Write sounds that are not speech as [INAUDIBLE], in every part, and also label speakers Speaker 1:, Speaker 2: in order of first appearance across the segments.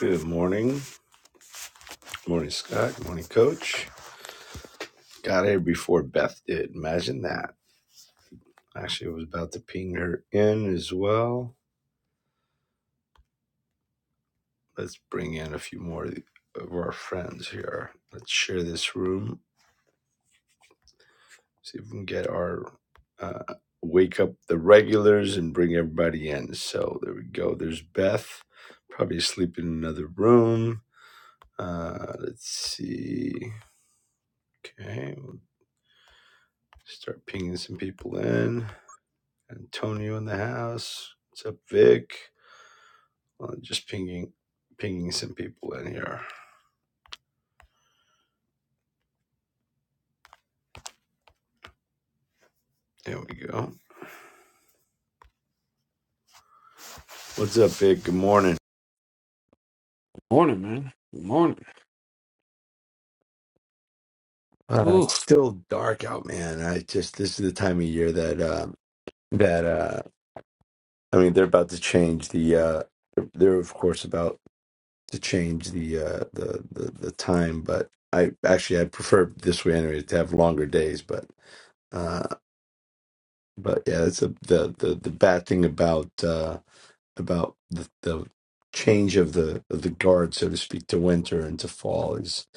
Speaker 1: Good morning. Good morning, Scott. Good morning, Coach. Got here before Beth did. Imagine that. Actually, I was about to ping her in as well. Let's bring in a few more of our friends here. Let's share this room. See if we can get our uh, wake up the regulars and bring everybody in. So there we go. There's Beth, probably asleep in another room. Uh, let's see. Okay, we'll start pinging some people in. Antonio in the house. What's up, Vic? Uh, just pinging, pinging some people in here. There we go. What's up, Vic? Good morning.
Speaker 2: Morning, man. Good morning.
Speaker 1: Uh, it's
Speaker 2: Oof.
Speaker 1: still dark out, man. I just this is the time of year that uh, that uh, I mean they're about to change the. Uh, they're of course about to change the uh, the, the the time, but I actually I prefer this way anyway to have longer days, but. Uh, but yeah, that's a, the the the bad thing about uh, about the, the change of the of the guard, so to speak, to winter and to fall. Is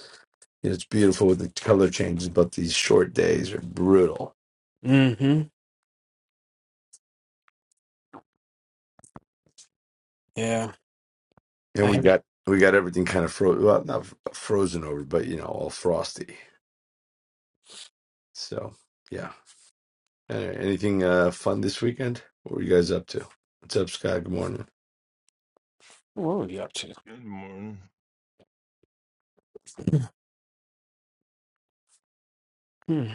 Speaker 1: you know, it's beautiful with the color changes, but these short days are brutal.
Speaker 2: Mm-hmm. Yeah. I
Speaker 1: And we
Speaker 2: have.
Speaker 1: got we got everything kind of frozen, well, not f- frozen over, but you know, all frosty. So yeah. Anyway, anything uh, fun this weekend? What were you guys up to? What's up, Scott? Good morning. [SIGHS]
Speaker 2: What were you up to?
Speaker 3: Good morning.
Speaker 2: Hmm.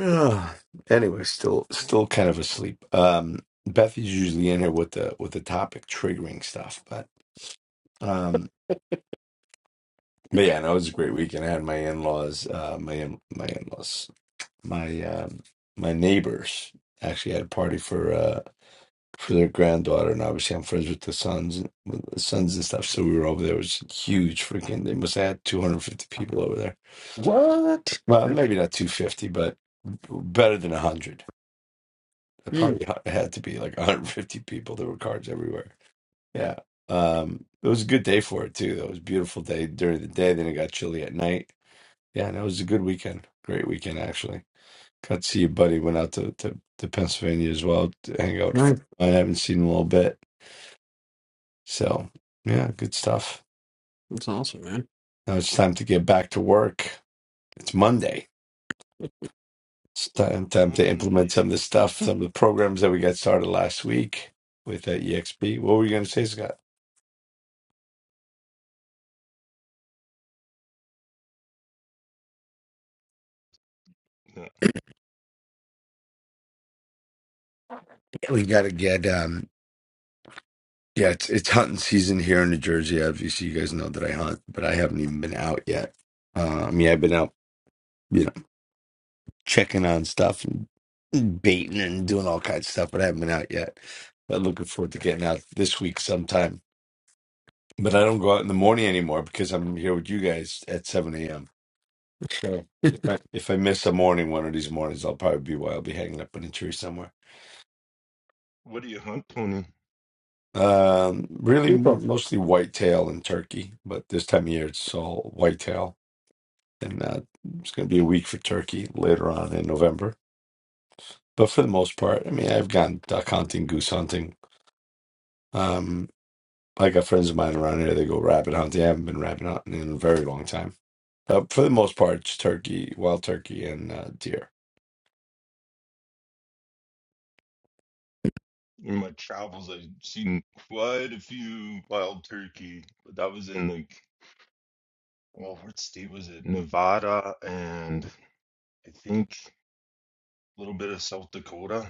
Speaker 1: Ah, anyway, still still kind of asleep. Um, Beth is usually in here with the with the topic triggering stuff, but. um, But yeah, no, it was a great weekend. I had my in-laws, uh, my in my in-laws, my um, my neighbors actually had a party for uh, for their granddaughter, and obviously I'm friends with the sons, with the sons and stuff. So we were over there. It was huge, freaking. They must have had 250 people over there.
Speaker 2: What?
Speaker 1: Well, maybe not 250, but better than 100. It
Speaker 2: Mm-hmm.
Speaker 1: probably had to be like [LAUGHS] 150 people. There were cars everywhere. Yeah, um, it was a good day for it too. It was a beautiful day during the day. Then it got chilly at night Yeah, no, it was a good weekend. Great weekend, actually. Got to see a buddy. Went out to, to, to Pennsylvania as well to hang out. For,
Speaker 2: Nice.
Speaker 1: I haven't seen him in a little bit. So, yeah, good stuff.
Speaker 2: That's awesome, man.
Speaker 1: Now it's time to get back to work. It's Monday. It's time, time to implement
Speaker 3: Monday.
Speaker 1: some of the stuff, some of the programs that we got started last week with uh, EXP. What were you going to say, Scott?
Speaker 3: Yeah.
Speaker 1: We got to get, um, yeah, it's, it's hunting season here in New Jersey. Obviously, you guys know that I hunt, but I haven't even been out yet. Uh, I mean, I've been out, you know, checking on stuff baiting and doing all kinds of stuff, but I haven't been out yet. But looking forward to getting out this week sometime. But I don't go out in the morning anymore because I'm here with you guys at 7 a.m. So
Speaker 2: [LAUGHS]
Speaker 1: if I if I miss a morning one of these mornings, I'll probably be where I'll be hanging up in a tree somewhere.
Speaker 3: What do you hunt, Tony?
Speaker 1: Um, really more
Speaker 2: People.
Speaker 1: mostly whitetail and turkey, but this time of year it's all whitetail, and uh, it's going to be a week for turkey later on in November. But for the most part, I mean, I've gone duck hunting, goose hunting, Um, I got friends of mine around here. They go rabbit hunting. I haven't been rabbit hunting in a very long time. Uh, for the most part, it's turkey, wild turkey, and uh, deer.
Speaker 3: In my travels, I've seen quite a few wild turkey, but that was in like, well, what state was it? Nevada and I think a little bit of South Dakota.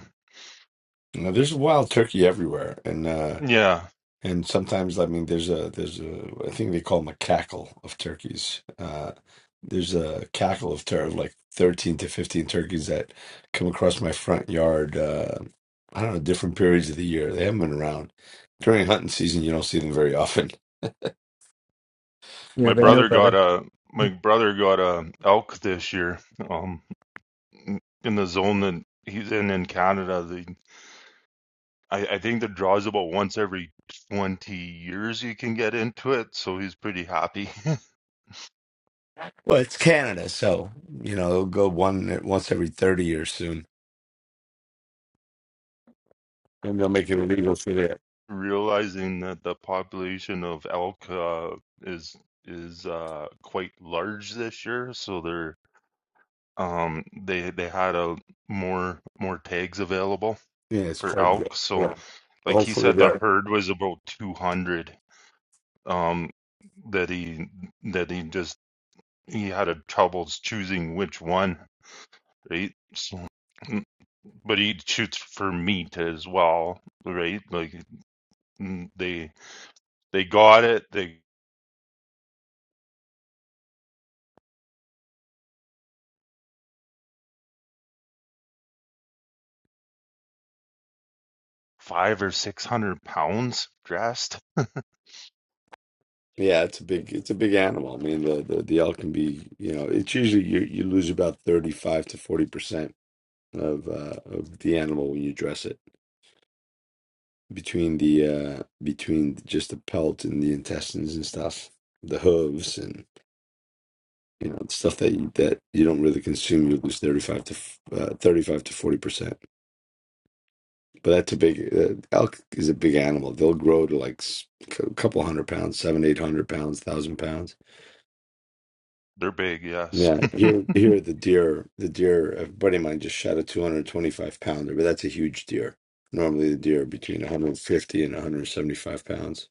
Speaker 1: Now, there's wild turkey everywhere, and uh,
Speaker 3: Yeah,
Speaker 1: And sometimes, I mean, there's a there's a I think they call them a cackle of turkeys. Uh, there's a cackle of tur of like 13 to 15 turkeys that come across my front yard. Uh, I don't know, different periods of the year. They haven't been around during hunting season. You don't see them very often.
Speaker 2: Yeah,
Speaker 3: my
Speaker 2: they
Speaker 1: Uh,
Speaker 2: know
Speaker 3: brother got
Speaker 2: better.
Speaker 3: a my brother got a elk this year. Um, in the zone that he's in in Canada, they. I, I think the draw's about once every 20 years you can get into it, so he's pretty happy [LAUGHS]
Speaker 1: Well, it's Canada, so you know it'll go one once every thirty years soon, and they'll make it illegal for that.
Speaker 3: realizing that the population of elk uh, is is uh, quite large this year, so they're um they they had a more more tags available
Speaker 1: Yeah, it's
Speaker 3: for
Speaker 1: called. Yeah.
Speaker 3: elk, so
Speaker 1: yeah.
Speaker 3: like he
Speaker 1: Hopefully,
Speaker 3: said the
Speaker 1: they're.
Speaker 3: herd was about 200 um that he that he just he had a troubles choosing which one, right? So but he shoots for meat as well, right? Like mm, they they got it. They five or six hundred pounds dressed.
Speaker 1: Yeah, it's a big it's a big animal. I mean, the the, the elk can be you know it's usually you you lose about thirty five to forty percent of uh, of the animal when you dress it between the uh between just the pelt and the intestines and stuff, the hooves and you know stuff that you, that you don't really consume. You lose thirty five to uh, thirty five to forty percent. But that's a big uh, elk is a big animal. They'll grow to like s- a couple hundred pounds, seven, eight hundred pounds, thousand pounds.
Speaker 3: They're big, yes.
Speaker 1: Yeah,
Speaker 3: [LAUGHS]
Speaker 1: here, here the deer, the deer. A buddy of mine just shot a two hundred twenty-five pounder, but that's a huge deer. Normally, the deer are between one hundred fifty and one hundred seventy-five pounds.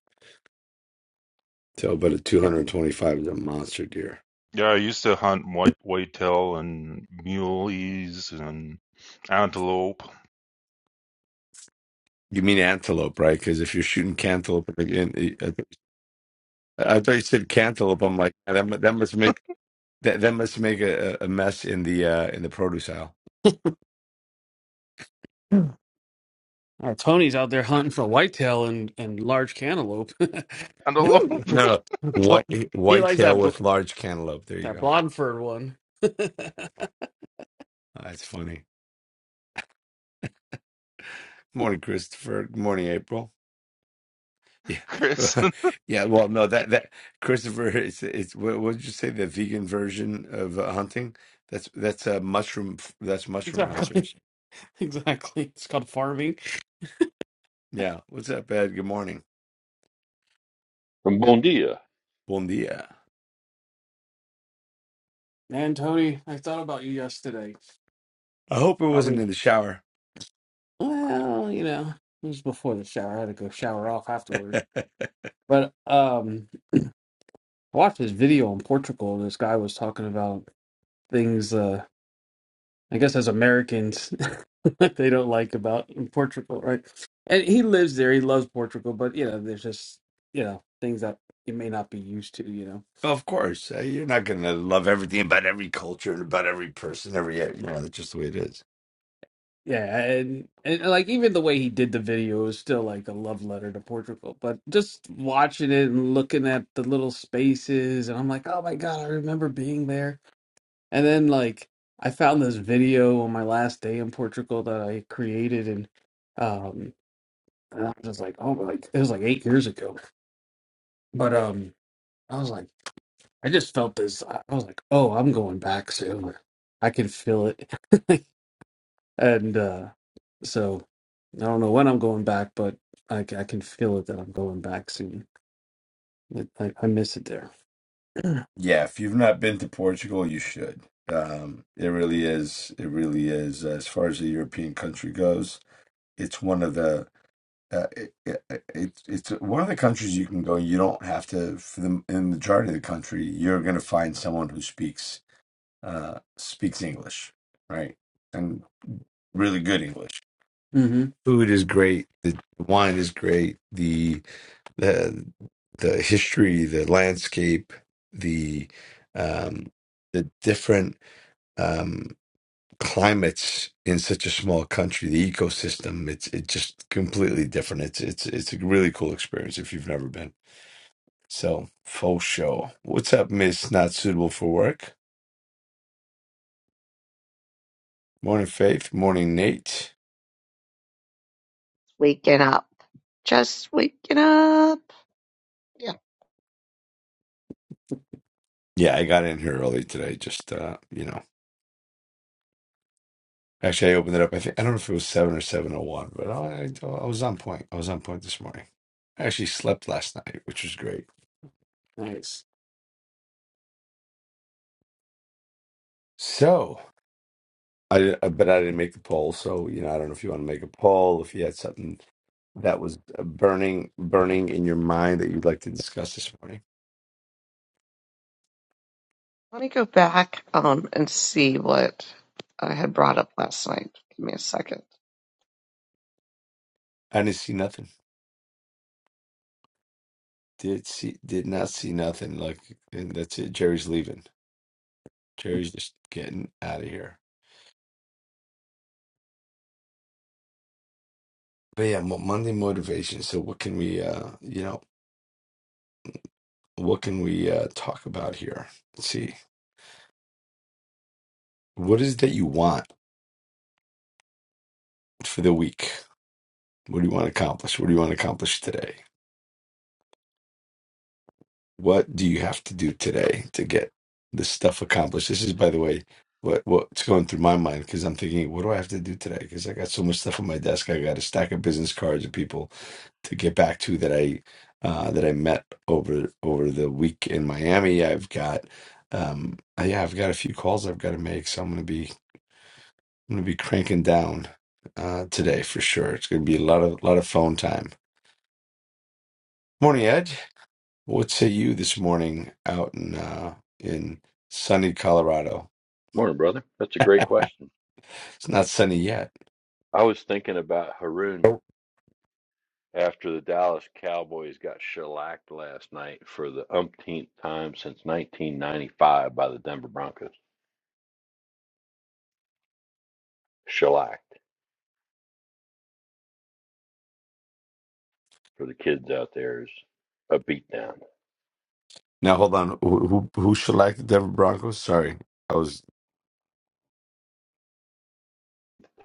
Speaker 1: So, but a two hundred twenty-five is a monster deer.
Speaker 3: yeah, I used to hunt white whitetail and muleys and antelope.
Speaker 1: You mean antelope, right? Because if you're shooting cantaloupe, again, I I thought you said cantaloupe. I'm like that. mu- That must make that, that must make a, a a mess in the uh, in the produce aisle.
Speaker 2: Uh, Tony's out there hunting for whitetail and, and large cantaloupe. [LAUGHS] Woo.
Speaker 3: Antelope,
Speaker 1: No,
Speaker 2: Well,
Speaker 1: white
Speaker 2: he likes
Speaker 1: whitetail
Speaker 2: that bl-
Speaker 1: with large cantaloupe. There you
Speaker 2: that
Speaker 1: go.
Speaker 2: blonde fur one. [LAUGHS]
Speaker 1: That's funny. Morning, Christopher. Good morning, April.
Speaker 3: Chris. [LAUGHS]
Speaker 1: Yeah, [LAUGHS] yeah. Well, no, that that Christopher is it's what what did you say? The vegan version of uh, hunting. That's that's uh, mushroom. That's mushroom
Speaker 2: exactly.
Speaker 1: hunters.
Speaker 2: [LAUGHS] Exactly. It's called farming.
Speaker 1: Yeah. What's up, Ed? Good morning.
Speaker 4: From Bon Dia.
Speaker 1: Bon dia.
Speaker 2: And Tony, I thought about you yesterday.
Speaker 1: I hope it wasn't in the shower.
Speaker 2: Well, you know, it was before the shower. I had to go shower off afterward.
Speaker 1: [LAUGHS]
Speaker 2: But um, I watched this video in Portugal. This guy was talking about things. Uh, I guess as Americans, [LAUGHS] that they don't like about in Portugal, right? And he lives there. He loves Portugal, but you know, there's just you know things that you may not be used to. You know,
Speaker 1: of course, uh, you're not going to love everything about every culture and about every person. Every you know, that's just the way it is.
Speaker 2: yeah, and and like even the way he did the video is still like a love letter to Portugal. But just watching it and looking at the little spaces, and I'm like, oh my god, I remember being there And then like I found this video on my last day in Portugal that I created and um and I was like, oh like it was like eight years ago. But um I was like I just felt this I I was like, oh I'm going back soon. I can feel it. [LAUGHS] and uh so I don't know when I'm going back, but I, c- I can feel it that I'm going back soon. Like, I, I miss it there. [CLEARS THROAT]
Speaker 1: Yeah, if you've not been to Portugal, you should. Um, it really is. It really is. As far as a European country goes, it's one of the uh, it, it, it's it's one of the countries you can go. You don't have to. For the, in the majority of the country, you're going to find someone who speaks uh, speaks English, right? And really good English.
Speaker 2: hmm
Speaker 1: Food is great. The wine is great. The the the history, the landscape, the um, the different um, climates in such a small country, the ecosystem. It's it's just completely different. It's it's it's a really cool experience if you've never been. So faux show. What's up, Miss Not Suitable for Work? Morning, Faith. Morning, Nate.
Speaker 5: waking up. Just waking up. Yeah.
Speaker 1: Yeah, I got in here early today. Just uh, you know, actually, I opened it up. I think I don't know if it was seven or seven o one, or one, but I I I was on point. I was on point this morning. I actually slept last night, which was great.
Speaker 2: Nice.
Speaker 1: So, I I- but I didn't make the poll. So, you know, I don't know if you want to make a poll, if you had something that was uh, burning, burning in your mind that you'd like to discuss this morning.
Speaker 5: Let me go back um and see what I had brought up last night. Give me a second.
Speaker 1: I didn't see nothing. Did see, did not see nothing. Like, and that's it. Jerry's leaving. Jerry's just getting out of here. But yeah, Mo- Monday motivation. So, what can we, uh, you know, what can we uh talk about here? Let's see. What is it that you want for the week? What do you want to accomplish? What do you want to accomplish today? what do you have to do today to get this stuff accomplished? This is, by the way, what what's going through my mind because I'm thinking, what do I have to do today? Because I got so much stuff on my desk. I got a stack of business cards of people to get back to that I uh, that I met over over the week in Miami. I've got um, uh, yeah, I've got a few calls I've got to make, so I'm gonna be I'm gonna be cranking down uh, today for sure. It's gonna be a lot of lot of phone time. Morning, Ed. What say you this morning out in uh, in sunny Colorado?
Speaker 4: Morning, brother. That's a great question.
Speaker 1: It's not sunny yet.
Speaker 4: I was thinking about Haroon
Speaker 1: Oh,
Speaker 4: after the Dallas Cowboys got shellacked last night for the umpteenth time since 1995 by the Denver Broncos. Shellacked for the kids out there is a beatdown.
Speaker 1: Now hold on. Who who, who shellacked the Denver Broncos? Sorry, I was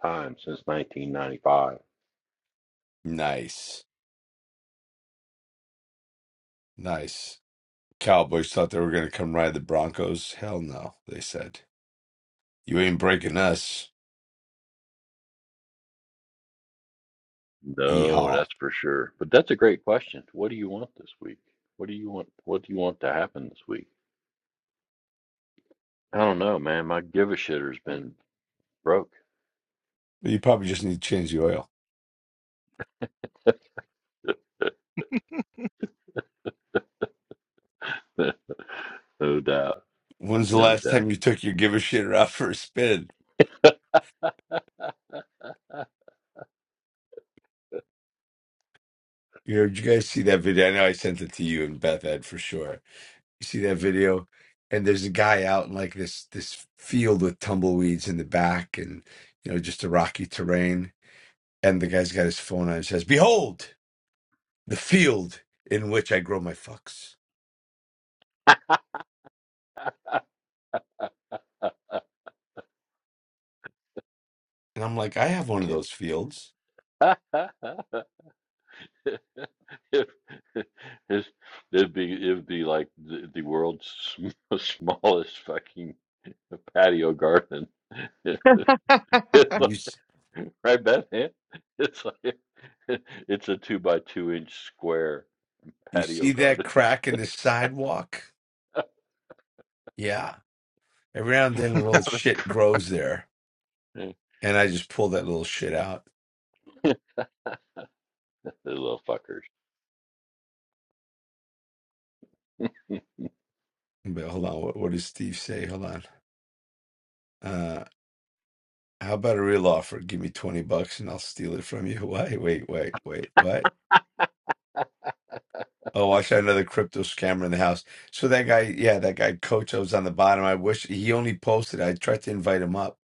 Speaker 4: Time since 1995.
Speaker 1: nice, nice. Cowboys thought they were going to come ride the Broncos. Hell no, they said. You ain't breaking us.
Speaker 4: No,
Speaker 1: Yeehaw.
Speaker 4: that's for sure. But that's a great question. What do you want this week? What do you want? What do you want to happen this week? I don't know, man. My give a shitter's been broke.
Speaker 1: You probably just need to change the oil.
Speaker 4: [LAUGHS] no doubt.
Speaker 1: When's the
Speaker 4: No
Speaker 1: last
Speaker 4: doubt.
Speaker 1: time you took your give a shit out for a spin? You know, did you guys see that video? I know I sent it to you and Beth Ed for sure You see that video? And there's a guy out in like this this field with tumbleweeds in the back and you know, just a rocky terrain. And the guy's got his phone on and says, Behold, the field in which I grow my fucks. And I'm like, I have one of
Speaker 5: Good.
Speaker 1: those fields.
Speaker 4: [LAUGHS] If, it's- it'd be it'd be like the, the world's sm- [LAUGHS] smallest fucking patio garden. [LAUGHS] It's
Speaker 5: [LAUGHS]
Speaker 1: You
Speaker 4: like
Speaker 1: s-
Speaker 4: right, Bethany? It's like [LAUGHS] it's a two by two inch square
Speaker 1: you
Speaker 4: patio
Speaker 1: see that
Speaker 4: garden.
Speaker 1: crack in the sidewalk? Yeah. Every now and then a
Speaker 3: yeah,
Speaker 1: little shit grows there.
Speaker 4: Yeah.
Speaker 1: And I just pull that little shit out.
Speaker 4: [LAUGHS] Those little fuckers. [LAUGHS]
Speaker 1: But hold on, what, what does Steve say? Hold on. Uh, How about a real offer? Give me 20 bucks and I'll steal it from you. [LAUGHS] Wait, wait, wait, wait, what? Oh, I saw another crypto scammer in the house. So that guy, yeah, that guy coach that was on the bottom. I wish he only posted. I tried to invite him up,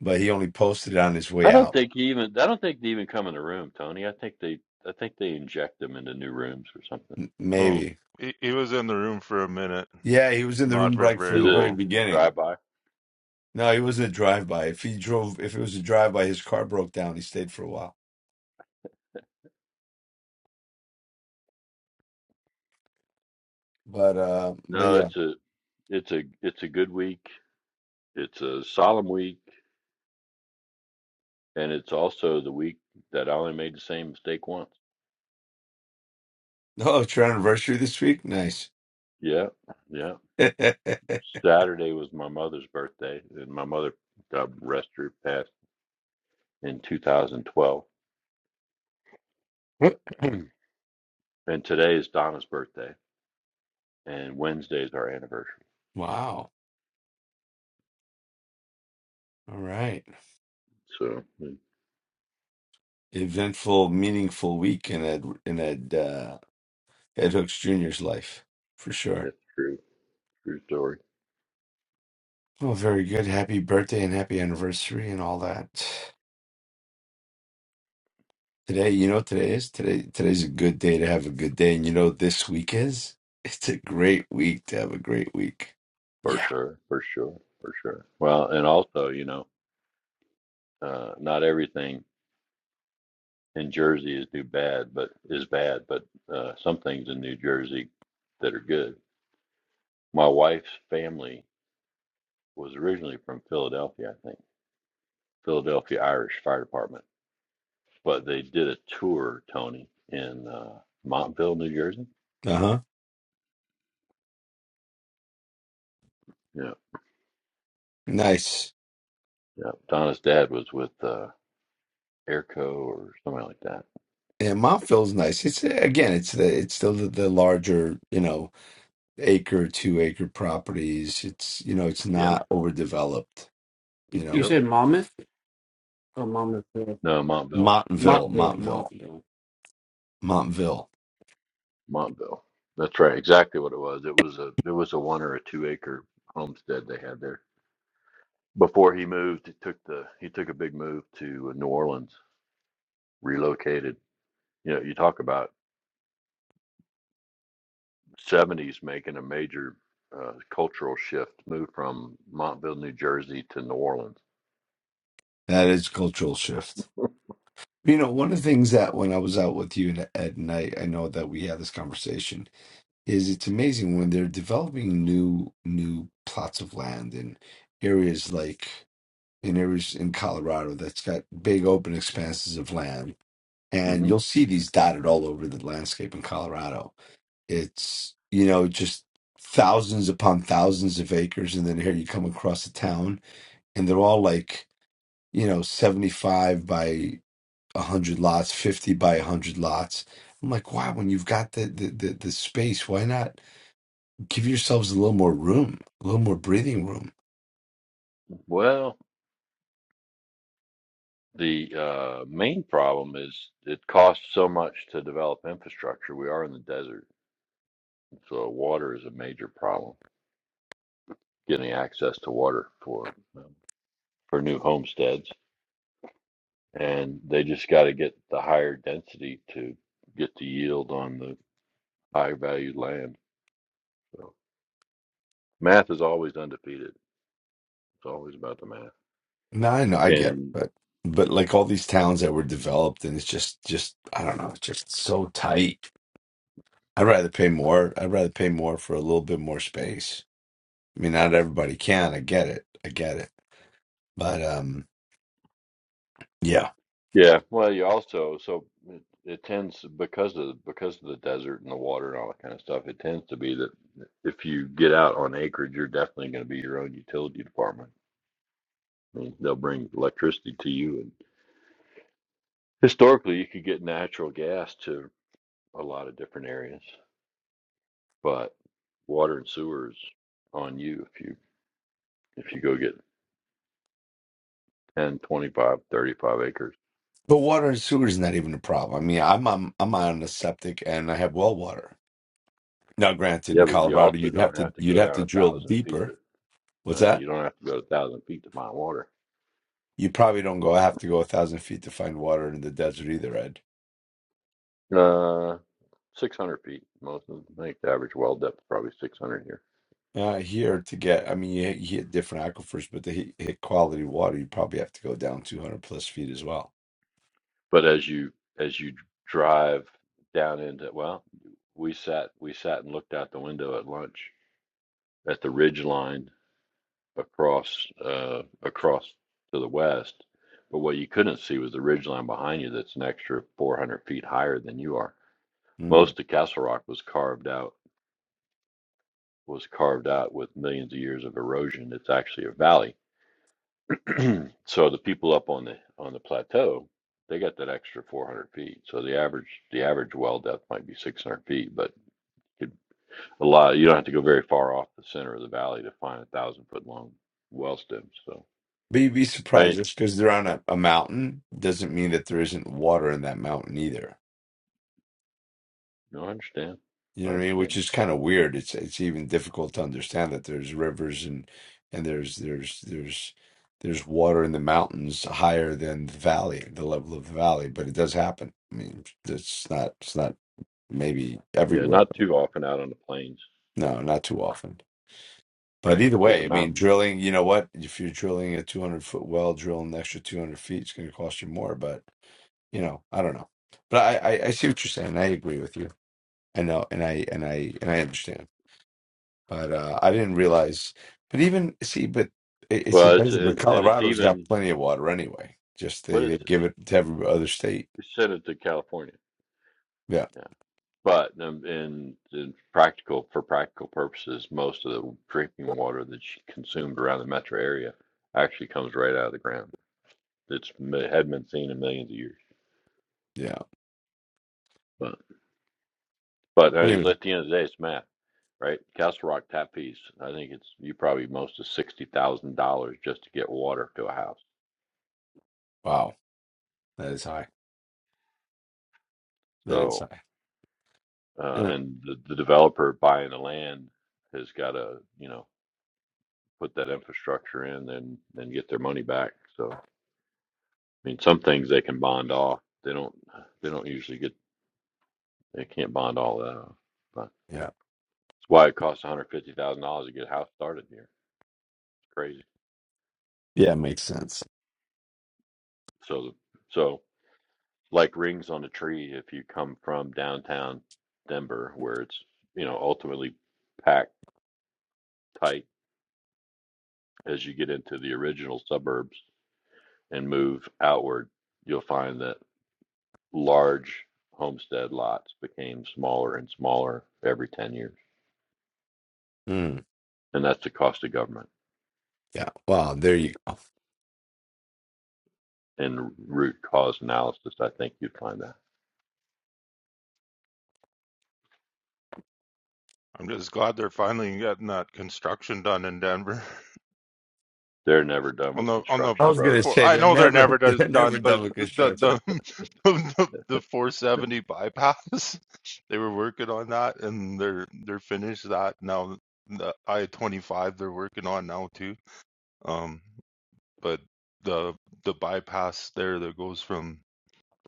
Speaker 1: but he only posted it on his
Speaker 4: I
Speaker 1: way
Speaker 4: don't
Speaker 1: out.
Speaker 4: think he even I don't think they even come in the room, Tony. I think they I think they inject them into new rooms or something.
Speaker 1: M-
Speaker 3: well,
Speaker 1: Maybe.
Speaker 3: he, he was in the room for a minute,
Speaker 1: Yeah, he was in the
Speaker 3: not
Speaker 1: room
Speaker 3: for
Speaker 1: right from
Speaker 3: very
Speaker 4: Is it
Speaker 1: the
Speaker 4: a
Speaker 1: very
Speaker 3: long.
Speaker 4: drive
Speaker 1: beginning.
Speaker 4: by?
Speaker 1: No, he wasn't a drive-by. If he drove, if it was a drive-by, his car broke down. He stayed for a while. But uh, but
Speaker 4: No,
Speaker 1: yeah.
Speaker 4: it's a it's a it's a good week. It's a solemn week, and it's also the week that I only made the same mistake once.
Speaker 1: Oh, it's your anniversary this week? Nice.
Speaker 4: Yeah, yeah.
Speaker 1: [LAUGHS]
Speaker 4: Saturday was my mother's birthday, and my mother, God rest her, passed in 2012. [CLEARS THROAT] and today is Donna's birthday, and Wednesday is our anniversary.
Speaker 1: Wow. All right.
Speaker 4: So mm,
Speaker 1: eventful, meaningful week in Ed in Ed uh, Ed Hooks Jr.'s life for sure.
Speaker 4: that's true, true story
Speaker 1: Well, very good. Happy birthday and happy anniversary and all that. Today, you know what today is? Today today's a good day to have a good day. And you know what this week is? It's a great week to have a great week.
Speaker 4: for
Speaker 1: Yeah.
Speaker 4: sure, for sure, for sure. Well, and also, you know, uh, not everything. in Jersey is do bad, but is bad, but uh, some things in New Jersey that are good. My wife's family was originally from Philadelphia, I think, Philadelphia Irish Fire Department, but they did a tour, Tony, in uh, Montville, New Jersey.
Speaker 1: Uh-huh.
Speaker 4: Yeah,
Speaker 1: Nice.
Speaker 4: yeah. Donna's dad was with uh, Airco or something like that.
Speaker 1: Yeah, Mount Phil's nice. It's again, it's the it's still the, the larger, you know, acre, two acre properties. It's you know, it's
Speaker 4: Yep,
Speaker 1: not overdeveloped,
Speaker 2: You,
Speaker 1: you
Speaker 2: you
Speaker 1: know
Speaker 4: yep.
Speaker 2: said Monmouth or Monmouth Hill?
Speaker 4: No, Montville,
Speaker 2: Monmouth
Speaker 1: Montville, Montville, Montville.
Speaker 4: Montville. That's right, exactly what it was. It was a it was a one or a two acre homestead they had there. before he moved, he took the he took a big move to uh, New Orleans, relocated. You know, you talk about '70s making a major uh, cultural shift, move from Montville, New Jersey, to New Orleans.
Speaker 1: That is cultural shift. You know, one of the things that when I was out with you and Ed and I, I know that we had this conversation is it's amazing when they're developing new new plots of land in areas like in areas in Colorado that's got big open expanses of land, and
Speaker 4: hmm
Speaker 1: you'll see these dotted all over the landscape in Colorado. It's you know just thousands upon thousands of acres, and then here you come across a town, and they're all like you know, 75 by 100 lots, 50 by 100 lots. I'm like, wow, when you've got the, the, the, the space, why not give yourselves a little more room, a little more breathing room?
Speaker 4: Well, the uh, main problem is it costs so much to develop infrastructure. We are in the desert, so water is a major problem. Getting access to water for um, for new homesteads. and they just got to get the higher density to get the yield on the high valued land. So math is always undefeated. It's always about the math.
Speaker 1: No, I know, I get it,
Speaker 4: And
Speaker 1: but but like all these towns that were developed, and it's just just I don't know, it's just so tight. I'd rather pay more. I'd rather pay more for a little bit more space. I mean, not everybody can. I get it. I get it. But um, yeah.
Speaker 4: yeah, well, you also so it, it tends because of because of the desert and the water and all that kind of stuff. It tends to be that if you get out on acreage, you're definitely going to be your own utility department. I mean, they'll bring electricity to you, and historically, you could get natural gas to a lot of different areas. but water and sewer is on you if you if you go get 10 25 35 acres
Speaker 1: But water and sewer is not even a problem. I mean, I'm I'm I'm on a septic and I have well water. Now, granted,
Speaker 4: yeah
Speaker 1: in
Speaker 4: but you
Speaker 1: Colorado,
Speaker 4: also
Speaker 1: you'd have
Speaker 4: don't
Speaker 1: to
Speaker 4: have to
Speaker 1: you'd
Speaker 4: go
Speaker 1: have
Speaker 4: down
Speaker 1: to
Speaker 4: a
Speaker 1: drill
Speaker 4: thousand feet to
Speaker 1: deeper.
Speaker 4: you
Speaker 1: What's
Speaker 4: know
Speaker 1: that?
Speaker 4: you don't have to go a thousand feet to find water
Speaker 1: You probably don't go. I have to go a thousand feet to find water in the desert either, Ed.
Speaker 4: uh 600 feet most of them, i think the average well depth is probably 600 here
Speaker 1: Uh, here to get, I mean, you, hit- you hit different aquifers, but to hit, hit quality water, you probably have to go down 200 plus feet as well.
Speaker 4: but as you as you drive down into well we sat we sat and looked out the window at lunch at the ridge line across uh, across to the west. But what you couldn't see was the ridgeline behind you that's an extra 400 feet higher than you are.
Speaker 1: Hmm.
Speaker 4: Most of Castle Rock was carved out was carved out with millions of years of erosion. It's actually a valley. [CLEARS THROAT] so the people up on the on the plateau, they got that extra 400 feet. So the average the average well depth might be 600 feet, but it, a lot you don't have to go very far off the center of the valley to find a thousand foot long well stem. So
Speaker 1: But you'd be
Speaker 4: I
Speaker 1: surprised
Speaker 4: mean,
Speaker 1: just because they're on a, a mountain doesn't mean that there isn't water in that mountain either.
Speaker 4: No, I understand.
Speaker 1: You
Speaker 4: I
Speaker 1: know what I mean?
Speaker 4: understand.
Speaker 1: Which is kind of weird. It's it's even difficult to understand that there's rivers and and there's there's there's there's water in the mountains higher than the valley, the level of the valley. But it does happen. I mean, it's not it's not maybe
Speaker 4: Yeah,
Speaker 1: everywhere.
Speaker 4: not too often out on the plains,
Speaker 1: No, not too often. But
Speaker 4: right?
Speaker 1: either
Speaker 4: Because
Speaker 1: way,
Speaker 4: the
Speaker 1: I mean,
Speaker 4: mountains.
Speaker 1: drilling. You know what? If you're drilling a 200 foot well, drilling an extra 200 feet, it's going to cost you more. But you know, I don't know. But I, I, I see what you're saying. I agree with you. I know, and I and I and I understand. But uh, I didn't realize. But even see, but it, it's a
Speaker 4: Well, it's
Speaker 1: desert. But
Speaker 4: it, and it's
Speaker 1: Colorado's got
Speaker 4: even
Speaker 1: plenty of water anyway. Just they,
Speaker 4: what is
Speaker 1: they give it to every other state.
Speaker 4: we sent it to California.
Speaker 1: Yeah,
Speaker 4: Yeah, but um, in in practical for practical purposes, most of the drinking water that she consumed around the metro area actually comes right out of the ground. It's it hadn't been seen in millions of years.
Speaker 1: yeah.
Speaker 4: But but
Speaker 1: Anyway,
Speaker 4: uh, at the end of the day, it's math, right? Castle Rock tap fees. I think it's you probably most of sixty thousand dollars just to get water to a house.
Speaker 1: wow, that is high. That is
Speaker 4: So
Speaker 1: high.
Speaker 4: uh,
Speaker 1: Yeah,
Speaker 4: and the, the developer buying the land has got to you know put that infrastructure in and then get their money back so i mean some things they can bond off they don't they don't usually get they can't bond all that off but
Speaker 1: yeah,
Speaker 4: it's why it costs $150000 to get a house started here it's crazy
Speaker 1: yeah it makes sense.
Speaker 4: so so like rings on a tree if you come from downtown denver where it's you know ultimately packed tight as you get into the original suburbs and move outward, you'll find that large homestead lots became smaller and smaller every 10 years.
Speaker 1: Mm,
Speaker 4: And that's the cost of government.
Speaker 1: yeah. Wow. There you go.
Speaker 4: In root cause analysis, I think you'd find that.
Speaker 3: I'm just glad they're finally getting that construction done in Denver. [LAUGHS]
Speaker 4: They're never done
Speaker 3: on
Speaker 4: with
Speaker 3: the on the
Speaker 1: I
Speaker 4: construction,
Speaker 3: v-
Speaker 1: was
Speaker 4: brother.
Speaker 1: gonna
Speaker 3: four,
Speaker 1: say
Speaker 3: I
Speaker 1: they're
Speaker 3: know they're
Speaker 1: never
Speaker 3: never
Speaker 1: [LAUGHS]
Speaker 3: does
Speaker 1: they're
Speaker 3: done,
Speaker 1: never
Speaker 3: but
Speaker 1: double
Speaker 3: the the
Speaker 1: construction.
Speaker 3: the, [LAUGHS] the, the 470 bypass [LAUGHS] they were working on that and they're they're finished that now. The I-25 they're working on now too. Um, but the the bypass there that goes from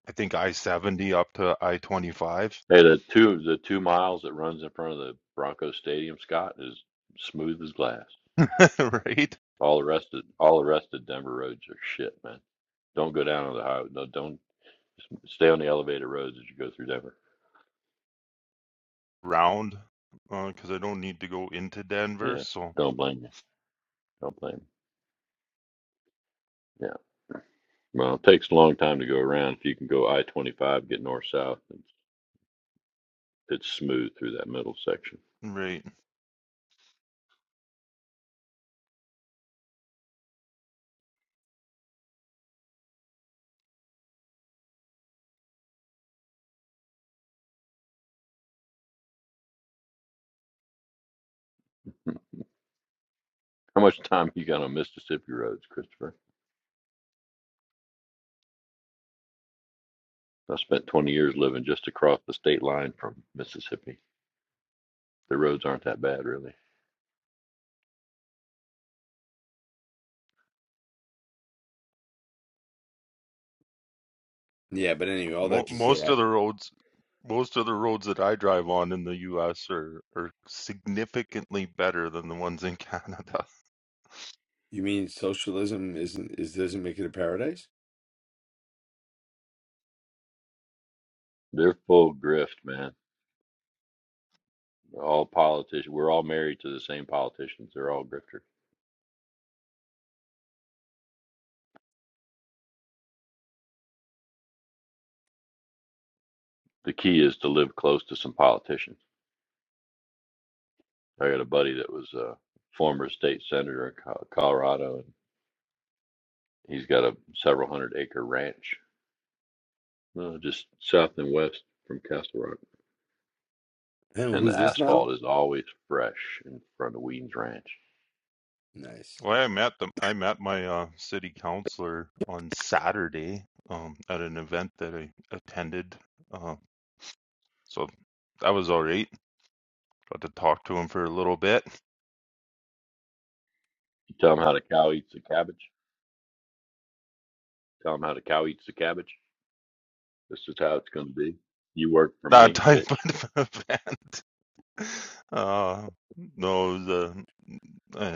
Speaker 3: I think I-70 up to I-25,
Speaker 4: Hey, the two the two miles that runs in front of the Broncos Stadium, Scott, is smooth as glass.
Speaker 3: [LAUGHS] right?
Speaker 4: All the rest of all the rest of Denver roads are shit, man. Don't go down on the highway. No, don't stay on the elevated roads as you go through Denver.
Speaker 3: Round, because uh, I don't need to go into Denver,
Speaker 4: Yeah,
Speaker 3: so
Speaker 4: don't blame me. Don't blame me. Well, it takes a long time to go around. If you can go I-25, get north-south, it's, it's smooth through that middle section.
Speaker 3: right.
Speaker 4: Hmm. How much time you got on Mississippi roads, Christopher? I spent 20 years living just across the state line from Mississippi. The roads aren't that bad, really.
Speaker 1: Yeah, but anyway, all
Speaker 3: Mo-
Speaker 1: that to
Speaker 3: most
Speaker 1: say,
Speaker 3: of the roads, most of the roads that I drive on in the U.S. are are significantly better than the ones in Canada. [LAUGHS]
Speaker 1: You mean socialism isn't is doesn't make it a paradise?
Speaker 4: They're full grift, man. All politicians, we're all married to the same politicians. They're all grifters. The key is to live close to some politicians. I got a buddy that was a former state senator in Co- Colorado, and he's got a several hundred acre ranch No, just south and west from Castle Rock.
Speaker 1: And
Speaker 4: And the
Speaker 1: who's this now?
Speaker 4: asphalt is always fresh in front of Ween's Ranch.
Speaker 1: Nice.
Speaker 3: Well, I met them. I met my uh, city councilor on Saturday um, at an event that I attended. Uh, so that was all right. Got to talk to him for a little bit.
Speaker 4: You tell them how the cow eats the cabbage. Tell them how the cow eats the cabbage. This is how it's going to be. You work for
Speaker 3: [LAUGHS] That
Speaker 4: me, bitch.
Speaker 3: type of [LAUGHS] event. Uh, no, the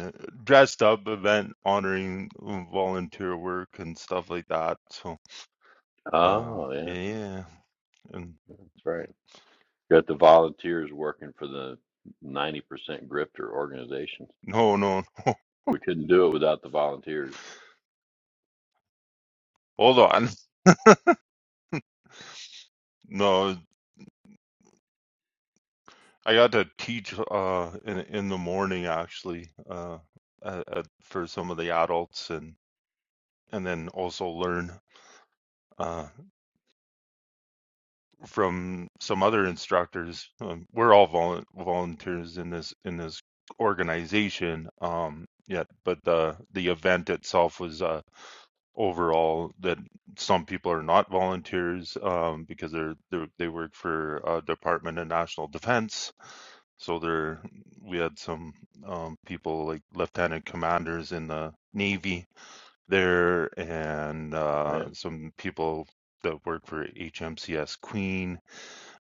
Speaker 3: uh, dressed up event honoring volunteer work and stuff like that. So. Uh,
Speaker 4: Oh, yeah,
Speaker 3: yeah, yeah. And
Speaker 4: that's right. Got the volunteers working for the 90% grifter organization.
Speaker 3: no, no, [LAUGHS] no.
Speaker 4: We couldn't do it without the volunteers.
Speaker 3: Hold on. No, I got to teach uh in in the morning actually uh at, at, for some of the adults and and then also learn uh from some other instructors. Um, we're all vol volunteers in this in this organization. Um, yeah, but the the event itself was uh. overall that some people are not volunteers um, because they're, they're they work for uh, Department of National Defense. So there, we had some um, people like lieutenant commanders in the Navy there, and
Speaker 4: Oh,
Speaker 3: uh,
Speaker 4: Yeah,
Speaker 3: some people that work for HMCS Queen,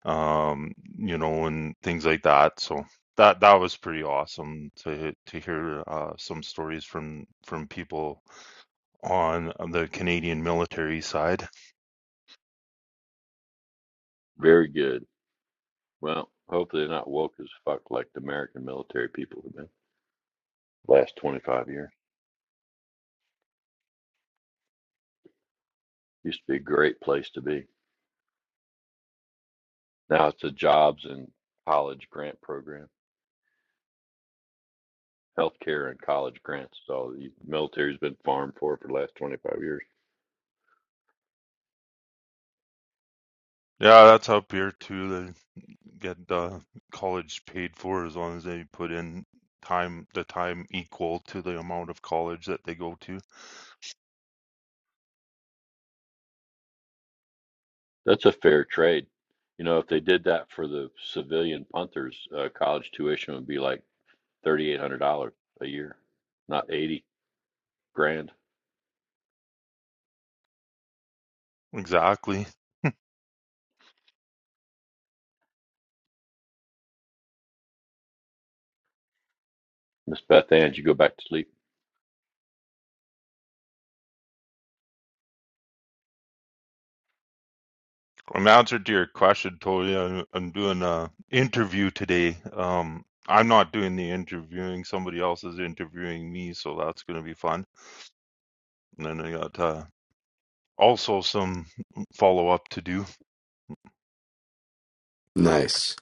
Speaker 3: um, you know, and things like that. So that that was pretty awesome to to hear uh, some stories from from people on the Canadian military side.
Speaker 4: very good. Well, hopefully they're not woke as fuck like the American military people have been the last 25 years. Used to be a great place to be. Now it's a jobs and college grant program, healthcare and college grants. So the military's been farmed for for the last 25 years.
Speaker 3: Yeah, that's up here too. They get uh, college paid for as long as they put in time, the time equal to the amount of college that they go to.
Speaker 4: That's a fair trade. You know, if they did that for the civilian punters, uh, college tuition would be like $3,800 a year, not 80 grand.
Speaker 3: Exactly. [LAUGHS]
Speaker 4: Miss Beth Ann, you go back to sleep
Speaker 3: In answer to your question, Tori, I'm, I'm doing a interview today. Um, I'm not doing the interviewing; somebody else is interviewing me, so that's going to be fun. And then I got uh, also some follow up to do.
Speaker 1: Nice.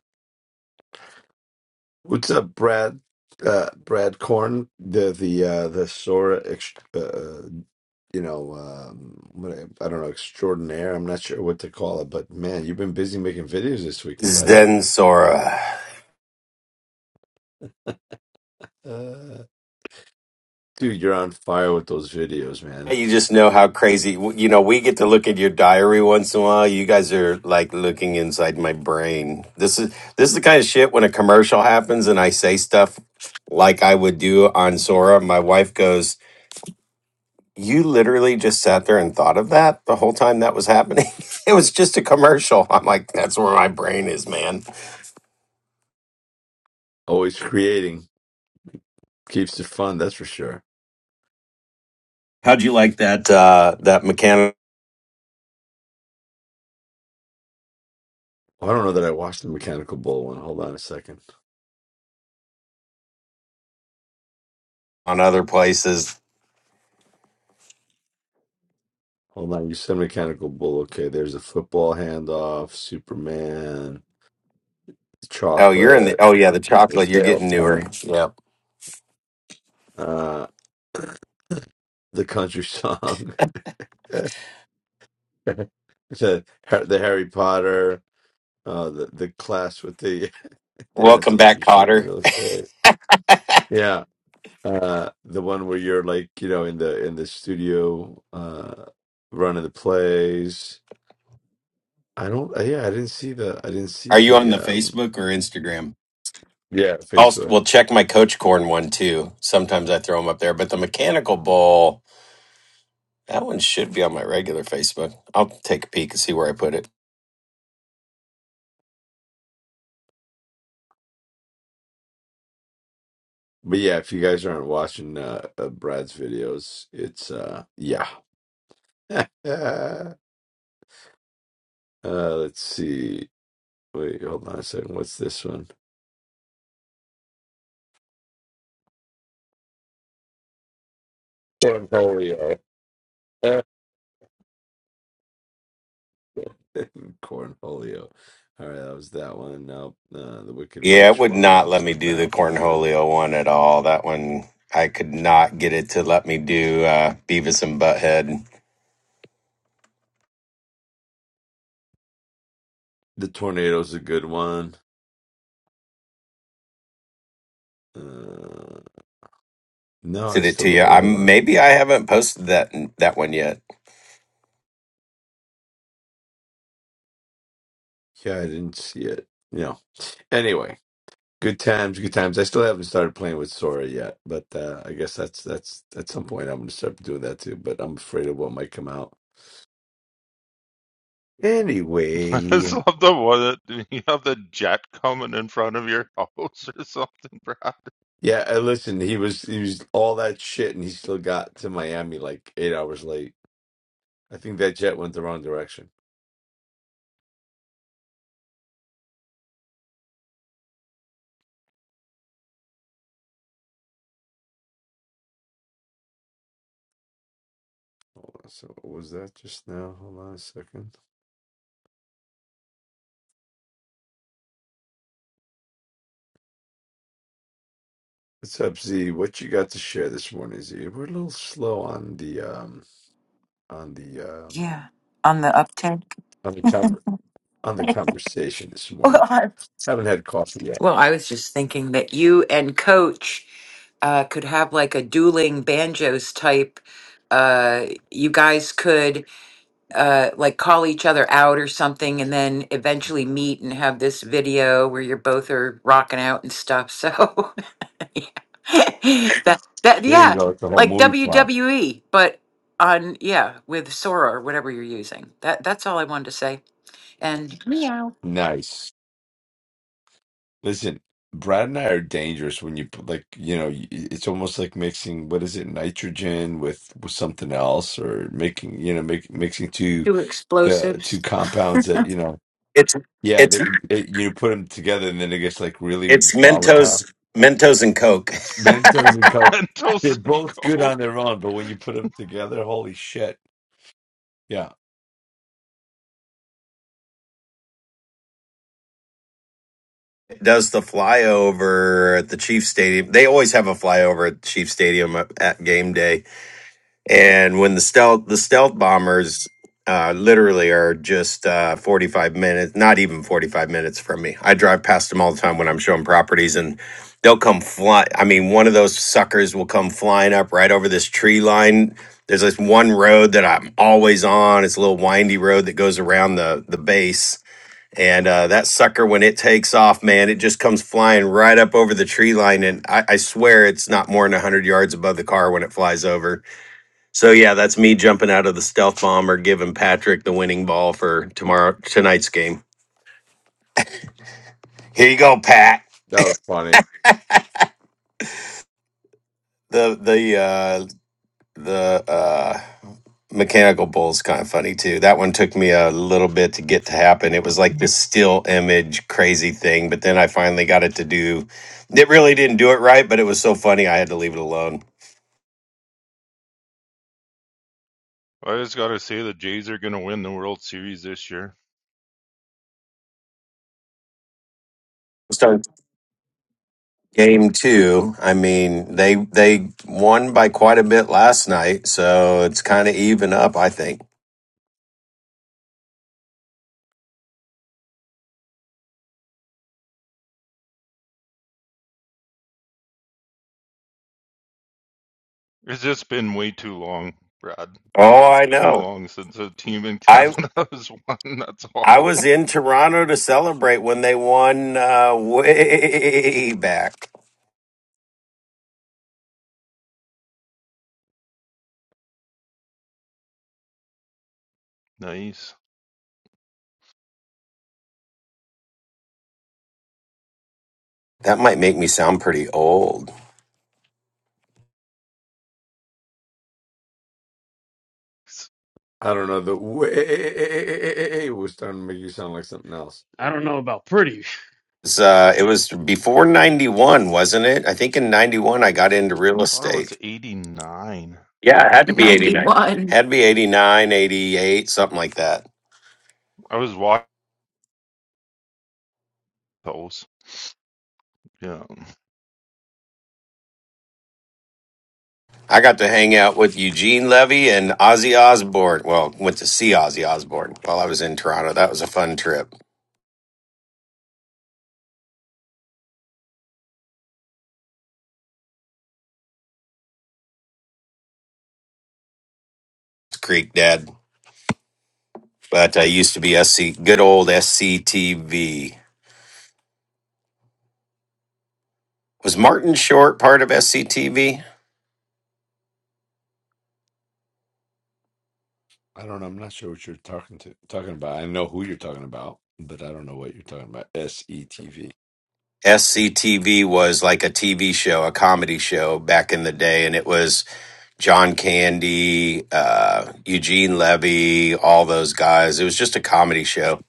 Speaker 1: What's up, Brad? Uh, Brad Korn, the the uh, the Sora, ex- uh, uh, you know, um, what I, I don't know, extraordinaire. I'm not sure what to call it, but man, you've been busy making videos this weekend, buddy.
Speaker 6: Zen Sora.
Speaker 1: Uh, dude, you're on fire with those videos,
Speaker 6: Yeah,
Speaker 1: man.
Speaker 6: You just know how crazy. You know, we get to look at your diary once in a while. You guys are like looking inside my brain. This is this is the kind of shit when a commercial happens and I say stuff like I would do on Sora. My wife goes, "You literally just sat there and thought of that the whole time that was happening. [LAUGHS] it was just a commercial." I'm like, "That's where my brain is, man."
Speaker 1: Always creating keeps it fun, that's for sure.
Speaker 6: How'd you like that uh, that mechanic
Speaker 1: Oh, I don't know that I watched the Mechanical Bull one. Hold on a second.
Speaker 6: on other places?
Speaker 1: Hold on, you said mechanical bull. Okay, there's a football handoff, Superman,
Speaker 6: Oh, you're in the.
Speaker 1: chocolate,
Speaker 6: Oh yeah, the
Speaker 1: for
Speaker 6: chocolate. You're
Speaker 1: sale
Speaker 6: getting newer.
Speaker 1: time.
Speaker 6: Yeah.
Speaker 1: uh, [CLEARS THROAT] the country song, [LAUGHS] the the Harry Potter, uh, the the class with the [LAUGHS] they're not
Speaker 6: Welcome
Speaker 1: teaching
Speaker 6: back,
Speaker 1: you shit in
Speaker 6: Cotter.
Speaker 1: real estate. Yeah, uh, the one where you're like you know in the in the studio, uh, running the plays. I don't. Yeah, I didn't see the. I didn't see
Speaker 6: Are you on
Speaker 1: the.
Speaker 6: the
Speaker 1: um
Speaker 6: Facebook or Instagram?
Speaker 1: Yeah,
Speaker 6: I'll
Speaker 1: Facebook.
Speaker 6: we'll check my Coach Corn one too. Sometimes I throw them up there, but the Mechanical Bull that one should be on my regular Facebook. I'll take a peek and see where I put it.
Speaker 1: But yeah, if you guys aren't watching uh, uh Brad's videos, it's uh yeah. [LAUGHS] uh let's see. Wait, hold on a second. What's this one? Cornholio. [LAUGHS] Eh, Cornholio. All right, that was that one. Now uh, the Wicked
Speaker 6: Yeah, it
Speaker 1: Witch
Speaker 6: would not
Speaker 1: one.
Speaker 6: let me
Speaker 1: Saw
Speaker 6: do the
Speaker 1: that one.
Speaker 6: Cornholio one at all. That one I could not get it to let me do uh, Beavis and Butthead.
Speaker 1: The tornado's a good one. Uh, no, I
Speaker 6: Did it
Speaker 1: still
Speaker 6: to
Speaker 1: don't.
Speaker 6: you?
Speaker 1: Wait,
Speaker 6: I
Speaker 1: hold on.
Speaker 6: maybe I haven't posted that that one yet.
Speaker 1: Yeah, I didn't see it. No. Anyway. Good times, good times. I still haven't started playing with Sora yet, but uh, I guess that's that's at some point I'm gonna start doing that too. But I'm afraid of what might come out.
Speaker 3: [LAUGHS] I just
Speaker 1: Anyway,
Speaker 3: love the one that [LAUGHS] you have the jet coming in front of your house or something, Brad.
Speaker 1: yeah. uh, Listen, he was he was all that shit, and he still got to Miami like eight hours late. I think that jet went the wrong direction. Hold on, so what was that just now? Hold on a second. What's up, Z? What you got to share this morning, Z? We're a little slow on the um on the um
Speaker 7: Yeah, on the uptake. [LAUGHS]
Speaker 1: on the conver- on the conversation this
Speaker 7: Well,
Speaker 1: morning.
Speaker 7: I
Speaker 1: Haven't had coffee yet.
Speaker 7: well, I was just thinking that you and Coach uh, could have like a dueling banjos type. Uh, you guys could uh, like call each other out or something, and then eventually meet and have this video where you're both are rocking out and stuff. So [LAUGHS] yeah. [LAUGHS] that that
Speaker 1: There you
Speaker 7: yeah,
Speaker 1: go. It's the whole
Speaker 7: like
Speaker 1: movie plot.
Speaker 7: WWE, but on yeah with Sora or whatever you're using. That that's all I wanted to say. And meow.
Speaker 1: Nice. Listen, Brad and I are dangerous when you put like you know y- it's almost like mixing what is it nitrogen with, with something else or making you know make, mixing two
Speaker 7: two
Speaker 1: uh, two
Speaker 7: explosives
Speaker 1: compounds that you know
Speaker 6: It's
Speaker 1: Yeah,
Speaker 6: it's
Speaker 1: they, it, you put them together and then it gets like really
Speaker 6: it's
Speaker 1: volatile.
Speaker 6: Mentos Mentos and Coke.
Speaker 1: Mentos and Coke, they're
Speaker 3: Mentos and
Speaker 1: both good on
Speaker 3: Coke.
Speaker 1: their own, but
Speaker 3: [LAUGHS]
Speaker 1: when you put them together, holy shit. Yeah,
Speaker 6: does the flyover at the Chiefs Stadium. They always have a flyover at Chiefs Stadium at at game day, and when the stealth the stealth bombers uh, literally are just uh, forty five minutes, not even forty five minutes from me. I drive past them all the time when I'm showing properties, and they'll come fly. I mean, one of those suckers will come flying up right over this tree line. There's this one road that I'm always on. It's a little windy road that goes around the the base and uh, that sucker, when it takes off, man, it just comes flying right up over the tree line. And I, I swear it's not more than 100 yards above the car when it flies over. So, yeah, that's me jumping out of the stealth bomber, giving Patrick the winning ball for tomorrow tonight's game. Here you go, Pat.
Speaker 1: that was funny.
Speaker 6: The the uh, The uh, mechanical bull's kind of funny too. That one took me a little bit to get to happen. It was like this still image crazy thing, but then I finally got it to do. It really didn't do it right, but it was so funny I had to leave it alone.
Speaker 3: I just got to say the Jays are going to win the World Series this year.
Speaker 6: Start game two. I mean, they they won by quite a bit last night, so it's kind of even up. I think.
Speaker 3: It's just been way too long, Brad.
Speaker 6: Oh, I
Speaker 3: Too
Speaker 6: know.
Speaker 3: long since a team in
Speaker 6: I
Speaker 3: Canada [LAUGHS] has won. That's
Speaker 6: I
Speaker 3: all. [LAUGHS]
Speaker 6: was in Toronto to celebrate when they won uh, [LAUGHS] way back.
Speaker 3: Nice.
Speaker 6: That might make me sound pretty old.
Speaker 1: I don't know. The way was starting to make you sound like something else.
Speaker 2: I don't know about pretty.
Speaker 6: It's, uh, it was before 91, wasn't it? I think in 91 I got into
Speaker 3: I
Speaker 6: real
Speaker 3: thought it was
Speaker 6: estate.
Speaker 3: 89.
Speaker 7: in 91.
Speaker 6: Had to be 89, 88, something like that.
Speaker 3: I was watching those. Yeah.
Speaker 6: I got to hang out with Eugene Levy and Ozzy Osbourne. Well, went to see Ozzy Osbourne while I was in Toronto. That was a fun trip. Creek Dead, but I used to be SC, good old SCTV. Was Martin Short part of SCTV?
Speaker 1: I don't know. I'm not sure what you're talking to talking about. I know who you're talking about, but I don't know what you're talking about. S E T V.
Speaker 6: SCTV was like a TV show, a comedy show back in the day, and it was John Candy, uh, Eugene Levy, all those guys. It was just a comedy show,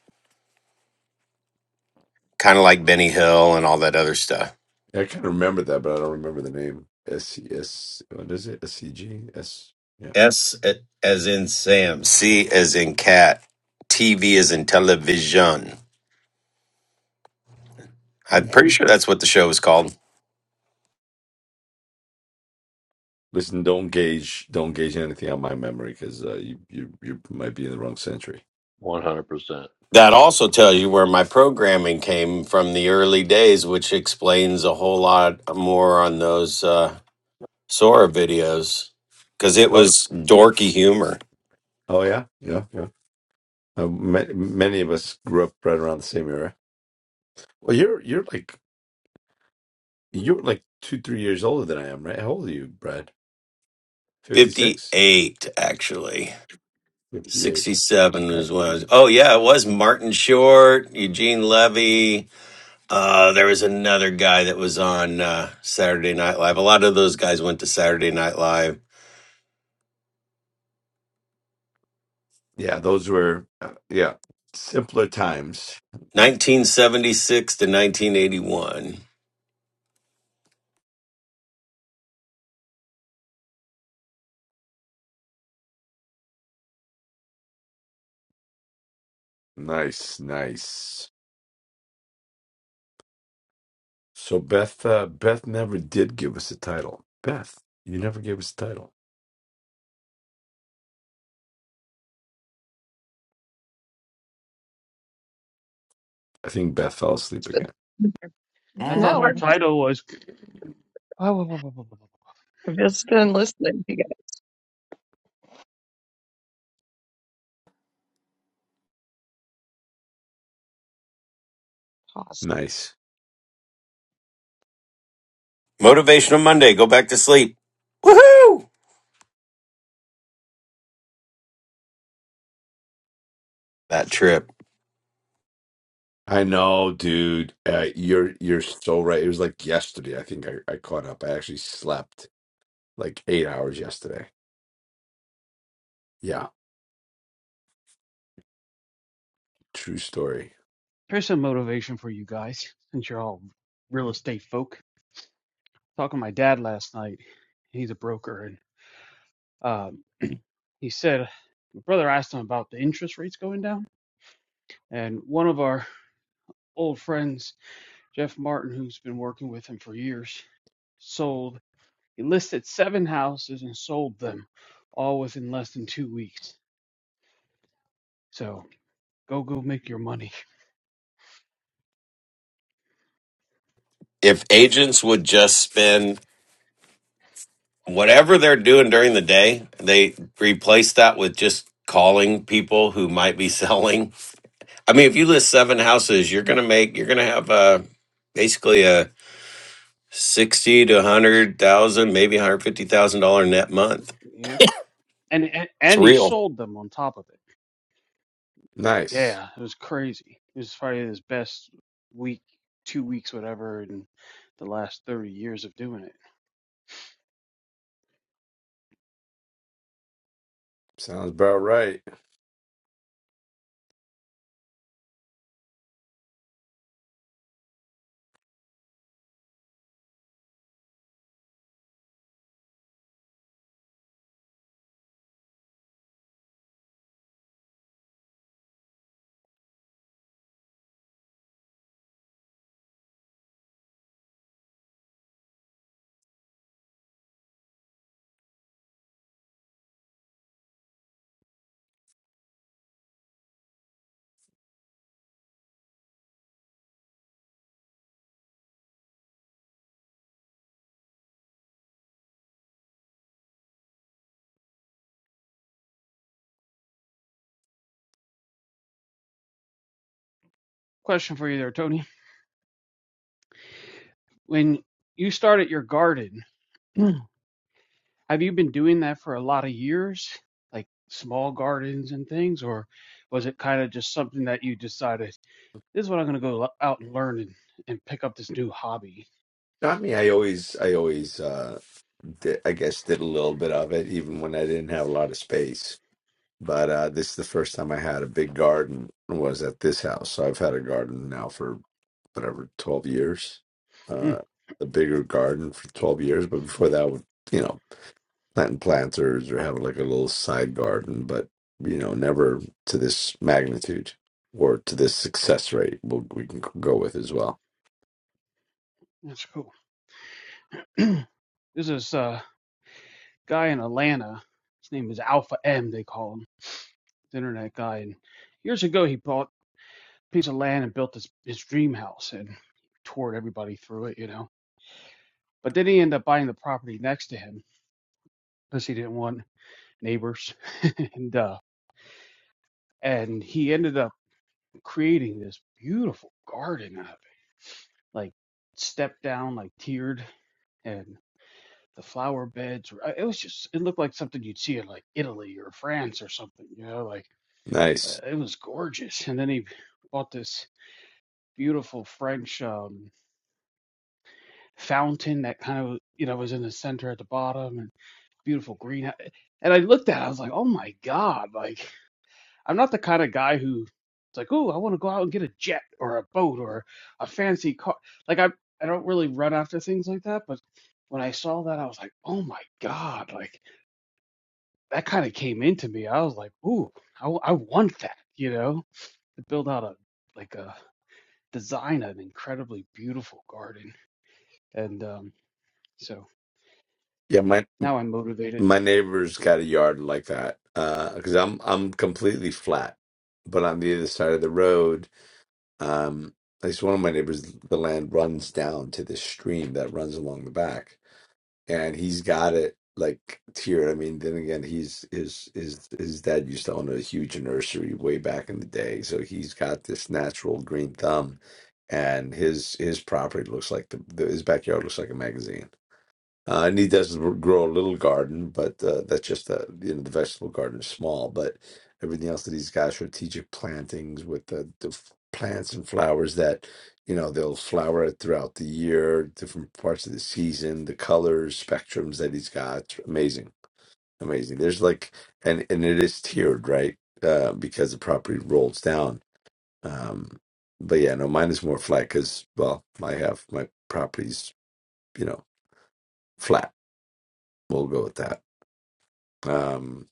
Speaker 6: kind of like Benny Hill and all that other stuff.
Speaker 1: I kind of remember that, but I don't remember the name. S C S. What is it? S C G S. Yeah.
Speaker 6: S as in Sam, C as in cat, TV as in television. I'm pretty sure that's what the show was called.
Speaker 1: Listen, don't gauge don't gauge anything on my memory because uh, you, you you might be in the wrong century.
Speaker 4: 100%.
Speaker 6: That also tells you where my programming came from the early days, which explains a whole lot more on those. Uh, Sora videos because it
Speaker 1: Oh,
Speaker 6: was dorky humor.
Speaker 1: oh yeah, yeah, yeah. Uh, ma- many of us grew up right around the same era. Well, you're you're like you're like two three years older than I am, right? How old are you, Brad? Fifty six.
Speaker 6: 58, actually.
Speaker 1: Fifty eight.
Speaker 6: 67
Speaker 1: Right.
Speaker 6: was when I was. Oh, yeah, it was Martin Short, Eugene Levy. Uh, there was another guy that was on uh, Saturday Night Live. A lot of those guys went to Saturday Night Live.
Speaker 1: Yeah, those were uh, yeah simpler times.
Speaker 6: 1976 to 1981.
Speaker 1: Nice, nice. So Beth uh, Beth never did give us a title. Beth, you never gave us a title. I think Beth fell asleep
Speaker 5: It's
Speaker 1: again.
Speaker 5: been-
Speaker 2: I thought
Speaker 5: no,
Speaker 2: her
Speaker 7: Bad.
Speaker 5: I've just,
Speaker 2: title was [LAUGHS]
Speaker 5: I've just been listening to you guys. Awesome.
Speaker 1: Nice.
Speaker 6: Motivational Monday, go back to sleep. Woohoo! That trip.
Speaker 1: I know, dude. Uh, you're you're so right. It was like yesterday. I think I, I caught up. I actually slept like eight hours yesterday. Yeah, true story.
Speaker 2: Here's some motivation for you guys, since you're all real estate folk. Talking to my dad last night. He's a broker, and um, [CLEARS THROAT] he said my brother asked him about the interest rates going down, and one of our old friends, Jeff Martin, who's been working with him for years, sold. He listed seven houses and sold them, all within less than two weeks. So go, go, make your money.
Speaker 6: If agents would just spend whatever they're doing during the day, they replace that with just calling people who might be [LAUGHS] selling. I mean, if you list seven houses, you're gonna make you're gonna have uh basically a sixty to a hundred thousand, maybe hundred fifty thousand dollar net month.
Speaker 2: Yeah. and and
Speaker 6: It's
Speaker 2: and he
Speaker 6: real.
Speaker 2: sold them on top of it.
Speaker 1: Nice.
Speaker 2: Yeah, it was crazy. It was probably his best week, two weeks, whatever, in the last thirty years of doing it.
Speaker 1: Sounds about right.
Speaker 2: Question for you there, Tony. When you started your garden, [CLEARS THROAT] have you been doing that for a lot of years, like small gardens and things, or was it kind of just something that you decided this is what I'm gonna go lo- out and learn and, and pick up this new hobby?
Speaker 1: Not me. I always I always uh did, I guess did a little bit of it even when I didn't have a lot of space. But uh this is the first time I had a big garden was at this house. So I've had a garden now for whatever 12 years.
Speaker 2: Hmm,
Speaker 1: Uh a bigger garden for 12 years, but before that, you know, planting planters or having like a little side garden, but you know, never to this magnitude or to this success rate. We'll, we can go with as well.
Speaker 2: that's cool. [CLEARS THROAT] this is uh guy in Atlanta. His name is Alpha M. They call him the internet guy. And years ago, he bought a piece of land and built his his dream house and toured everybody through it, you know. But then he ended up buying the property next to him because he didn't want neighbors [LAUGHS] and uh and he ended up creating this beautiful garden out of it, like stepped down, like tiered, and the flower beds. were- uh, It was just it looked like something you'd see in like Italy or France or something, you know, like uh,
Speaker 1: Nice.
Speaker 2: it was gorgeous. And then he bought this beautiful French um, fountain that kind of you know was in the center at the bottom and beautiful green. And I looked at, it, I was like, oh my god! Like I'm not the kind of guy who like, oh, I want to go out and get a jet or a boat or a fancy car. Like I I don't really run after things like that, but when I saw that, I was like, oh my god! Like that kind of came into me. I was like, ooh, I, w- I want that, you know, to build out a like a design an incredibly beautiful garden. And um, so
Speaker 1: Yeah, my
Speaker 2: now I'm motivated.
Speaker 1: my neighbor's got a yard like that because I'm I'm completely flat, but on the other side of the road. Um, at least one of my neighbors, the land runs down to this stream that runs along the back, and he's got it like tiered. I mean, then again, he's his his his dad used to own a huge nursery way back in the day, so he's got this natural green thumb, and his his property looks like the, the his backyard looks like a magazine. Uh, and he does grow a little garden, but uh, that's just the you know the vegetable garden is small. But everything else that he's got are strategic plantings with the, the f- plants and flowers that you know they'll flower throughout the year, different parts of the season, the colors, spectrums that he's got. It's Amazing, amazing. There's like and and it is tiered, right? Uh, because the property rolls down. Um, but yeah, no, mine is more flat because well, I have my properties, you know, flat. We'll go with that Um,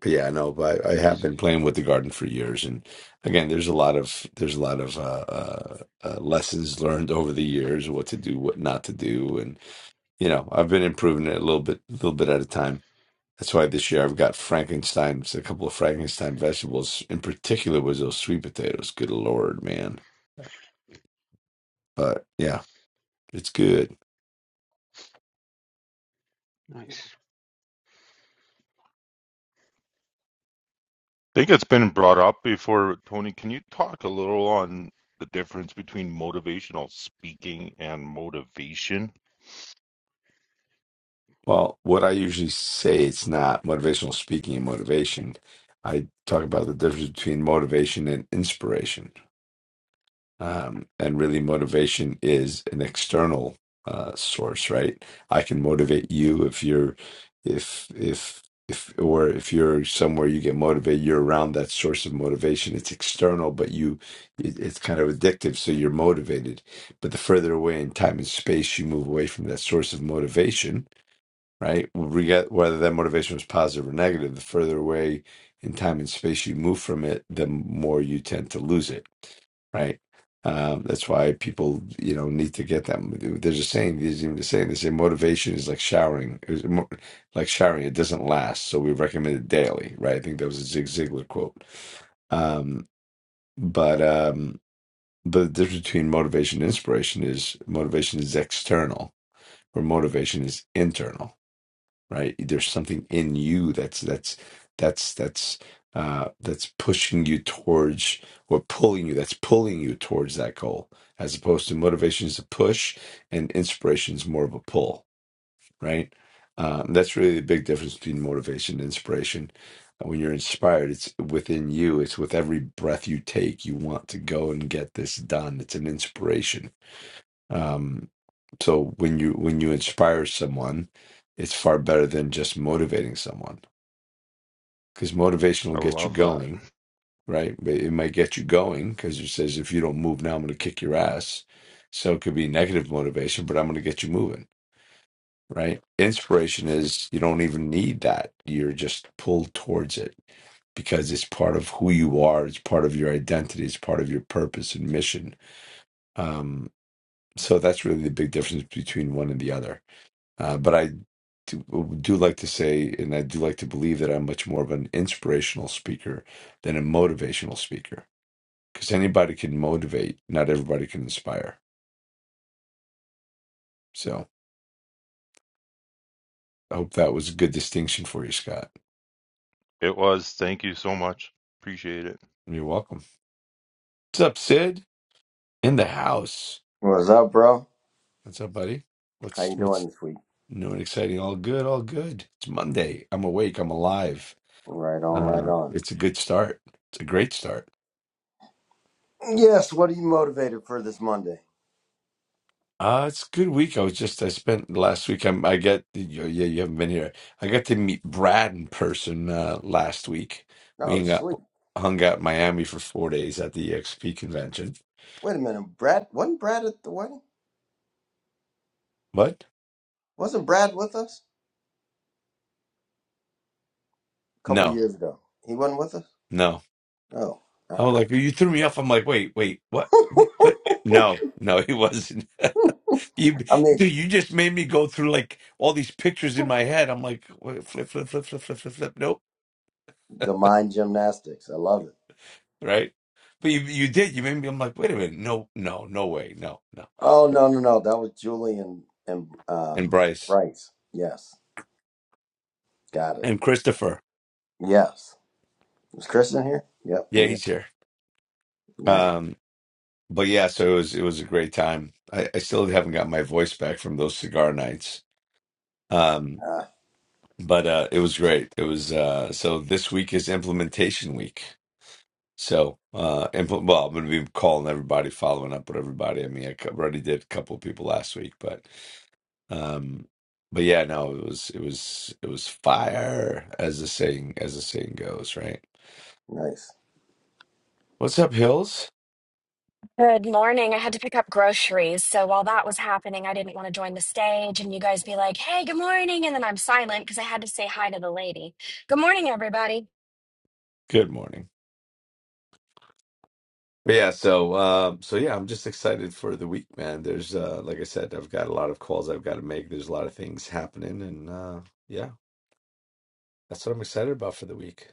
Speaker 1: but yeah, no, but I, I have
Speaker 2: Nice,
Speaker 1: been playing with the garden for years, and again, there's a lot of there's a lot of uh, uh, uh, lessons learned over the years, what to do, what not to do, and you know, I've been improving it a little bit, a little bit at a time. That's why this year I've got Frankenstein, a couple of Frankenstein vegetables. In particular, was those sweet potatoes. Good lord, man! But yeah, it's good.
Speaker 2: nice.
Speaker 3: think it's been brought up before, Tony. Can you talk a little on the difference between motivational speaking and motivation?
Speaker 1: Well, what I usually say, it's not motivational speaking and motivation. I talk about the difference between motivation and inspiration. Um, and really, motivation is an external uh, source, right? I can motivate you if you're, if, if, if, or if you're somewhere you get motivated, you're around that source of motivation. It's external, but you, it, it's kind of addictive. So you're motivated. But the further away in time and space you move away from that source of motivation, right? We get whether that motivation was positive or negative, the further away in time and space you move from it, the more you tend to lose it, right? Um, that's why people, you know, need to get that. There's a saying. There's even a saying. They say motivation is like showering, It was mo- like showering. It doesn't last, so we recommend it daily, right? I think that was a Zig Ziglar quote. Um, but um, but the difference between motivation and inspiration is motivation is external, or motivation is internal right there's something in you that's that's that's that's uh that's pushing you towards or pulling you that's pulling you towards that goal as opposed to motivation is a push and inspiration is more of a pull right um, that's really the big difference between motivation and inspiration Uh, when you're inspired it's within you it's with every breath you take you want to go and get this done it's an inspiration um, so when you when you inspire someone, it's far better than just motivating someone because motivation will
Speaker 3: I
Speaker 1: get you
Speaker 3: love that.
Speaker 1: going, right? But it might get you going because it says if you don't move now, I'm going to kick your ass. So it could be negative motivation, but I'm going to get you moving, right? Inspiration is you don't even need that; you're just pulled towards it because it's part of who you are, it's part of your identity, it's part of your purpose and mission. Um, so that's really the big difference between one and the other Uh, but I do, do like to say, and I do like to believe that I'm much more of an inspirational speaker than a motivational speaker because anybody can motivate, not everybody can inspire. So I hope that was a good distinction for you, Scott.
Speaker 3: It was. Thank you so much. Appreciate it.
Speaker 1: You're welcome. What's up, Sid? In the house.
Speaker 8: What's up, bro?
Speaker 1: What's up, buddy?
Speaker 8: How
Speaker 1: What's
Speaker 8: you doing
Speaker 1: what's
Speaker 8: this week?
Speaker 1: new and exciting? All good, all good. It's Monday. I'm awake. I'm alive.
Speaker 8: Right on, right
Speaker 1: Uh,
Speaker 8: on.
Speaker 1: it's a good start. It's a great start.
Speaker 8: Yes, what are you motivated for this Monday?
Speaker 1: Uh, it's a good week. I was just I spent last week. I'm, I get you yeah. You haven't been here. I got to meet Brad in person uh, last week. We
Speaker 8: Oh,
Speaker 1: hung out,
Speaker 8: sweet.
Speaker 1: hung out in Miami for four days at the EXP convention.
Speaker 8: Wait a minute, Brad wasn't Brad at the wedding?
Speaker 1: What?
Speaker 8: Wasn't Brad with us a couple
Speaker 1: No,
Speaker 8: years ago? He wasn't with us?
Speaker 1: no.
Speaker 8: Oh. I
Speaker 1: I was like, you threw me off. I'm like, wait, wait, what? What? No, no, he wasn't. [LAUGHS] You,
Speaker 8: I mean
Speaker 1: dude, you just made me go through like all these pictures in my head. I'm like, wait, flip, flip, flip, flip, flip, flip, flip. Nope.
Speaker 8: the mind gymnastics. I love it.
Speaker 1: right? But you you did. You made me. I'm like, wait a minute. No, no, no way. No, no.
Speaker 8: Oh no no no. That was Julie and, and uh
Speaker 1: And Bryce
Speaker 8: Bryce. Yes. Got it.
Speaker 1: and Christopher.
Speaker 8: Yes. Was Chris in here? Yep, he
Speaker 1: Yeah,
Speaker 8: is.
Speaker 1: he's here.
Speaker 8: Nice.
Speaker 1: Um, but yeah, so it was it was a great time. I, I still haven't got my voice back from those cigar nights. Um,
Speaker 8: Ah,
Speaker 1: but uh, it was great. It was uh, so this week is implementation week. So, uh, and well, I'm going to be calling everybody, following up with everybody. I mean, I already did a couple of people last week, but, um, but yeah, no, it was, it was, it was fire, as the saying, as the saying goes, right?
Speaker 8: nice.
Speaker 1: What's up, Hills?
Speaker 9: Good morning. I had to pick up groceries. So while that was happening, I didn't want to join the stage and you guys be like, hey, good morning. And then I'm silent because I had to say hi to the lady. Good morning, everybody.
Speaker 1: Good morning. But yeah, so, um, so yeah, I'm just excited for the week, man. There's, uh, like I said, I've got a lot of calls I've got to make. There's a lot of things happening, and uh, yeah, that's what I'm excited about for the week.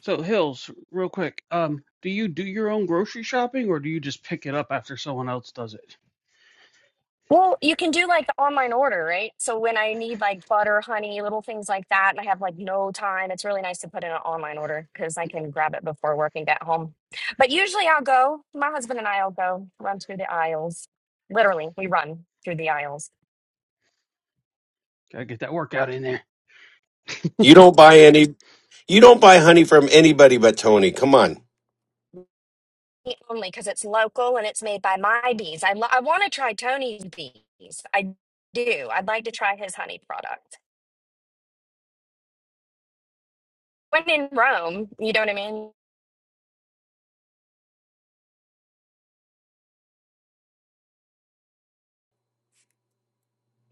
Speaker 2: So Hills, real quick, um, do you do your own grocery shopping or do you just pick it up after someone else does it?
Speaker 9: Well, you can do like the online order, right? So when I need like butter, honey, little things like that, and I have like no time, it's really nice to put in an online order because I can grab it before work and get home. But usually I'll go, my husband and I will go run through the aisles. Literally, we run through the aisles
Speaker 2: Gotta get that workout in there.
Speaker 6: You don't buy any. You don't buy honey from anybody but Tony. Come on.
Speaker 9: only because it's local and it's made by my bees. I, lo- I want to try Tony's bees. I do. I'd like to try his honey product. When in Rome, you know what I mean?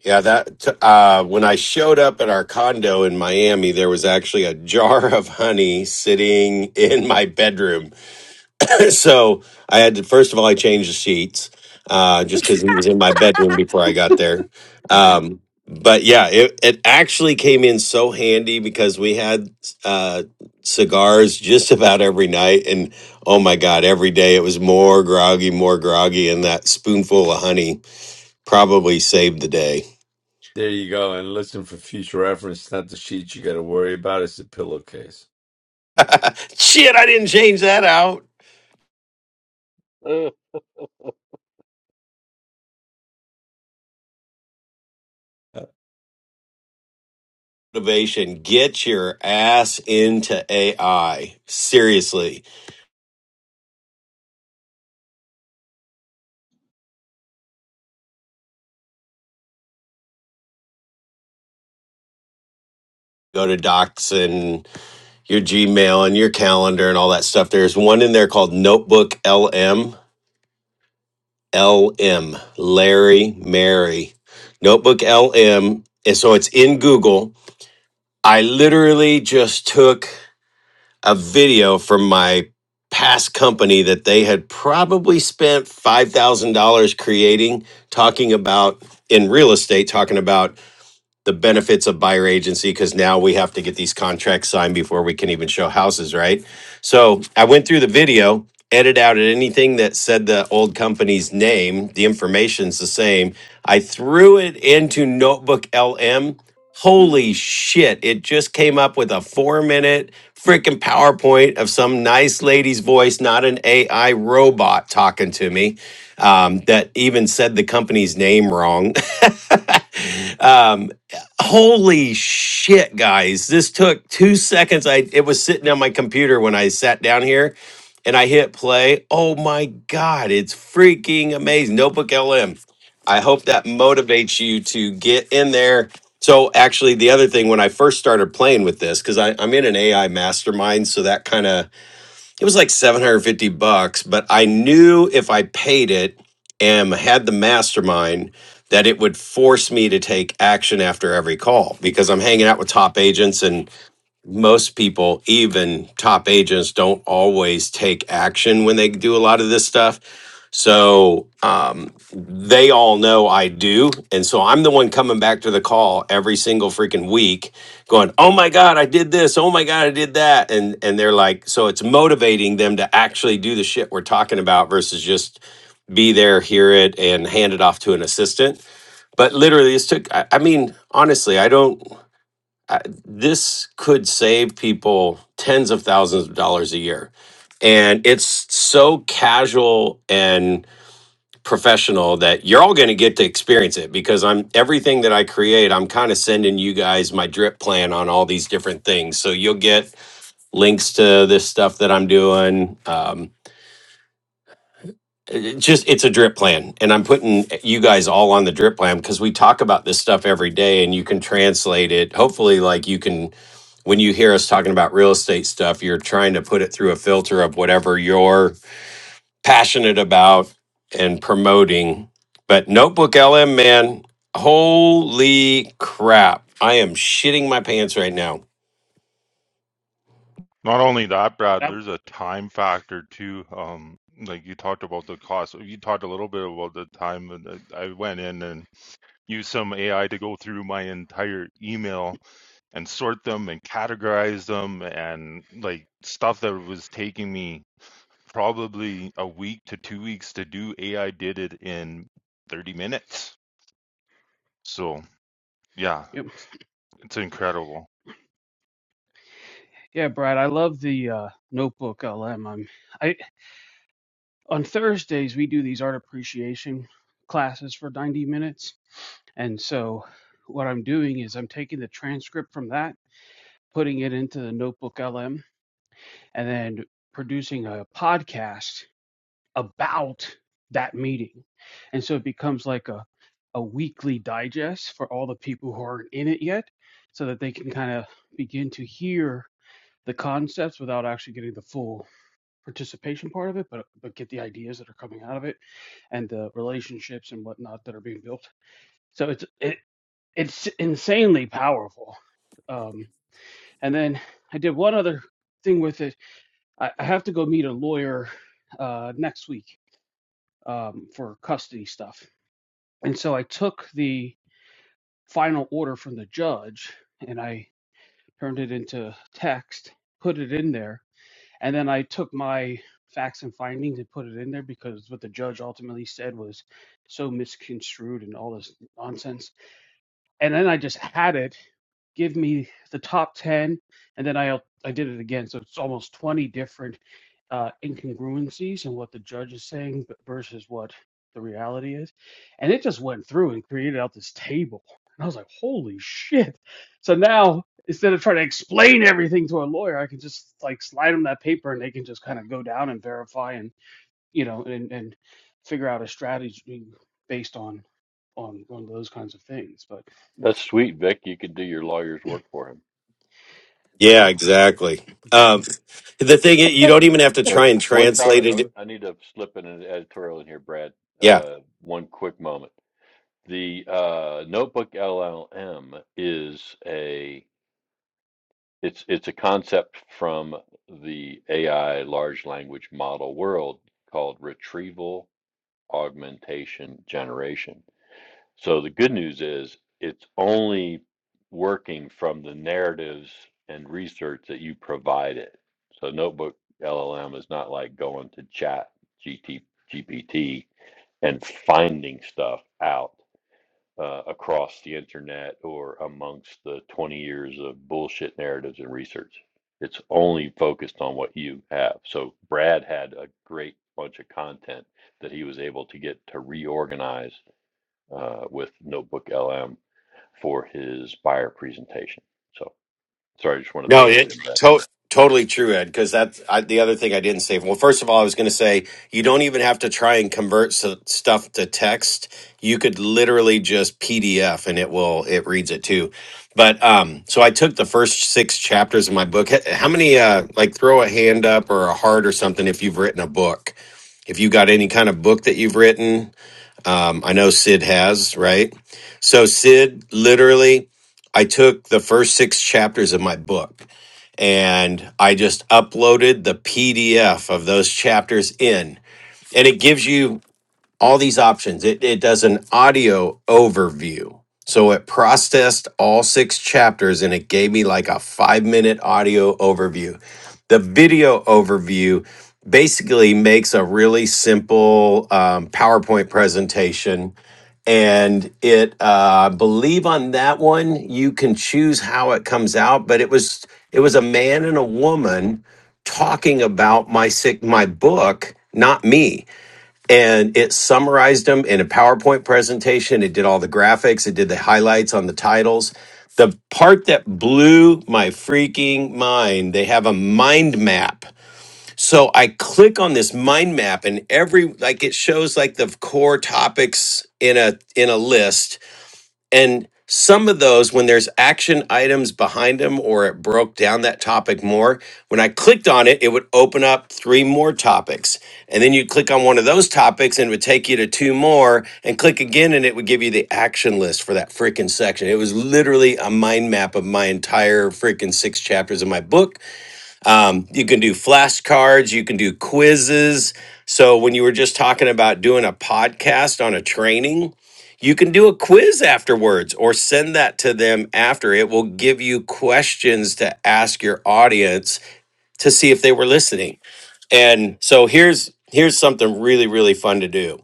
Speaker 6: Yeah, that t- uh when I showed up at our condo in Miami, there was actually a jar [LAUGHS] of honey sitting in my bedroom [LAUGHS] so I had to first of all I changed the sheets uh, just because he was in my bedroom before I got there. Um, but yeah, it, it actually came in so handy because we had uh, cigars just about every night, and oh my god, every day it was more groggy, more groggy, and that spoonful of honey probably saved the day.
Speaker 1: There you go. And listen for future reference. it's Not the sheet you got to worry about. It's the pillowcase.
Speaker 6: [LAUGHS] Shit, I didn't change that out.
Speaker 4: Uh,
Speaker 1: Uh,
Speaker 6: Motivation: Get your ass into AI. Seriously, go to Docs your Gmail and your calendar and all that stuff. There's one in there called Notebook LM. LM, Larry Mary. Notebook LM. And so it's in Google. I literally just took a video from my past company that they had probably spent $5,000 creating, talking about in real estate, talking about the benefits of buyer agency because now we have to get these contracts signed before we can even show houses, right? So I went through the video, edited out anything that said the old company's name. The information's the same. I threw it into Notebook LM. Holy shit, it just came up with a four minute freaking PowerPoint of some nice lady's voice, not an AI robot talking to me um, that even said the company's name wrong. [LAUGHS] Holy shit, guys. This took two seconds. I it was sitting on my computer when I sat down here and I hit play. Oh my god, it's freaking amazing. Notebook LM. I hope that motivates you to get in there. So actually the other thing when I first started playing with this, because I'm in an AI mastermind, so that kind of it was like 750 bucks but i knew if i paid it and had the mastermind that it would force me to take action after every call because i'm hanging out with top agents and most people, even top agents, don't always take action when they do a lot of this stuff. So um, they all know I do. And so I'm the one coming back to the call every single freaking week going, oh my God, I did this. Oh my God, I did that. And, and they're like, so it's motivating them to actually do the shit we're talking about versus just be there, hear it, and hand it off to an assistant. But literally, this took, I, I mean, honestly, I don't this could save people tens of thousands of dollars a year. And it's so casual and professional that you're all going to get to experience it because I'm everything that I create, I'm kind of sending you guys my drip plan on all these different things. So you'll get links to this stuff that I'm doing. Um, it just it's a drip plan. And I'm putting you guys all on the drip plan because we talk about this stuff every day and you can translate it. Hopefully, like you can when you hear us talking about real estate stuff, you're trying to put it through a filter of whatever you're passionate about and promoting. But Notebook LM, man, holy crap. I am shitting my pants right now.
Speaker 3: Not only that, Brad,
Speaker 2: Yep.
Speaker 3: there's a time factor too. Um, like you talked about the cost. You talked a little bit about the time And I went in and used some AI to go through my entire email and sort them and categorize them and like stuff that was taking me probably a week to two weeks to do. AI did it in 30 minutes. So yeah,
Speaker 2: Yep.
Speaker 3: it's, it's incredible.
Speaker 2: Yeah, Brad, I love the uh, Notebook LM. I'm, I on Thursdays we do these art appreciation classes for 90 minutes. And so what I'm doing is I'm taking the transcript from that, putting it into the Notebook LM, and then producing a podcast about that meeting. And so it becomes like a a weekly digest for all the people who aren't in it yet so that they can kind of begin to hear the concepts without actually getting the full participation part of it, but but get the ideas that are coming out of it and the relationships and whatnot that are being built. So it's it it's insanely powerful. Um, and then I did one other thing with it. I, I have to go meet a lawyer uh, next week um, for custody stuff, and so I took the final order from the judge and I turned it into text, put it in there, And then I took my facts and findings and put it in there because what the judge ultimately said was so misconstrued and all this nonsense. And then I just had it give me the top 10 and then I I did it again so it's almost 20 different uh, incongruencies in what the judge is saying versus what the reality is. And it just went through and created out this table. And I was like, holy shit. So now, instead of trying to explain everything to a lawyer, I can just like slide them that paper and they can just kind of go down and verify and, you know, and, and figure out a strategy based on, on, on those kinds of things. But,
Speaker 4: that's sweet, Vic. You can do your lawyer's work for him.
Speaker 6: Yeah,
Speaker 2: well,
Speaker 6: exactly. Um, the thing is, you don't even have to
Speaker 4: But
Speaker 6: try and
Speaker 4: one
Speaker 6: translate
Speaker 4: comment,
Speaker 6: it.
Speaker 4: I, I need to slip in an editorial in here, Brad.
Speaker 6: Yeah.
Speaker 4: Uh, one quick moment The uh, Notebook LLM is a it's it's a concept from the AI large language model world called retrieval augmentation generation. So the good news is it's only working from the narratives and research that you provide it. So Notebook LLM is not like going to Chat GT, GPT and finding stuff out uh, across the internet or amongst the 20 years of bullshit narratives and research. It's only focused on what you have. So Brad had a great bunch of content that he was able to get to reorganize uh, with Notebook LM for his buyer presentation. So sorry, I just want to
Speaker 6: No,
Speaker 4: throw it
Speaker 6: it
Speaker 4: in, Brad.
Speaker 6: to- totally true, Ed. Because that's I, the other thing I didn't say. Well, first of all, I was going to say you don't even have to try and convert s- stuff to text. You could literally just PDF, and it will it reads it too. But um, so I took the first six chapters of my book. H- How many? Uh, like throw a hand up or a heart or something if you've written a book. If you got any kind of book that you've written, um, I know Sid has, right? So Sid literally I took the first six chapters of my book and I just uploaded the PDF of those chapters in. And it gives you all these options. It, it does an audio overview. So it processed all six chapters and it gave me like a five minute audio overview. The video overview basically makes a really simple um, PowerPoint presentation. And it, uh, I believe on that one, you can choose how it comes out, but it was it was a man and a woman talking about my sick my book, not me and it summarized them in a PowerPoint presentation. It did all the graphics, it did the highlights on the titles. The part that blew my freaking mind, they have a mind map. So I click on this mind map and every like it shows like the core topics in a in a list and some of those, when there's action items behind them or it broke down that topic more, when I clicked on it, it would open up three more topics. And then you'd click on one of those topics and it would take you to two more and click again and it would give you the action list for that freaking section. It was literally a mind map of my entire freaking six chapters of my book um, you can do flashcards, you can do quizzes. So, when you were just talking about doing a podcast on a training, you can do a quiz afterwards or send that to them after. It will give you questions to ask your audience to see if they were listening. And so here's here's something really really fun to do.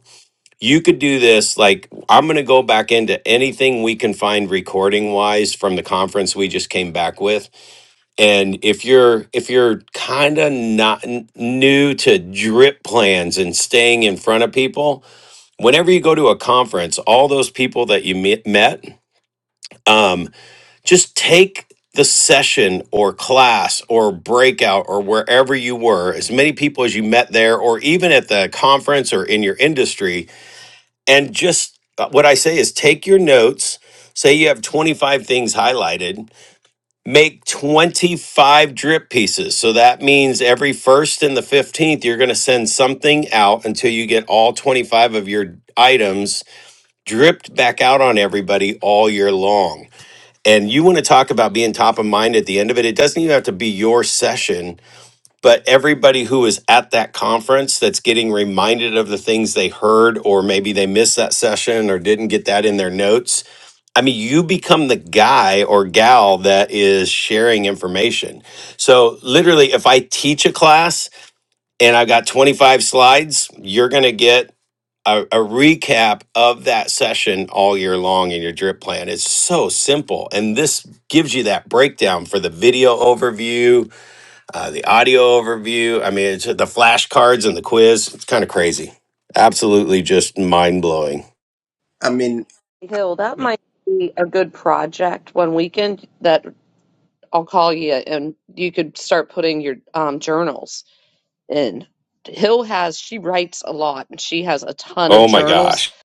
Speaker 6: You could do this like I'm going to go back into anything we can find recording wise from the conference we just came back with and if you're if you're kind of not n- new to drip plans and staying in front of people whenever you go to a conference all those people that you me- met um, just take the session or class or breakout or wherever you were as many people as you met there or even at the conference or in your industry and just uh, what i say is take your notes say you have 25 things highlighted make 25 drip pieces. So that means every first and the 15th, you're going to send something out until you get all 25 of your items dripped back out on everybody all year long. And you want to talk about being top of mind at the end of it. It doesn't even have to be your session, but everybody who is at that conference that's getting reminded of the things they heard, or maybe they missed that session or didn't get that in their notes I mean, you become the guy or gal that is sharing information. So, literally, if I teach a class and I've got 25 slides, you're going to get a, a recap of that session all year long in your drip plan. It's so simple. And this gives you that breakdown for the video overview, uh, the audio overview. I mean, it's the flashcards and the quiz. It's kind of crazy. Absolutely just mind blowing.
Speaker 8: I mean
Speaker 5: Hill, that might be a good project one weekend that I'll call you and you could start putting your um, journals in. Hill has, she writes a lot and she has a ton of
Speaker 6: Oh my
Speaker 5: journals.
Speaker 6: gosh.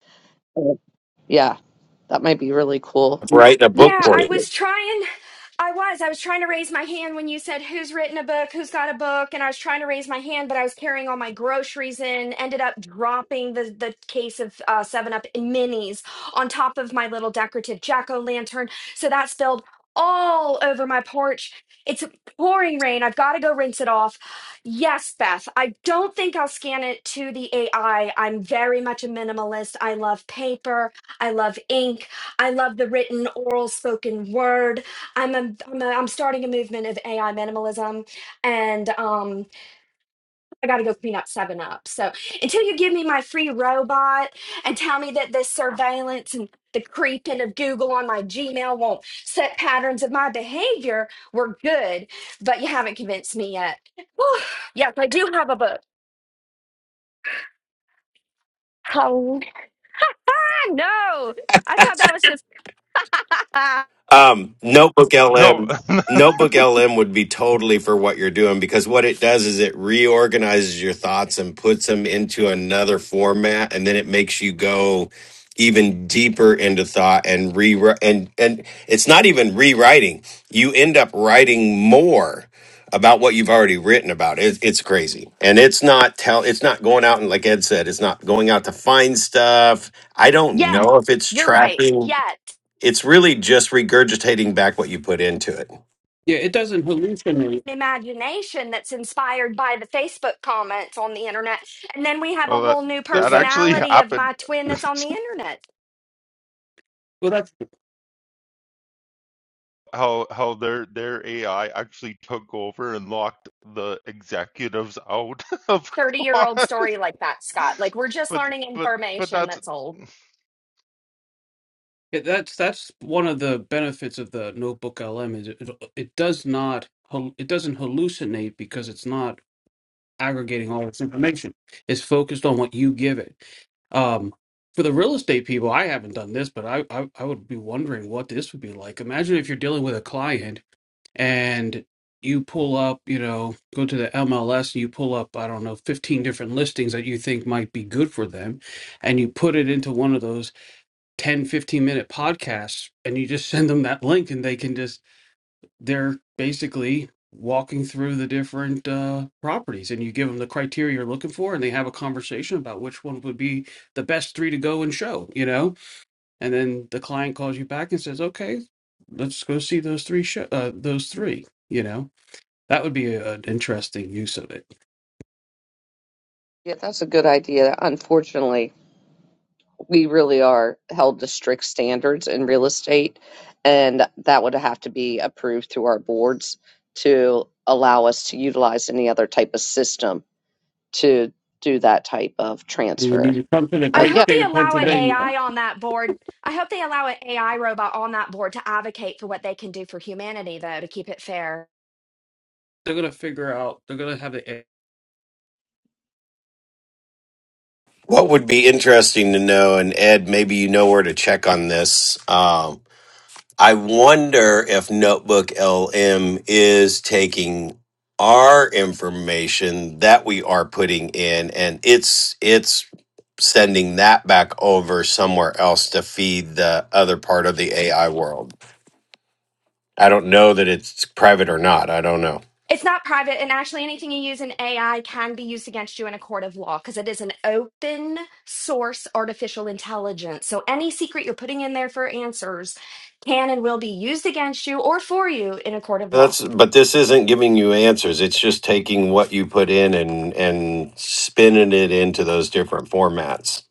Speaker 5: Uh, Yeah, that might be really cool.
Speaker 2: Yeah,
Speaker 6: I'm Writing a book
Speaker 9: Yeah,
Speaker 6: for
Speaker 9: I
Speaker 6: you.
Speaker 5: activity.
Speaker 9: was trying. I was. I was trying to raise my hand when you said who's written a book, who's got a book, and I was trying to raise my hand, but I was carrying all my groceries in. Ended up dropping the the case of uh, Seven Up and minis on top of my little decorative jack o' lantern, so that spilled all over my porch. It's pouring rain. I've got to go rinse it off. Yes, Beth. I don't think I'll scan it to the AI. I'm very much a minimalist. I love paper. I love ink. I learned I'm a, I'm a movement evangelist. um, and um, I got to go clean up. So until you give me my free robot and town surveillance and the creeping of Google on my Gmail won't set patterns of my behavior, we're good. But you haven't convinced me yet. [SIGHS] Whew. yes, I do have a book. I know. I thought that was just [LAUGHS]
Speaker 6: Um, Notebook
Speaker 3: No,
Speaker 6: LM, Notebook
Speaker 3: [LAUGHS]
Speaker 6: LM would be totally for what you're doing because what it does is it reorganizes your thoughts and puts them into another format, and then it makes you go even deeper into thought and rewrite. And and it's not even rewriting; you end up writing more about what you've already written about. It, it's crazy, and it's not tell. It's not going out and like Ed said, it's not going out to find stuff. I don't
Speaker 9: yet.
Speaker 6: know if it's
Speaker 9: You're right.
Speaker 6: tracking
Speaker 9: Yet.
Speaker 6: it's really just regurgitating back what you put into it.
Speaker 2: it doesn't hallucinate.
Speaker 9: Imagination that's inspired by the Facebook comments on the internet. And then we have a
Speaker 3: oh, that
Speaker 9: whole new
Speaker 2: Well,
Speaker 3: that
Speaker 2: that
Speaker 3: actually
Speaker 9: personality of
Speaker 3: happened.
Speaker 9: my twin that's on the
Speaker 3: [LAUGHS]
Speaker 9: internet.
Speaker 2: well, that's
Speaker 3: How how their their AI actually took over and locked the executives out [LAUGHS] of
Speaker 9: 30 year old
Speaker 3: God.
Speaker 9: story like that, Scott. Like we're just
Speaker 3: But
Speaker 9: learning
Speaker 3: but but
Speaker 9: information
Speaker 3: that's.
Speaker 9: that's old.
Speaker 2: Yeah, that's that's one of the benefits of the Notebook LM is it it does not hal- it doesn't hallucinate because it's not aggregating all this information. It's focused on what you give it. Um, for the real estate people, I haven't done this, but I, I I would be wondering what this would be like. Imagine if you're dealing with a client and you pull up, you know, go to the MLS and you pull up, I don't know, 15 different listings that you think might be good for them, and you put it into one of those 10 15 minute podcasts and you just [LAUGHS] send them that link and they can just they're basically walking through the different uh, properties and you give them the criteria you're looking for and they have a conversation about which one would be the best three to go and show you know and then the client calls you back and says okay let's go see those three show uh, those three you know that would be a- an interesting use of it
Speaker 5: Yeah, that's a good idea. Unfortunately, we really are held to strict standards in real estate, and that would have to be approved through our boards to allow us to utilize any other type of system to do that type of
Speaker 2: and you need
Speaker 5: transfer.
Speaker 2: to come to the
Speaker 9: I
Speaker 5: But
Speaker 2: great
Speaker 9: hope
Speaker 5: yeah,
Speaker 9: they
Speaker 2: state of
Speaker 9: allow an
Speaker 5: Sure.
Speaker 2: pennsylvania
Speaker 9: AI on that board. I hope they allow an AI robot on that board to advocate for what they can do for humanity, though, to keep it fair.
Speaker 2: they're going to figure out they're going to have the
Speaker 6: What would be interesting to know, and Ed, maybe you know where to check on this. Um, I wonder if Notebook LM is taking our information that we are putting in, and it's it's sending that back over somewhere else to feed the other part of the AI world. I don't know that it's private or not. I don't know.
Speaker 9: It's not private, and actually, anything you use in AI can be used against you in a court of law because it is an open source artificial intelligence. So, any secret you're putting in there for answers can and will be used against you or for you in a court of law
Speaker 6: That's but this isn't giving you answers. It's just taking what you put in and and spinning it into those different formats.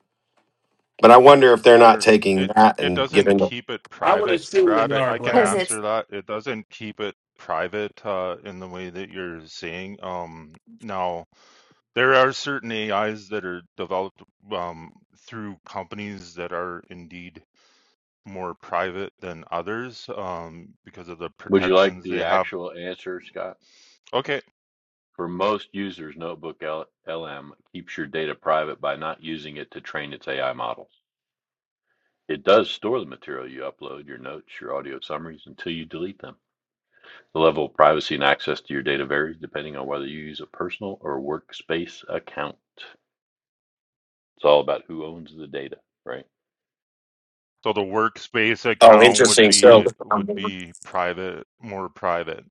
Speaker 6: But I wonder if they're not
Speaker 3: There,
Speaker 6: taking
Speaker 3: it
Speaker 6: that
Speaker 3: it
Speaker 6: and
Speaker 3: doesn't
Speaker 6: giving.
Speaker 3: keep it
Speaker 2: I would
Speaker 3: private,
Speaker 2: assume they
Speaker 3: Brad. I,
Speaker 2: are,
Speaker 3: I can
Speaker 9: because
Speaker 2: Brad.
Speaker 9: it's.
Speaker 3: answer that. It doesn't keep it private uh, in the way that you're saying. Um, now there are certain AIs that are developed um, through companies that are indeed more private than others um, because of the
Speaker 4: Would you like
Speaker 3: protections
Speaker 4: the
Speaker 3: they have.
Speaker 4: actual answer, Scott?
Speaker 3: Okay,
Speaker 4: For most users, Notebook L- LM keeps your data private by not using it to train its AI models. It does store the material you upload, your notes, your audio summaries, until you delete them. The level of privacy and access to your data varies depending on whether you use a personal or workspace account. It's all about who owns the data, right?
Speaker 3: so the workspace
Speaker 6: Oh,
Speaker 3: account would
Speaker 6: interesting. So
Speaker 3: be
Speaker 6: um,
Speaker 3: would be private, more private.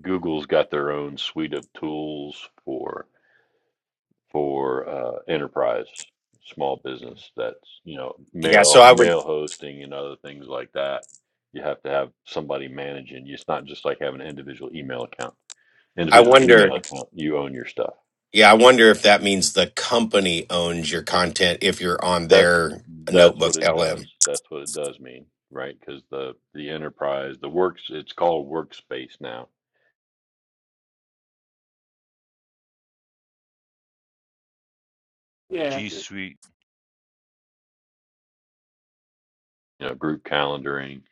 Speaker 4: Google's got their own suite of tools for for uh, enterprise, small business. That's you know
Speaker 6: yeah, so
Speaker 4: mail
Speaker 6: I would.
Speaker 4: mail hosting and other things like that. You have to have somebody managing. It's not just like having an individual email account,
Speaker 6: I
Speaker 4: individual
Speaker 6: wonder.
Speaker 4: Gmail account. You own your stuff
Speaker 6: Yeah, I wonder if that means the company owns your content if you're on
Speaker 4: That's
Speaker 6: their
Speaker 4: that's what
Speaker 6: notebooks
Speaker 4: it does.
Speaker 6: LM.
Speaker 4: That's what it does mean, right? Because the the enterprise, the works, it's called workspace now.
Speaker 2: Yeah.
Speaker 3: G Suite
Speaker 4: You know, group calendaring,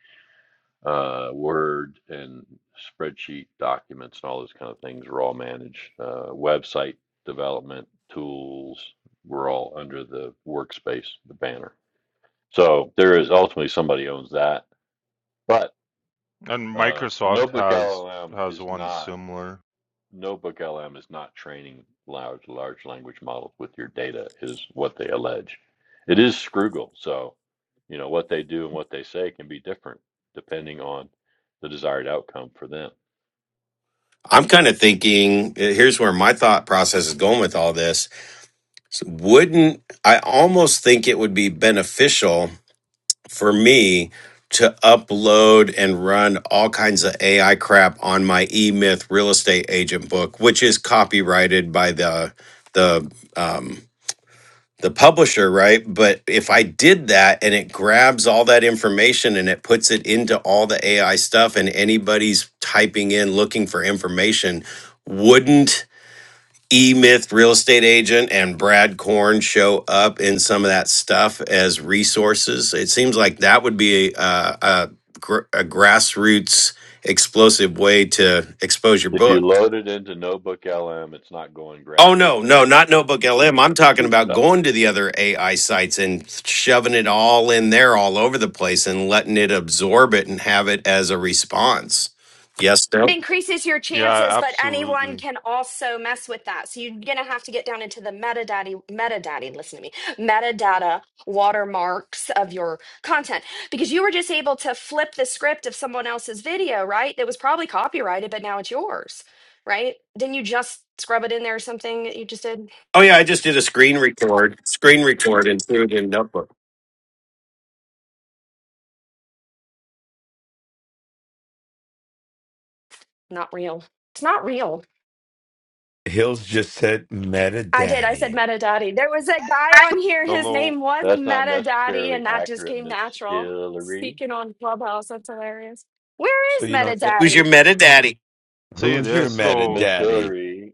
Speaker 4: uh, Word and spreadsheet documents and all those kind of things are all managed. Uh, website development tools were all under the workspace, the banner. So there is ultimately somebody owns that, but
Speaker 3: And
Speaker 4: uh,
Speaker 3: Microsoft
Speaker 4: Notebook
Speaker 3: has
Speaker 4: LLM
Speaker 3: has
Speaker 4: is
Speaker 3: one
Speaker 4: not.
Speaker 3: similar.
Speaker 4: NotebookLM is not training large large language models with your data, is what they allege. It is Scroogle, so you know what they do and what they say can be different depending on the desired outcome for them.
Speaker 6: I'm kind of thinking. eh, Here's where my thought process is going with all this. Wouldn't I almost think it would be beneficial? for me to upload and run all kinds of AI crap on my eMyth real estate agent book, which is copyrighted by the the um, the publisher, right? But if I did that and it grabs all that information and it puts it into all the AI stuff, and anybody's typing in looking for information, wouldn't E Myth Real Estate Agent and Brad Korn show up in some of that stuff as resources. It seems like that would be uh, a, gr- a grassroots explosive way to expose your
Speaker 4: If you
Speaker 6: book.
Speaker 4: load it into NotebookLM, it's not going
Speaker 6: Oh, no,
Speaker 4: grassroots
Speaker 6: no,
Speaker 4: anywhere.
Speaker 6: not Notebook
Speaker 4: It's your
Speaker 6: LM. I'm
Speaker 4: it's
Speaker 6: talking
Speaker 4: your
Speaker 6: about
Speaker 4: stuff.
Speaker 6: going to the other AI sites and shoving it all in there all over the place and letting it absorb it and have it as a response. Yes,
Speaker 9: It
Speaker 6: no.
Speaker 9: increases your
Speaker 3: Yeah,
Speaker 9: chances, but anyone
Speaker 3: absolutely.
Speaker 9: can also mess with that. So you're gonna have to get down into the metadata, metadata. Listen to me, metadata watermarks of your content because you were just able to flip the script of someone else's video, right? That was probably copyrighted, but now it's yours, right? Didn't you just scrub it in there or something that you just did?
Speaker 6: Oh, yeah, I just did a screen record, screen record and threw it in Notebook.
Speaker 9: Not real. It's not real.
Speaker 1: Hills just said meta
Speaker 9: I did. I said
Speaker 1: daddy.
Speaker 9: Metadati. There was a guy on here. His
Speaker 3: Although
Speaker 9: name was
Speaker 4: That's not
Speaker 9: Metadati,
Speaker 4: necessarily
Speaker 9: and that just
Speaker 4: accurate,
Speaker 9: came
Speaker 4: Miss
Speaker 9: natural.
Speaker 4: Hillary.
Speaker 9: Speaking on Clubhouse, that's hilarious. Where
Speaker 1: So
Speaker 9: is
Speaker 1: you know eh,
Speaker 6: Who's your
Speaker 9: Metadati?
Speaker 6: meta daddy?
Speaker 3: say
Speaker 1: who's your
Speaker 3: this
Speaker 1: meta
Speaker 3: though,
Speaker 4: Miss
Speaker 1: daddy?
Speaker 4: Hillary,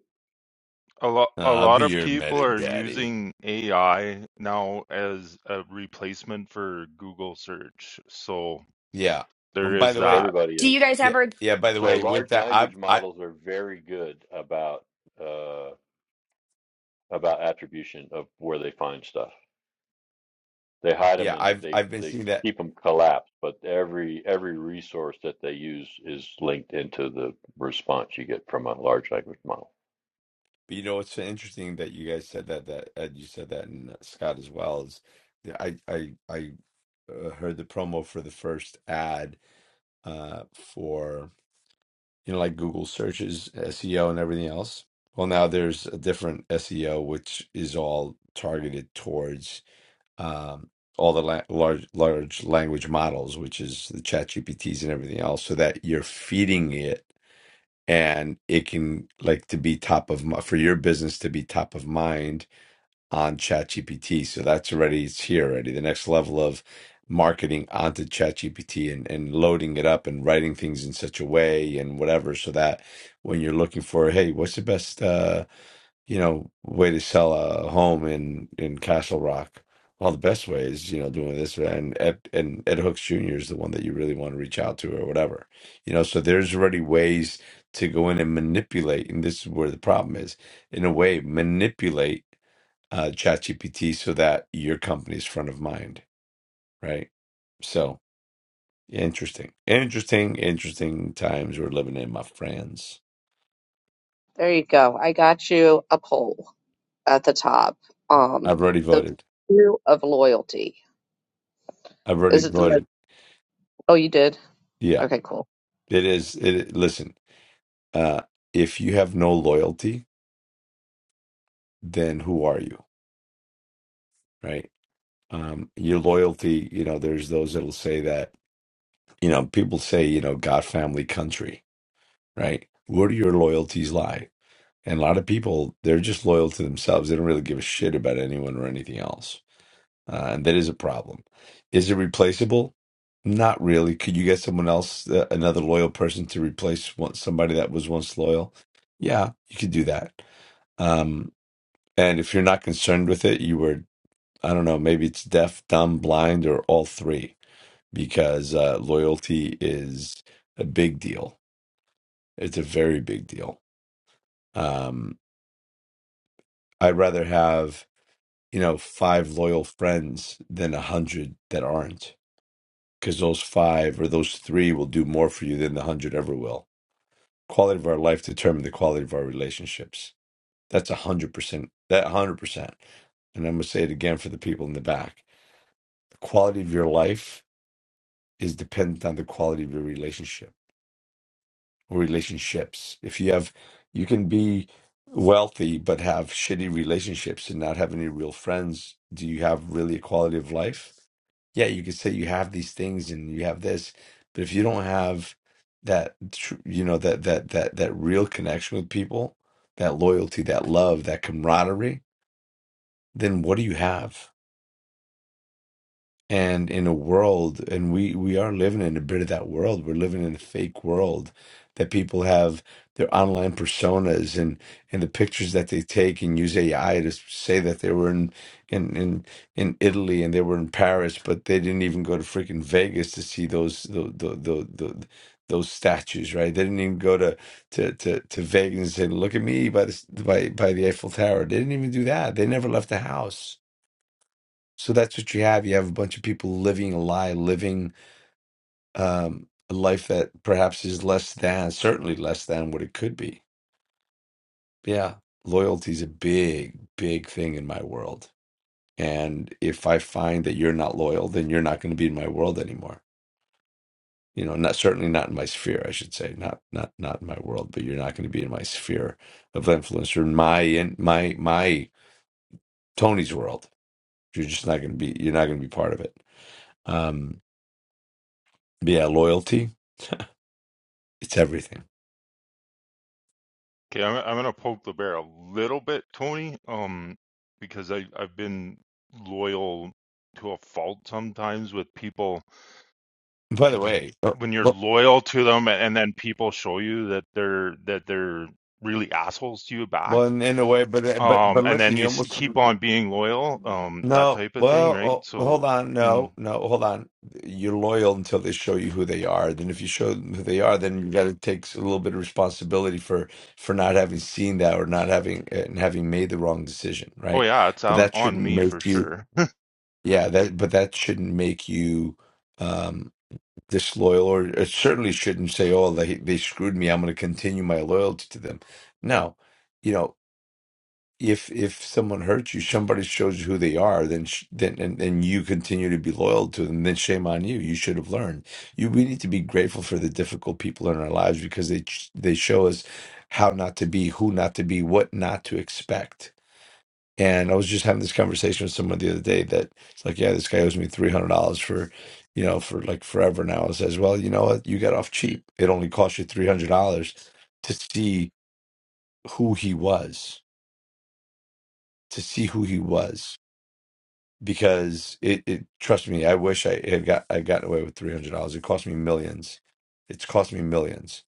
Speaker 3: a lot
Speaker 1: Uh,
Speaker 3: a
Speaker 1: I'll
Speaker 3: lot
Speaker 1: be
Speaker 3: of
Speaker 1: your
Speaker 3: people
Speaker 1: meta
Speaker 3: are
Speaker 1: daddy.
Speaker 3: using AI now as a replacement for Google search. So
Speaker 1: Yeah. Well,
Speaker 3: there
Speaker 1: by
Speaker 3: is
Speaker 1: the way,
Speaker 3: that.
Speaker 4: everybody
Speaker 9: Do
Speaker 4: is.
Speaker 9: you guys
Speaker 1: yeah,
Speaker 9: ever
Speaker 1: yeah. By the
Speaker 4: So
Speaker 1: way, with
Speaker 4: large
Speaker 1: that, I've,
Speaker 4: language
Speaker 1: I,
Speaker 4: models are very good about uh, about attribution of where they find stuff. They hide them
Speaker 1: yeah,
Speaker 4: and
Speaker 1: I've,
Speaker 4: they
Speaker 1: I've been
Speaker 4: they
Speaker 1: seeing that.
Speaker 4: keep them collapsed, but every every resource that they use is linked into the response you get from a large language model
Speaker 1: But you know, what's so interesting that you guys said that. That uh, you said that, and uh, Scott as well. Is that I, I, I uh, heard the promo for the first ad uh, for. you know, like Google searches, SEO, and everything else. Well, now there's a different SEO, which is all targeted towards um, all the la- large large language models, which is the Chat GPTs and everything else, so that you're feeding it and it can like to be top of mi- for your business to be top of mind on ChatGPT. So that's already it's here already. The next level of marketing onto ChatGPT and, and loading it up and writing things in such a way and whatever, so that when you're looking for, hey, what's the best uh, you know, way to sell a home in in Castle Rock? Well, the best way is, you know, doing this and Ed and Ed Hooks Jr. is the one that you really want to reach out to or whatever. You know, so there's already ways to go in and manipulate, and this is where the problem is, in a way, manipulate uh, ChatGPT so that your company's front of mind, right? So interesting, interesting, interesting times we're living in, my friends.
Speaker 5: there you go. I got you a poll at the top. Um,
Speaker 1: I've already
Speaker 5: the
Speaker 1: voted.
Speaker 5: view of loyalty.
Speaker 1: I've
Speaker 5: Is
Speaker 1: already
Speaker 5: it the most?
Speaker 1: voted.
Speaker 5: Oh, you did?
Speaker 1: Yeah,
Speaker 5: Okay, cool.
Speaker 1: it is. It listen. Uh, if you have no loyalty, then who are you, right? Um, your loyalty, you know, there's those that'll say that, you know, people say, you know, God, family, country, right? Where do your loyalties lie? And a lot of people, they're just loyal to themselves. They don't really give a shit about anyone or anything else. Uh, and that is a problem. Is it replaceable? Not really. Could you get someone else, uh, another loyal person to replace one, somebody that was once loyal? Yeah, you could do that. Um, and if you're not concerned with it, you were, I don't know, maybe it's deaf, dumb, blind, or all three, because uh, loyalty is a big deal. It's a very big deal. Um, I'd rather have you know, five loyal friends than a hundred that aren't. Because those five or those three will do more for you than the hundred ever will. Quality of our life determine the quality of our relationships. That's a hundred percent. That a hundred percent. And I'm gonna say it again for the people in the back. The quality of your life is dependent on the quality of your relationship relationships. If you have, you can be wealthy but have shitty relationships and not have any real friends. Do you have really a quality of life? Yeah, you could say you have these things and you have this, but if you don't have that, tr- you know, that that that that real connection with people, that loyalty, that love, that camaraderie, then what do you have? and in a world and we we are living in a bit of that world we're living in a fake world that people have their online personas and and the pictures that they take and use AI to say that they were in in in, in Italy and they were in Paris but they didn't even go to freaking Vegas to see those the the the, the those statues, right? They didn't even go to to to, to Vegas and say, "Look at me by the by by the Eiffel Tower." They didn't even do that. They never left the house so that's what you have. You have a bunch of people living a lie, living um, a life that perhaps is less than, certainly less than what it could be. Yeah. Loyalty is a big, big thing in my world. And if I find that you're not loyal, then you're not going to be in my world anymore. You know, not certainly not in my sphere, I should say, not not not in my world, but you're not going to be in my sphere of influence or in my in my my Tony's world. You're just not going to be. You're not going to be part of it. Um, but yeah, loyalty, it's everything
Speaker 3: Okay, I'm I'm gonna poke the bear a little bit, Tony. Um, because I I've been loyal to a fault sometimes with people
Speaker 1: By the way, uh,
Speaker 3: when you're
Speaker 1: but,
Speaker 3: loyal to them and then people show you that they're that they're really assholes to you
Speaker 1: well,
Speaker 3: back
Speaker 1: in, in a way, but uh, but
Speaker 3: um
Speaker 1: but
Speaker 3: and then
Speaker 1: listen,
Speaker 3: you
Speaker 1: you almost
Speaker 3: keep on being loyal um that
Speaker 1: no.
Speaker 3: type of thing right
Speaker 1: Well, oh,
Speaker 3: so
Speaker 1: hold on,
Speaker 3: mm,
Speaker 1: no, no, hold on. You're loyal until they show you who they are. Then, if you show them who they are, then you got to take a little bit of responsibility for for not having seen that or not having eh, and having made the wrong decision,
Speaker 3: oh
Speaker 1: right?
Speaker 3: yeah it's
Speaker 1: But
Speaker 3: on
Speaker 1: that
Speaker 3: on
Speaker 1: shouldn't
Speaker 3: me for
Speaker 1: make you,
Speaker 3: sure
Speaker 1: yeah. That but that shouldn't make you. um, disloyal, or it certainly shouldn't say, "Oh, they they screwed me. I'm going to continue my loyalty to them." No, you know, if if someone hurts you, somebody shows you who they are, then sh- then and, and you continue to be loyal to them. Then shame on you. You should have learned. You we need to be grateful for the difficult people in our lives because they ch- they show us how not to be, who not to be, what not to expect and I was just having this conversation with someone the other day that it's like, yeah, this guy owes me three hundred dollars for, you know, for like forever now. I says, well, you know what? You got off cheap. It only cost you three hundred dollars to see who he was, to see who he was. Because it, it trust me, I wish I had got I gotten away with three hundred dollars. It cost me millions. It's cost me millions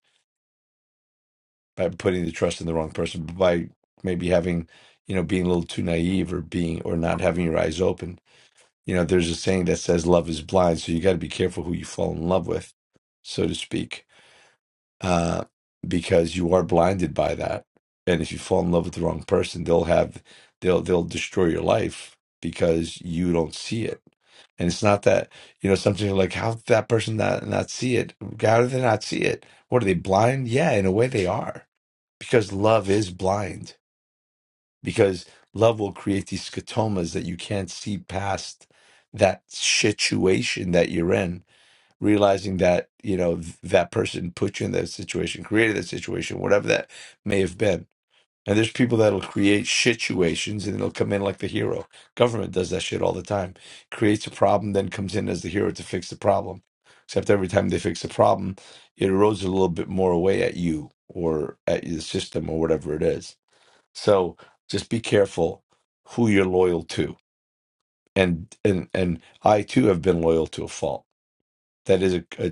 Speaker 1: by putting the trust in the wrong person, by maybe having, you know, being a little too naive or being or not having your eyes open You know, there's a saying that says love is blind, so you got to be careful who you fall in love with, so to speak, uh, because you are blinded by that. And if you fall in love with the wrong person, they'll have they'll they'll destroy your life because you don't see it. And it's not that, you know, something like how did that person not not see it? How do they not see it? What are they blind? Yeah, in a way they are, because love is blind because love will create these scotomas that you can't see past that situation that you're in realizing that you know th- that person put you in that situation created that situation whatever that may have been and there's people that'll create situations and they'll come in like the hero government does that shit all the time creates a problem then comes in as the hero to fix the problem except every time they fix the problem it erodes a little bit more away at you or at the system or whatever it is so just be careful who you're loyal to. And and and I too have been loyal to a fault. That is a a,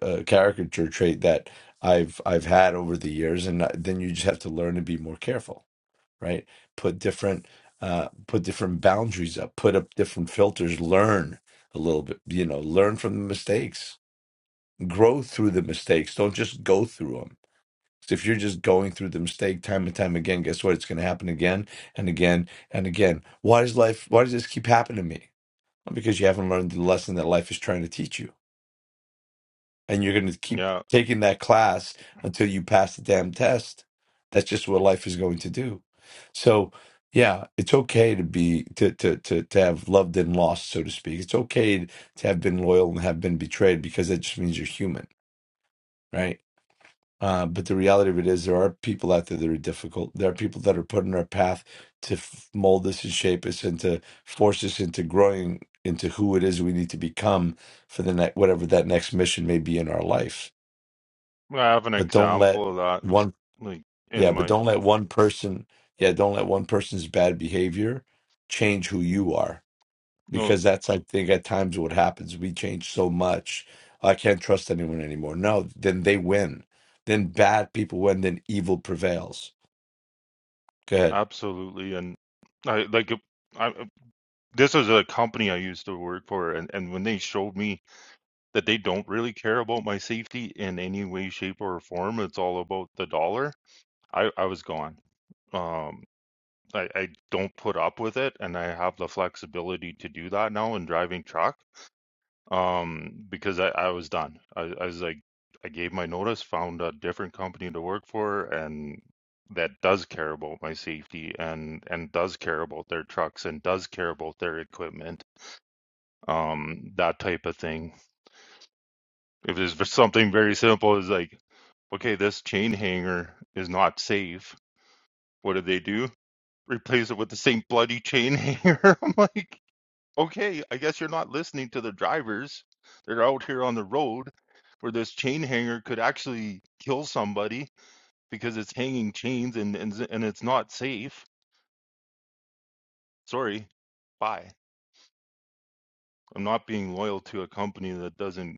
Speaker 1: a, a caricature trait that I've I've had over the years. And uh, then you just have to learn to be more careful, right? Put different uh, put different boundaries up. Put up different filters. Learn a little bit. You know, learn from the mistakes. Grow through the mistakes. Don't just go through them so if you're just going through the mistake time and time again, guess what? It's going to happen again and again and again. Why does life? Why does this keep happening to me? Well, because you haven't learned the lesson that life is trying to teach you, and you're going to
Speaker 3: [LAUGHS]
Speaker 1: keep
Speaker 3: yeah
Speaker 1: taking that class until you pass the damn test. That's just what life is going to do. So, yeah, it's okay to be to to to to have loved and lost, so to speak. It's okay to have been loyal and have been betrayed because that just means you're human, right? Uh, but the reality of it is, there are people out there that are difficult. There are people that are put in our path to f- mold us and shape us and to force us into growing into who it is we need to become for the next whatever that next mission may be in our life.
Speaker 3: i have an
Speaker 1: But don't let
Speaker 3: example of that
Speaker 1: one,
Speaker 3: like in
Speaker 1: yeah, but
Speaker 3: my
Speaker 1: don't let one person, yeah, don't let one person's bad behavior change who you are
Speaker 3: no
Speaker 1: because that's I think at times what happens. We change so much. I can't trust anyone anymore. No, then they win. Then bad people win. Then evil prevails. Go ahead.
Speaker 3: absolutely and i like I, this is a company i used to work for and and when they showed me that they don't really care about my safety in any way, shape, or form. It's all about the dollar. I, I was gone. Um, I, I don't put up with it, and I have the flexibility to do that now in driving truck. Um, because I, I was done. I, I was like, I gave my notice, found a different company to work for, and that does care about my safety and and does care about their trucks and does care about their equipment, um, that type of thing if it's something very simple it's like okay, this chain hanger is not safe. What do they do? Replace it with the same bloody chain hanger. [LAUGHS] I'm like, okay, I guess you're not listening to the drivers that are out here on the road where this chain hanger could actually kill somebody because it's hanging chains and, and, and it's not safe. Sorry, bye. I'm not being loyal to a company that doesn't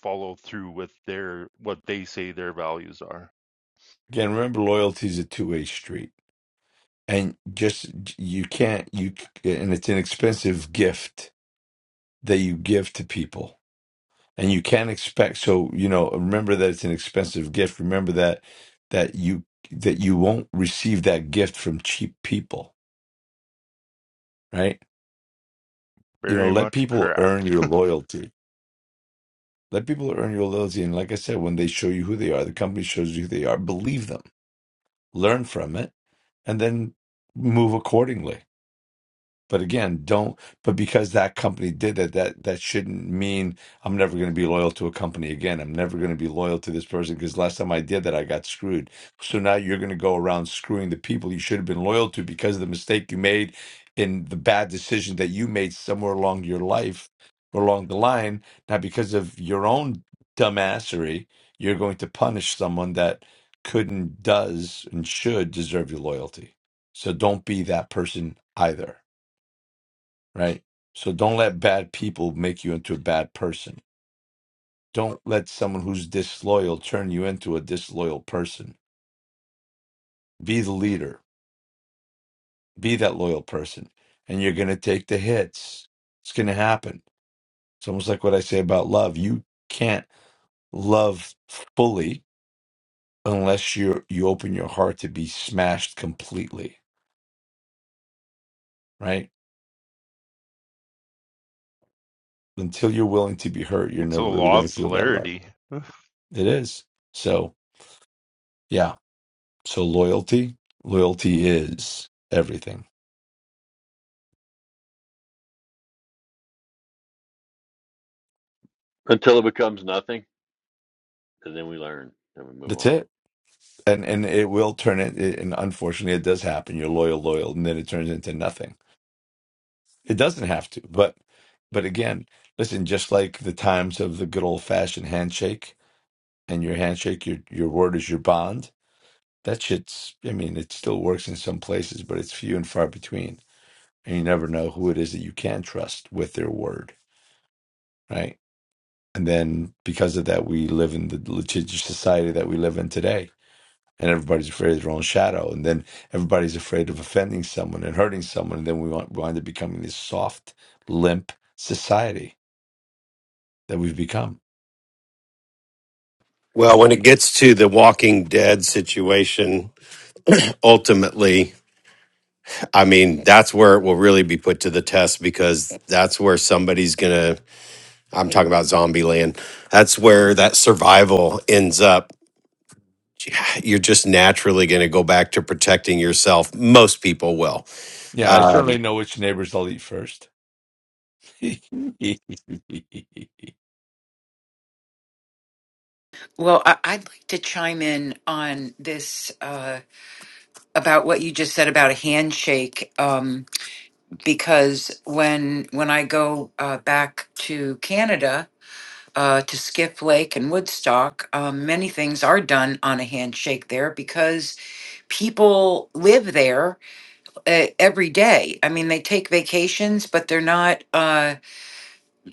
Speaker 3: follow through with their what they say their values are.
Speaker 1: Again, remember loyalty is a two-way street, and just you can't you and it's an expensive gift that you give to people, and you can't expect. So you know, remember that it's an expensive gift. Remember that that you that you won't receive that gift from cheap people, right? You know,
Speaker 3: Very
Speaker 1: let
Speaker 3: much
Speaker 1: people
Speaker 3: correct.
Speaker 1: earn your loyalty Let people earn your loyalty. And like I said, when they show you who they are, the company shows you who they are, believe them, learn from it, and then move accordingly. But again, don't. But because that company did it, that that shouldn't mean I'm never going to be loyal to a company again. I'm never going to be loyal to this person because last time I did that, I got screwed. So now you're going to go around screwing the people you should have been loyal to because of the mistake you made in the bad decision that you made somewhere along your life or along the line. Now, because of your own dumbassery, you're going to punish someone that couldn't, does, and should deserve your loyalty. So don't be that person either right? So don't let bad people make you into a bad person. Don't let someone who's disloyal turn you into a disloyal person. Be the leader, be that loyal person, and you're going to take the hits. It's going to happen. It's almost like what I say about love. You can't love fully unless you you open your heart to be smashed completely, right? Until you're willing to be hurt, you're
Speaker 3: It's a
Speaker 1: never really
Speaker 3: law
Speaker 1: going to
Speaker 3: of
Speaker 1: feel that love.
Speaker 3: polarity.
Speaker 1: It is. So, yeah. So loyalty, loyalty is everything.
Speaker 4: until it becomes nothing, and then we learn and we move
Speaker 1: That's
Speaker 4: on.
Speaker 1: it. And and it will turn it. it- And unfortunately, it does happen. You're loyal, loyal, and then it turns into nothing. It doesn't have to. But but again, listen. Just like the times of the good old fashioned handshake, and your handshake, your your word is your bond. That shit's. I mean, it still works in some places, but it's few and far between. And you never know who it is that you can trust with their word, right? And then because of that, we live in the litigious society that we live in today and everybody's afraid of their own shadow, and then everybody's afraid of offending someone and hurting someone, and then we want, wind up becoming this soft, limp society that we've become.
Speaker 6: Well, when it gets to the Walking Dead situation, ultimately, I mean, that's where it will really be put to the test because that's where somebody's going to. I'm talking about zombieland That's where that survival ends up. You're just naturally going to go back to protecting yourself. Most people will.
Speaker 1: Yeah, I certainly
Speaker 6: Um,
Speaker 1: know which neighbors I'll eat first. [LAUGHS] Listen,
Speaker 7: Well, I- I'd like to chime in on this uh, about what you just said about a handshake, um, because when when I go uh, back to Canada uh, to Skiff Lake and Woodstock, um, many things are done on a handshake there because people live there uh, every day. I mean, they take vacations, but they're not. Uh,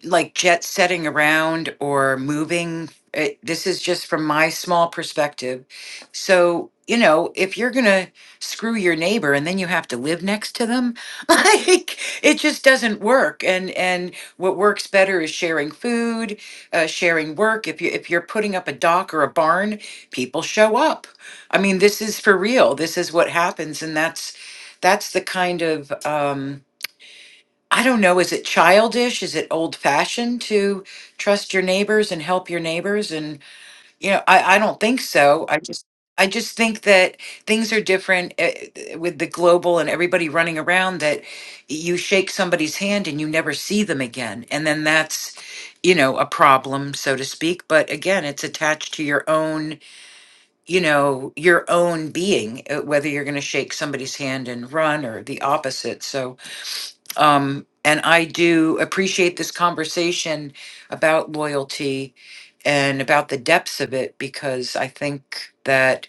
Speaker 7: like jet setting around or moving. It, this is just from my small perspective. So, you know, if you're going to screw your neighbor and then you have to live next to them, [LAUGHS] like it just doesn't work. And and what works better is sharing food, uh, sharing work. If you if you're putting up a dock or a barn, people show up. I mean, this is for real. This is what happens and that's that's the kind of um I don't know, is it childish? Is it old fashioned to trust your neighbors and help your neighbors? And, you know, I, I don't think so. I just, I just think that things are different eh, eh, with the global and everybody running around that you shake somebody's hand and you never see them again. And then that's, you know, a problem, so to speak. But again, it's attached to your own, you know, your own being, eh, whether you're going to shake somebody's hand and run or the opposite. So, um, and I do appreciate this conversation about loyalty and about the depths of it because I think that,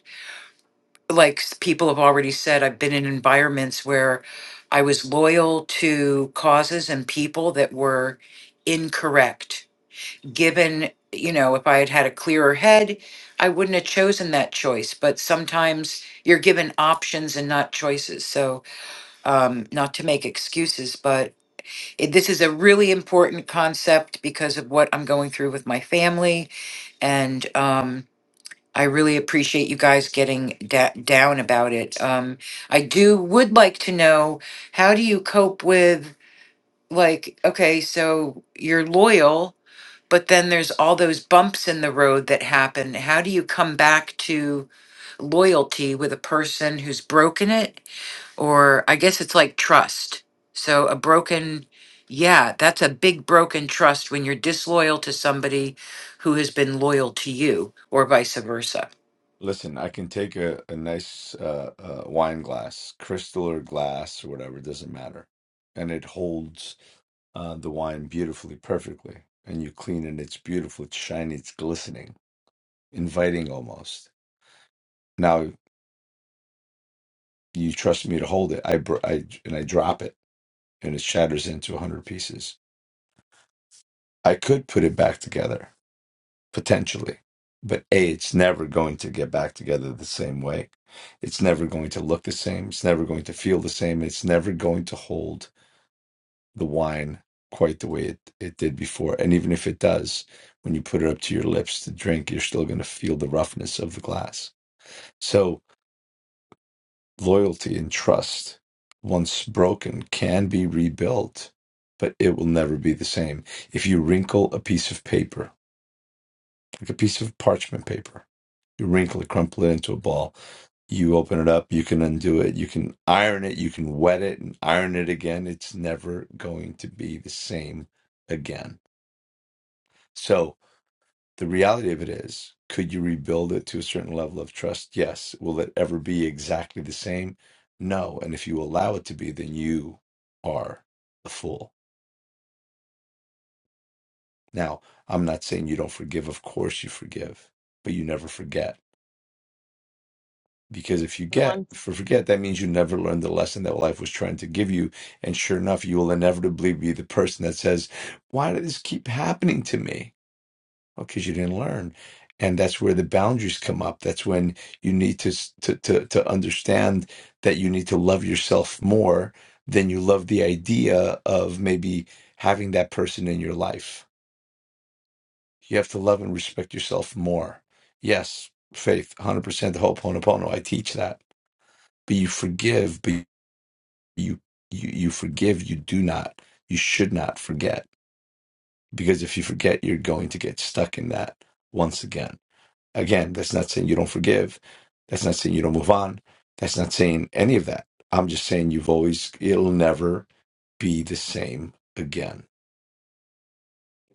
Speaker 7: like s- people have already said, I've been in environments where I was loyal to causes and people that were incorrect. Given, you know, if I had had a clearer head, I wouldn't have chosen that choice. But sometimes you're given options and not choices. So, um, not to make excuses, but it- this is a really important concept because of what I'm going through with my family. And um, I really appreciate you guys getting da- down about it. Um, I do would like to know how do you cope with, like, okay, so you're loyal, but then there's all those bumps in the road that happen. How do you come back to loyalty with a person who's broken it? or I guess it's like trust. So a broken, yeah, that's a big broken trust when you're disloyal to somebody who has been loyal to you or vice versa.
Speaker 1: I can take a, a nice uh, uh, wine glass, crystal or glass or whatever, it doesn't matter. And it holds uh, the wine beautifully, perfectly. And you clean it, it's beautiful, it's shiny, it's glistening, inviting almost. Now. You trust me to hold it. I, br- I and I drop it, and it shatters into a hundred pieces. I could put it back together potentially, but a it's never going to get back together the same way. It's never going to look the same. It's never going to feel the same. It's never going to hold the wine quite the way it, it did before. And even if it does, when you put it up to your lips to drink, you're still going to feel the roughness of the glass. So Loyalty and trust, once broken, can be rebuilt, but it will never be the same. If you wrinkle a piece of paper, like a piece of parchment paper, you wrinkle it, crumple it into a ball, you open it up, you can undo it, you can iron it, you can wet it and iron it again. It's never going to be the same again. So, the reality of it is could you rebuild it to a certain level of trust yes will it ever be exactly the same no and if you allow it to be then you are the fool now i'm not saying you don't forgive of course you forgive but you never forget because if you
Speaker 5: The
Speaker 1: get
Speaker 5: one
Speaker 1: for forget that means you never learned the lesson that life was trying to give you and sure enough you will inevitably be the person that says why did this keep happening to me because you didn't learn and that's where the boundaries come up that's when you need to, s- to to to understand that you need to love yourself more than you love the idea of maybe having that person in your life you have to love and respect yourself more yes faith 100% the ho'oponopono i teach that but you forgive but you you, you forgive you do not you should not forget because if you forget you're going to get stuck in that once again Again, that's not saying you don't forgive. That's not saying you don't move on. That's not saying any of that. I'm just saying you've always, it'll never be the same again.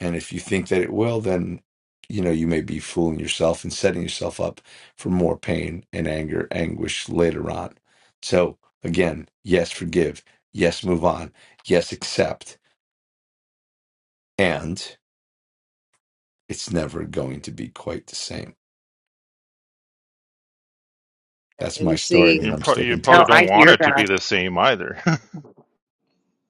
Speaker 1: And if you think that it will, then, you know, you may be fooling yourself and setting yourself up for more pain and anger, anguish later on. So again, yes, forgive. Yes, move on. Yes, accept. And it's never going to be quite the same. That's my
Speaker 5: and see
Speaker 1: story, and
Speaker 3: You,
Speaker 1: I'm
Speaker 3: pro- you
Speaker 1: sticking to
Speaker 3: probably
Speaker 1: it.
Speaker 3: don't want it to be the same either.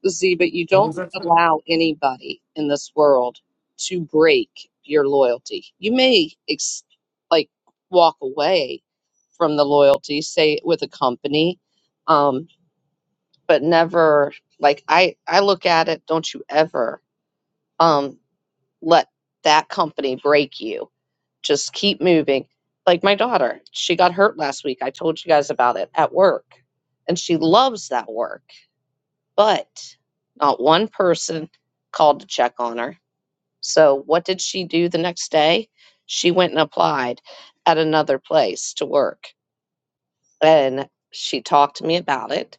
Speaker 5: See, but you
Speaker 2: What was
Speaker 5: don't
Speaker 2: that? said,
Speaker 5: allow anybody in this world to break your loyalty. You may ex- like walk away from the loyalty, say with a company, um, but never like I I look at it. Don't you ever um, let that company break you. Just keep moving. Like my daughter, she got hurt last week. I told you guys about it at work, and she loves that work but not one person called to check on her. So, what did she do the next day? She went and applied at another place to work. And she talked to me about it.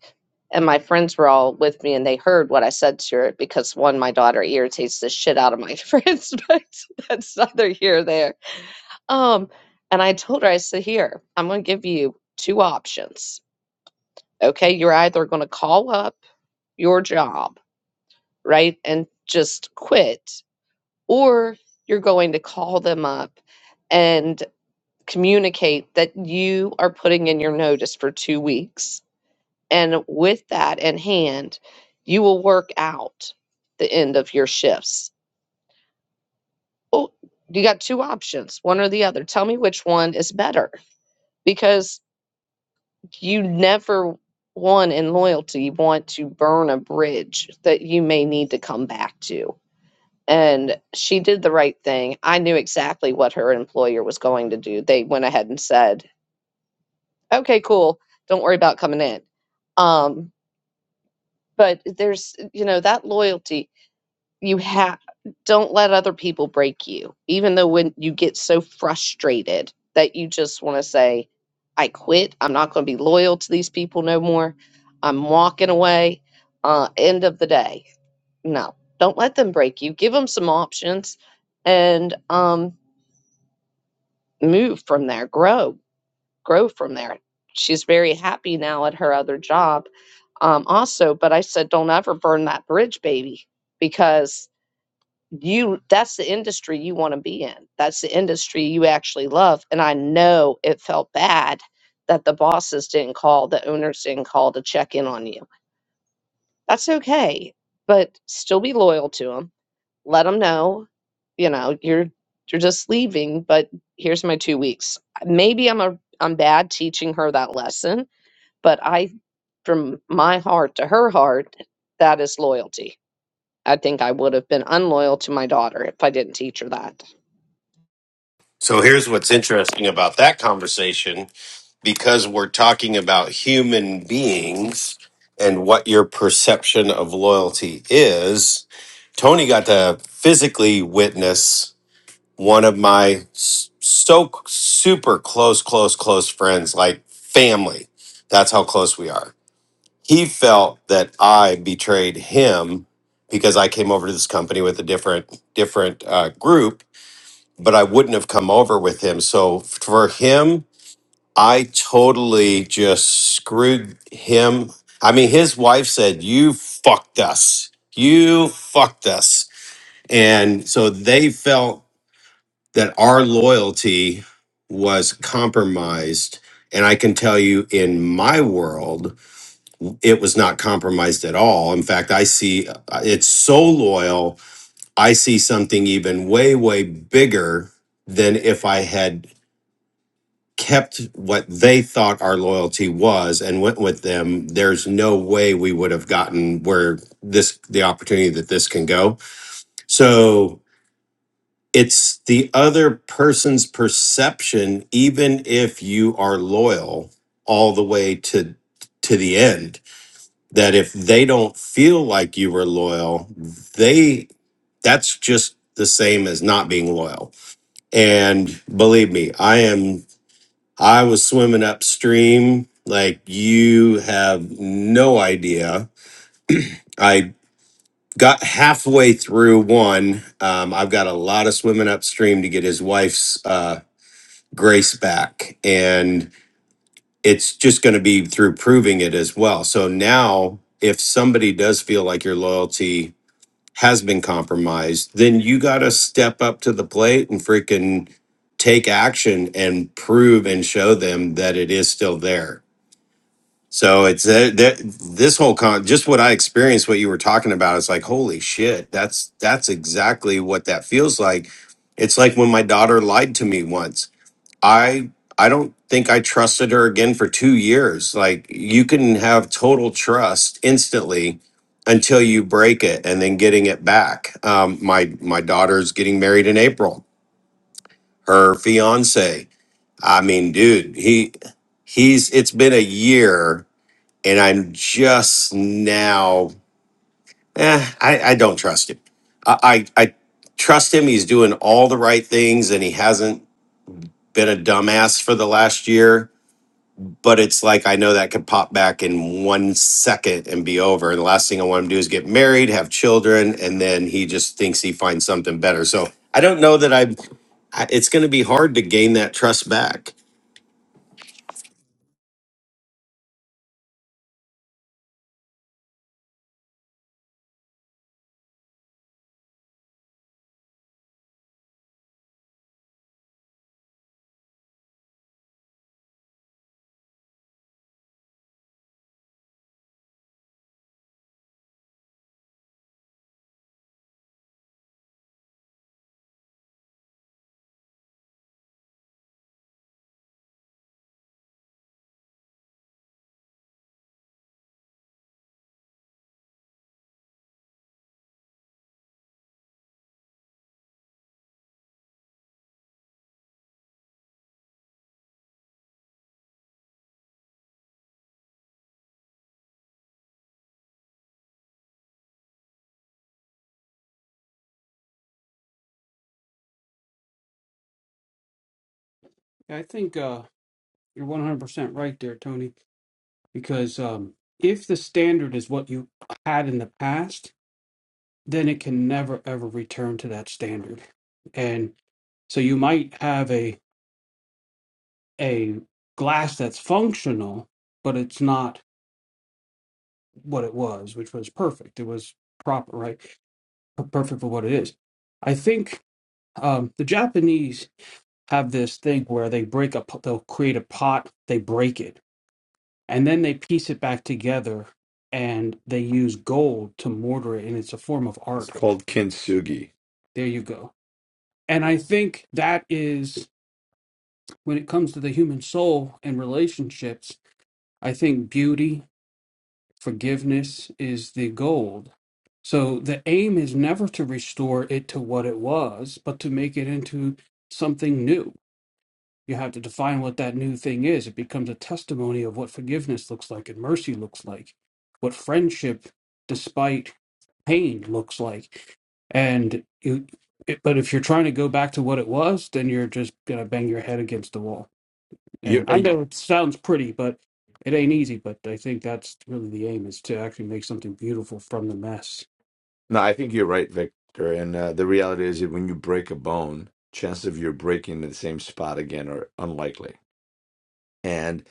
Speaker 5: And my friends were all with me and they heard what I said to her because one, my daughter irritates the shit out of my [LAUGHS] friends, but that's neither here nor there. Um, and I told her, I said, Here, I'm going to give you two options. Okay, you're either going to call up your job right? And just quit. Or you're going to call them up and communicate that you are putting in your notice for two weeks. And with that in hand, you will work out the end of your shifts. Oh, you got two options, one or the other. Tell me which one is better because you never one in loyalty want to burn a bridge that you may need to come back to and she did the right thing. I knew exactly what her employer was going to do. They went ahead and said, "Okay, cool. Don't worry about coming in." Um, but there's, you know, that loyalty you have. Don't let other people break you. Even though when you get so frustrated that you just want to say, "I quit. I'm not going to be loyal to these people no more. I'm walking away." Uh, end of the day, no. Don't let them break you. Give them some options, and um, move from there, grow, grow from there. She's very happy now at her other job. Um, also, but I said, don't ever burn that bridge, baby, because you that's the industry you want to be in. That's the industry you actually love. And I know it felt bad that the bosses didn't call, the owners didn't call to check in on you. That's okay, but still be loyal to them let them know, you know, you're you're just leaving, but here's my two weeks. Maybe I'm a I'm bad teaching her that lesson, but I from my heart to her heart, that is loyalty. I think I would have been unloyal to my daughter if I didn't teach her that.
Speaker 6: so here's what's interesting about that conversation because we're talking about human beings and what your perception of loyalty is Tony got to physically witness one of my s- so super close, close, close friends, like family. That's how close we are. He felt that I betrayed him because I came over to this company with a different, different uh, group, but I wouldn't have come over with him. So for him, I totally just screwed him. I mean, his wife said, "You fucked us. You fucked us." And so they felt that our loyalty was compromised. And I can tell you in my world, it was not compromised at all. In fact, I see uh, it's so loyal. I see something even way, way bigger than if I had kept what they thought our loyalty was and went with them. There's no way we would have gotten where this, the opportunity that this can go. So it's the other person's perception even if you are loyal all the way to to the end that if they don't feel like you were loyal they that's just the same as not being loyal and believe me i am i was swimming upstream like you have no idea i got halfway through one um, i've got a lot of swimming upstream to get his wife's uh, grace back. And it's just going to be through proving it as well. So now, if somebody does feel like your loyalty has been compromised, then you got to step up to the plate and freaking take action and prove and show them that it is still there. So it's that, that this whole con just what I experienced, what you were talking about, it's like, holy shit, that's that's exactly what that feels like. It's like when my daughter lied to me once I I don't think I trusted her again for 2 years. Like you can have total trust instantly until you break it and then getting it back. Um my my daughter's getting married in April. Her fiance. I mean, dude, he he's it's been a year and I'm just now eh, I I don't trust him. I I, I trust him. He's doing all the right things and he hasn't been a dumbass for the last year but it's like I know that could pop back in one second and be over. And the last thing I want him to do is get married, have children, and then he just thinks he finds something better. So I don't know that I'm. I- It's going to be hard to gain that trust back.
Speaker 2: I think uh, you're 100% right there, Tony, because um, if the standard is what you had in the past, then it can never ever return to that standard. And so you might have a a glass that's functional, but it's not what it was, which was perfect. It was proper, right? Per- Perfect for what it is. I think um, the Japanese have this thing where they break a, pot- they'll create a pot, they break it and then they piece it back together and they use gold to mortar it and it's a form of
Speaker 1: It's
Speaker 2: art
Speaker 1: called Kintsugi.
Speaker 2: there you go and i think that is when it comes to the human soul and relationships i think beauty forgiveness is the gold so the aim is never to restore it to what it was but to make it into something new You have to define what that new thing is. It becomes a testimony of what forgiveness looks like and mercy looks like, what friendship, despite pain, looks like. And you, it, but if you're trying to go back to what it was, then you're just gonna bang your head against the wall.
Speaker 1: You're
Speaker 2: And I know it sounds pretty, but it ain't easy. But I think that's really the aim is to actually make something beautiful from the mess.
Speaker 1: No, I think you're right, Victor. And uh, the reality is that when you break a bone, chances of you breaking in the same spot again are unlikely. And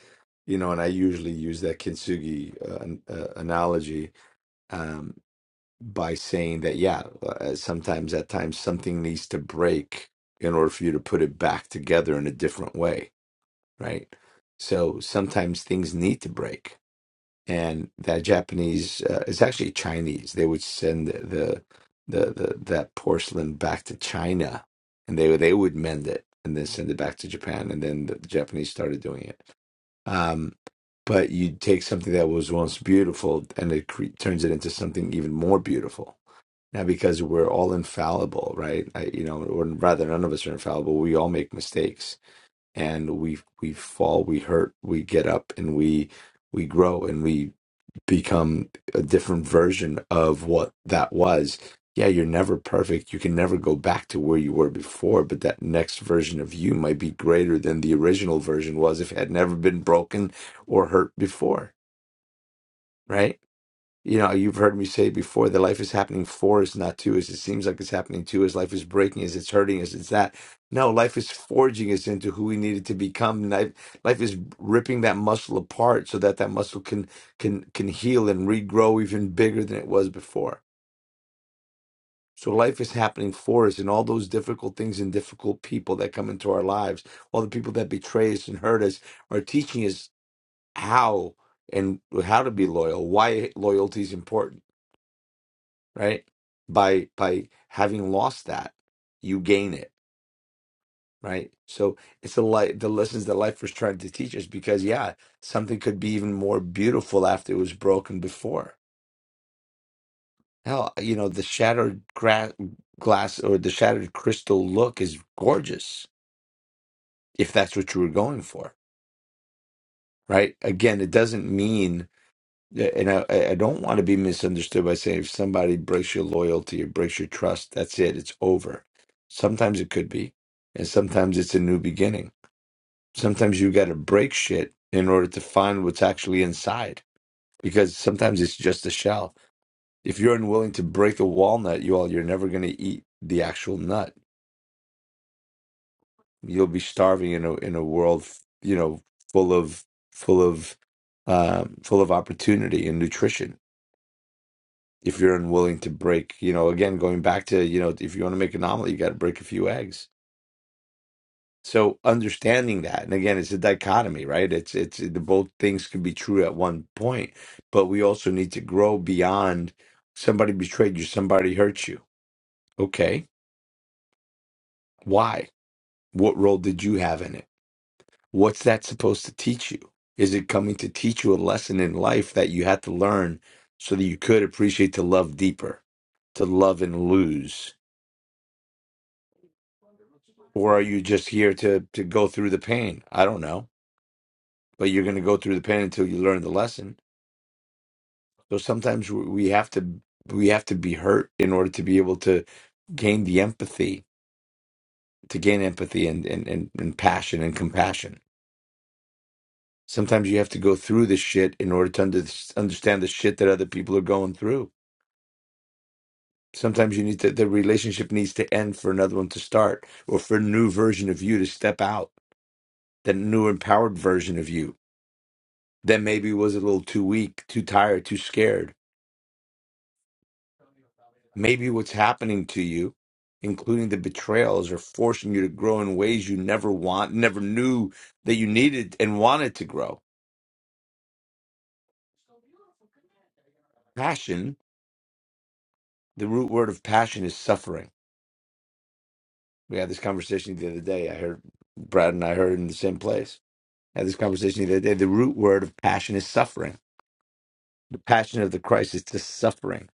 Speaker 1: you know, and I usually use that kintsugi uh, an- uh, analogy um, by saying that, yeah, uh, sometimes at times something needs to break in order for you to put it back together in a different way, right? So sometimes things need to break and that Japanese uh, it's actually Chinese. They would send the, the the that porcelain back to China, and they would they would mend it and then send it back to Japan, and then the Japanese started doing it. Um, but you take something that was once beautiful and it cre- turns it into something even more beautiful. Now, because we're all infallible, right? I, you know, or rather, none of us are infallible. We all make mistakes, and we we fall, we hurt, we get up, and we we grow, and we become a different version of what that was. Yeah, you're never perfect. You can never go back to where you were before, but that next version of you might be greater than the original version was if it had never been broken or hurt before, right? you know, you've heard me say before that life is happening for us, not to us. It seems like it's happening to us. Life is breaking us. It's hurting us. It's that. No, life is forging us into who we needed to become. Life, life is ripping that muscle apart so that that muscle can can can heal and regrow even bigger than it was before. So life is happening for us, and all those difficult things and difficult people that come into our lives, all the people that betray us and hurt us, are teaching us how and how to be loyal, why loyalty is important right? By by having lost that, you gain it, right? So it's the light the lessons that life was trying to teach us because yeah, something could be even more beautiful after it was broken before. Hell, you know, the shattered gra- glass or the shattered crystal look is gorgeous if that's what you were going for, right? Again, it doesn't mean Yeah, And I, I I don't want to be misunderstood by saying if somebody breaks your loyalty or breaks your trust, that's it, it's over. Sometimes it could be, and sometimes it's a new beginning. Sometimes you got to break shit in order to find what's actually inside, because sometimes it's just a shell. If you're unwilling to break a walnut, you all, you're never going to eat the actual nut. You'll be starving in a in a world, you know, full of full of um, full of opportunity and nutrition if you're unwilling to break, you know, again, going back to, you know, if you want to make an omelet, you got to break a few eggs. So understanding that, and again, it's a dichotomy, right? It's it's the both things can be true at one point, but we also need to grow beyond somebody betrayed you, somebody hurt you. Okay, why? What role did you have in it? What's that supposed to teach you? Is it coming to teach you a lesson in life that you had to learn so that you could appreciate to love deeper, to love and lose? or are you just here to to go through the pain? I don't know, but you're going to go through the pain until you learn the lesson. So sometimes we we have to we have to be hurt in order to be able to gain the empathy, to gain empathy and and and, and passion and compassion. Sometimes you have to go through the shit in order to under, understand the shit that other people are going through. Sometimes you need to the relationship needs to end for another one to start, or for a new version of you to step out, that new empowered version of you that maybe was a little too weak, too tired, too scared. Maybe what's happening to you, including the betrayals, are forcing you to grow in ways you never want, never knew that you needed and wanted to grow. Passion, the root word of passion is suffering. We had this conversation the other day. I heard Brad and I heard it in the same place. had this conversation the other day. The root word of passion is suffering. The passion of the Christ is the suffering,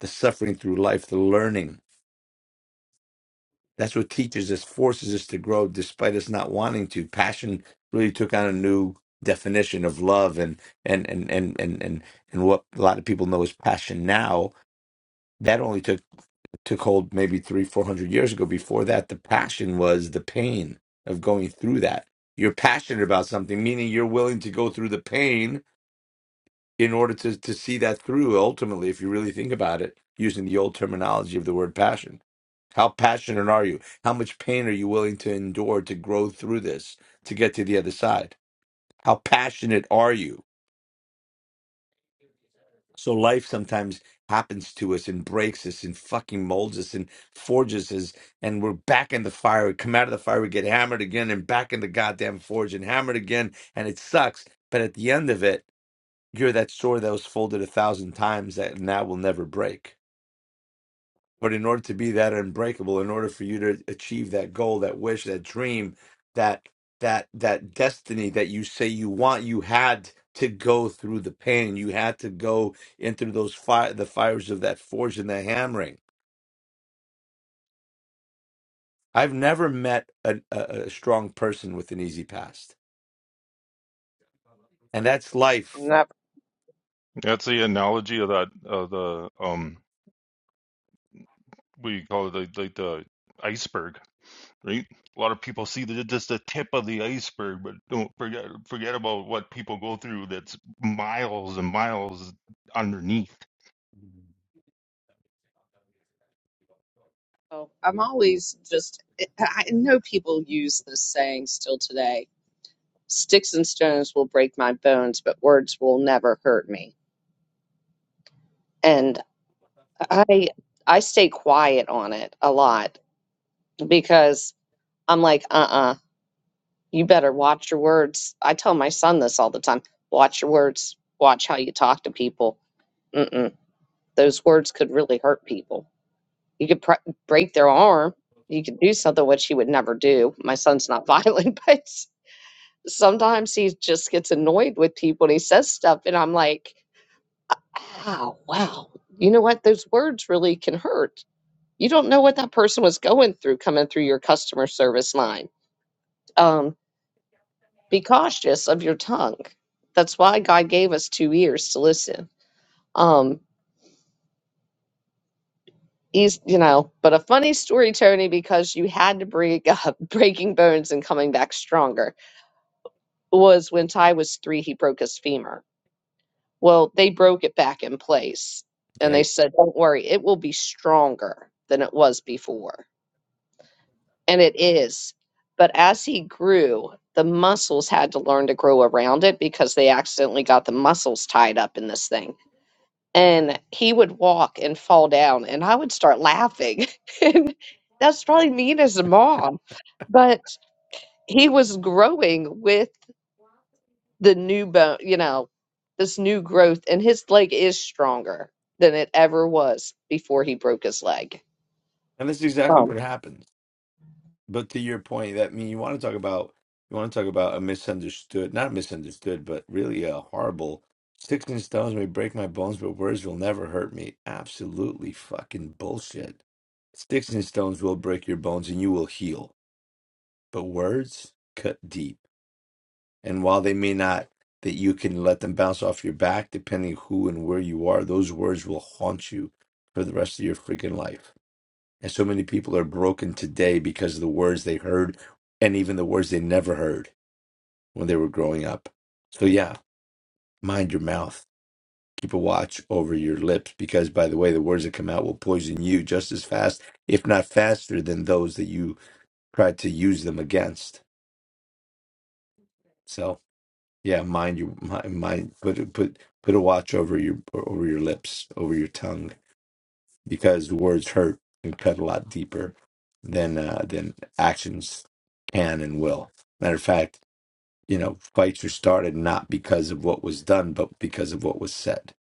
Speaker 1: the suffering through life, the learning That's what teaches us, forces us to grow despite us not wanting to. Passion really took on a new definition of love and and and and and and, and what a lot of people know as passion now. That only took took hold maybe three, four hundred years ago. Before that, the passion was the pain of going through that. You're passionate about something, meaning you're willing to go through the pain in order to to see that through ultimately if you really think about it using the old terminology of the word passion how passionate are you how much pain are you willing to endure to grow through this to get to the other side how passionate are you so life sometimes happens to us and breaks us and fucking molds us and forges us and we're back in the fire we come out of the fire we get hammered again and back in the goddamn forge and hammered again and it sucks but at the end of it You're that sword that was folded a thousand times that now will never break. But in order to be that unbreakable, in order for you to achieve that goal, that wish, that dream, that that that destiny that you say you want, you had to go through the pain. You had to go into those fire, the fires of that forge and that hammering. I've never met a, a, a strong person with an easy past, and that's life.
Speaker 5: Never.
Speaker 3: [LAUGHS] That's the analogy of that of the um what do you call it like, like the iceberg, right? A lot of people see the, just the tip of the iceberg, but don't forget forget about what people go through that's miles and miles underneath.
Speaker 5: Oh, I'm always just, I I know people use this saying still today. sticks and stones will break my bones but words will never hurt me and i i stay quiet on it a lot because i'm like uh-uh you better watch your words i tell my son this all the time watch your words watch how you talk to people Mm-mm. those words could really hurt people you could pr- break their arm you could do something which he would never do my son's not [LAUGHS] violent but sometimes he just gets annoyed with people and he says stuff and i'm like Wow, wow. You know what? Those words really can hurt. You don't know what that person was going through coming through your customer service line. Um, be cautious of your tongue. That's why God gave us two ears to listen. Um, he's, you know, but a funny story, Tony, because you had to break up [LAUGHS] breaking bones and coming back stronger was when Ty was three, he broke his femur. Well, they broke it back in place and they
Speaker 1: Okay,
Speaker 5: said, don't worry, it will be stronger than it was before and it is. But as he grew, the muscles had to learn to grow around it because they accidentally got the muscles tied up in this thing. And he would walk and fall down, and I would start laughing. [LAUGHS] and that's probably mean as a mom, but he was growing with the new bone, you know, this new growth, and his leg is stronger than it ever was before he broke his leg.
Speaker 1: and that's exactly
Speaker 5: Um,
Speaker 1: what happened. But to your point, that I mean you want to talk about you want to talk about a misunderstood, not misunderstood, but really a horrible sticks and stones may break my bones, but words will never hurt me. Absolutely fucking bullshit. Sticks and stones will break your bones and you will heal, but words cut deep. And while they may not that you can let them bounce off your back, depending who and where you are, those words will haunt you for the rest of your freaking life. And so many people are broken today because of the words they heard and even the words they never heard when they were growing up. So, yeah, mind your mouth. Keep a watch over your lips because, by the way, the words that come out will poison you just as fast, if not faster, than those that you tried to use them against. So, yeah, mind your mind. mind put put put a watch over your over your lips, over your tongue. because words hurt and cut a lot deeper than uh, than actions can and will. Matter of fact, you know, fights were started not because of what was done, but because of what was said.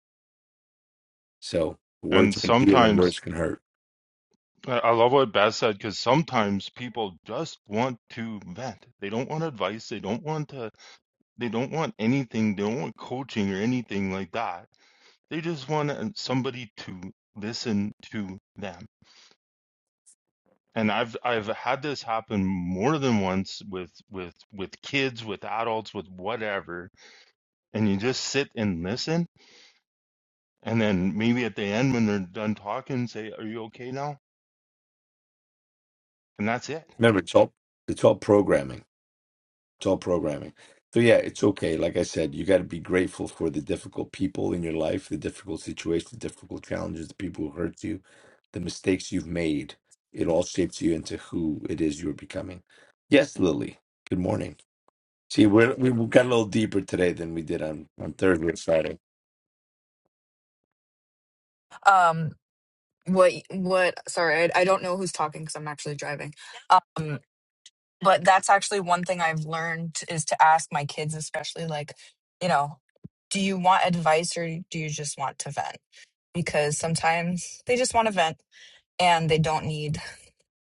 Speaker 1: So words
Speaker 3: And
Speaker 1: can heal and
Speaker 3: sometimes
Speaker 1: words can hurt.
Speaker 3: I I love what Beth said because sometimes people just want to vent. They don't want advice. They don't want to. They don't want anything. They don't want coaching or anything like that. They just want uh, somebody to listen to them. And I've I've had this happen more than once with with with kids, with adults, with whatever. And you just sit and listen, and then maybe at the end when they're done talking, say, "Are you okay now?" And that's it.
Speaker 1: Remember, it's all it's all programming. It's all programming. So yeah, it's okay. Like I said, you got to be grateful for the difficult people in your life, the difficult situations, the difficult challenges, the people who hurt you, the mistakes you've made. It all shapes you into who it is you're becoming. Yes, Lily. Good morning. See, we're, we we got a little deeper today than we did on on Thursday and Friday.
Speaker 10: um what what sorry i, I don't know who's talking because i'm actually driving um but that's actually one thing i've learned is to ask my kids especially like you know do you want advice or do you just want to vent because sometimes they just want to vent and they don't need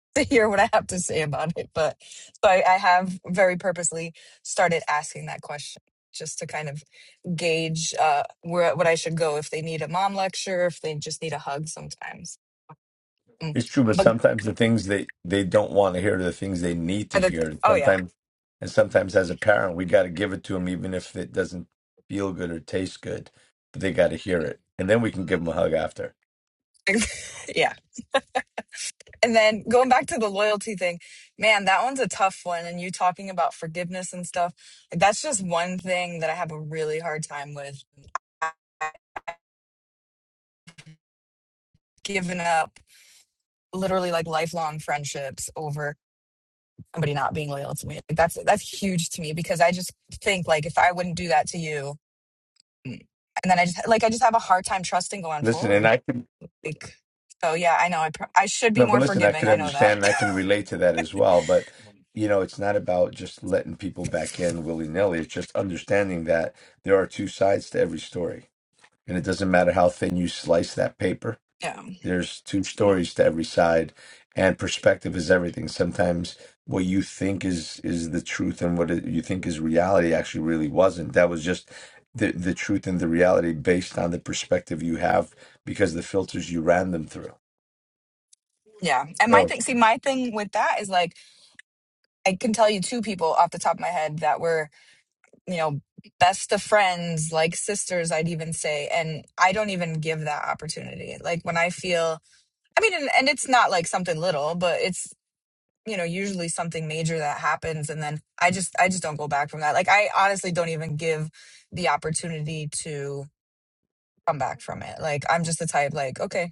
Speaker 10: [LAUGHS] to hear what i have to say about it but so i, I have very purposely started asking that question just to kind of gauge uh, where what I should go if they need a mom lecture, if they just need a hug sometimes. Mm
Speaker 1: It's true, but
Speaker 10: But
Speaker 1: sometimes the things they they don't want to hear are the things they need to
Speaker 10: other th-
Speaker 1: hear, and
Speaker 10: oh yeah
Speaker 1: sometimes and sometimes as a parent, we got to give it to them, even if it doesn't feel good or taste good. But they got to hear it, and then we can give them a hug after.
Speaker 10: [LAUGHS] yeah and then going back to the loyalty thing man that one's a tough one and you talking about forgiveness and stuff like that's just one thing that i have a really hard time with giving up literally like lifelong friendships over somebody not being loyal to me like that's that's huge to me because i just think like if i wouldn't do that to you mm, and then i just like i just have a hard time trusting going
Speaker 1: Listen, and
Speaker 10: forward
Speaker 1: I can
Speaker 10: like so yeah i know i, pr- I should be
Speaker 1: no,
Speaker 10: more
Speaker 1: but listen, I
Speaker 10: forgiving
Speaker 1: can
Speaker 10: i know that
Speaker 1: understand, and I can relate to that as well. But you know, it's not about just letting people back in willy nilly. It's just understanding that there are two sides to every story, and it doesn't matter how thin you slice that paper
Speaker 10: [LAUGHS] yeah
Speaker 1: There's two stories to every side, and perspective is everything. Sometimes what you think is is the truth and what it, you think is reality actually really wasn't. That was just the the truth and the reality based on the perspective you have because the filters you ran them through.
Speaker 10: Yeah. And my
Speaker 1: So
Speaker 10: thing, see, my thing with that is like, I can tell you two people off the top of my head that were, you know, best of friends, like sisters, I'd even say. And I don't even give that opportunity. Like when I feel, I mean, and, and it's not like something little, but it's, you know, usually something major that happens. And then I just, I just don't go back from that. Like I honestly don't even give the opportunity to come back from it. Like I'm just the type, like, okay,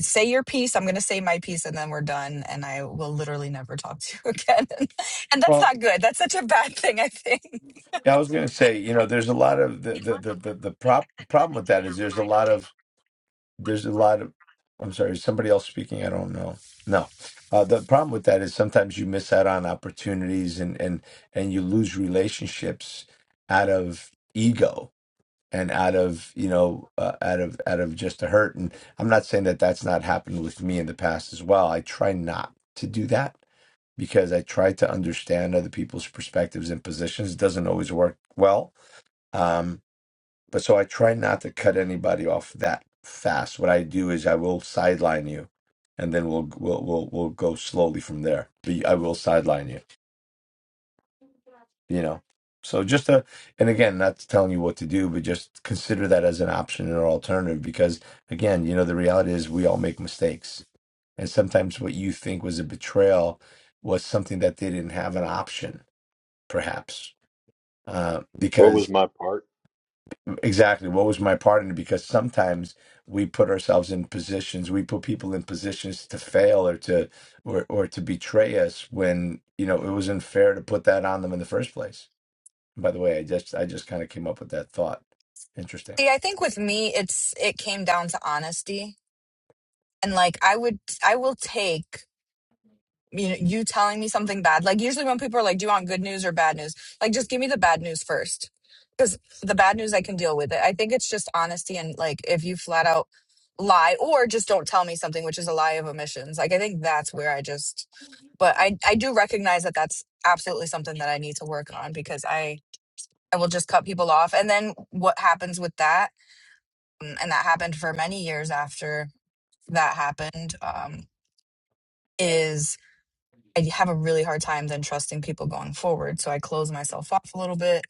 Speaker 10: say your piece. I'm going to say my piece and then we're done. And I will literally never talk [LAUGHS] to you again. [LAUGHS] and that's
Speaker 1: well,
Speaker 10: not good. That's such a bad thing, I think.
Speaker 1: I was going to say, you know, there's a lot of the the the the, the prop, problem with that is there's a lot of there's a lot of i'm sorry is somebody else speaking i don't know no uh, the problem with that is sometimes you miss out on opportunities and and and you lose relationships out of ego and out of you know uh, out of out of just a hurt and i'm not saying that that's not happened with me in the past as well i try not to do that because i try to understand other people's perspectives and positions it doesn't always work well Um, but so I try not to cut anybody off that fast. What I do is I will sideline you, and then we'll we'll we'll, we'll go slowly from there. But I will sideline you, you know. So just a, and again, not telling you what to do, but just consider that as an option or alternative. Because again, you know, the reality is we all make mistakes, and sometimes what you think was a betrayal was something that they didn't have an option, perhaps, uh,
Speaker 4: What
Speaker 1: because
Speaker 4: was my part?
Speaker 1: Exactly. What was my part in it? Because sometimes we put ourselves in positions, we put people in positions to fail or to or or to betray us when, you know, it was unfair to put that on them in the first place. By the way, I just I just kind of came up with that thought. Interesting.
Speaker 10: See, I think with me, it's, it came down to honesty. And like, I would, I will take you know, you telling me something bad. Like usually when people are like, "Do you want good news or bad news?" Like just give me the bad news first, because the bad news I can deal with it. I think it's just honesty and like if you flat out lie or just don't tell me something, which is a lie of omissions. Like I think that's where I just, but I I do recognize that that's absolutely something that I need to work on because I I will just cut people off, and then what happens with that, um, and that happened for many years after that happened. Um, is I have a really hard time then trusting people going forward. So I close myself off a little bit.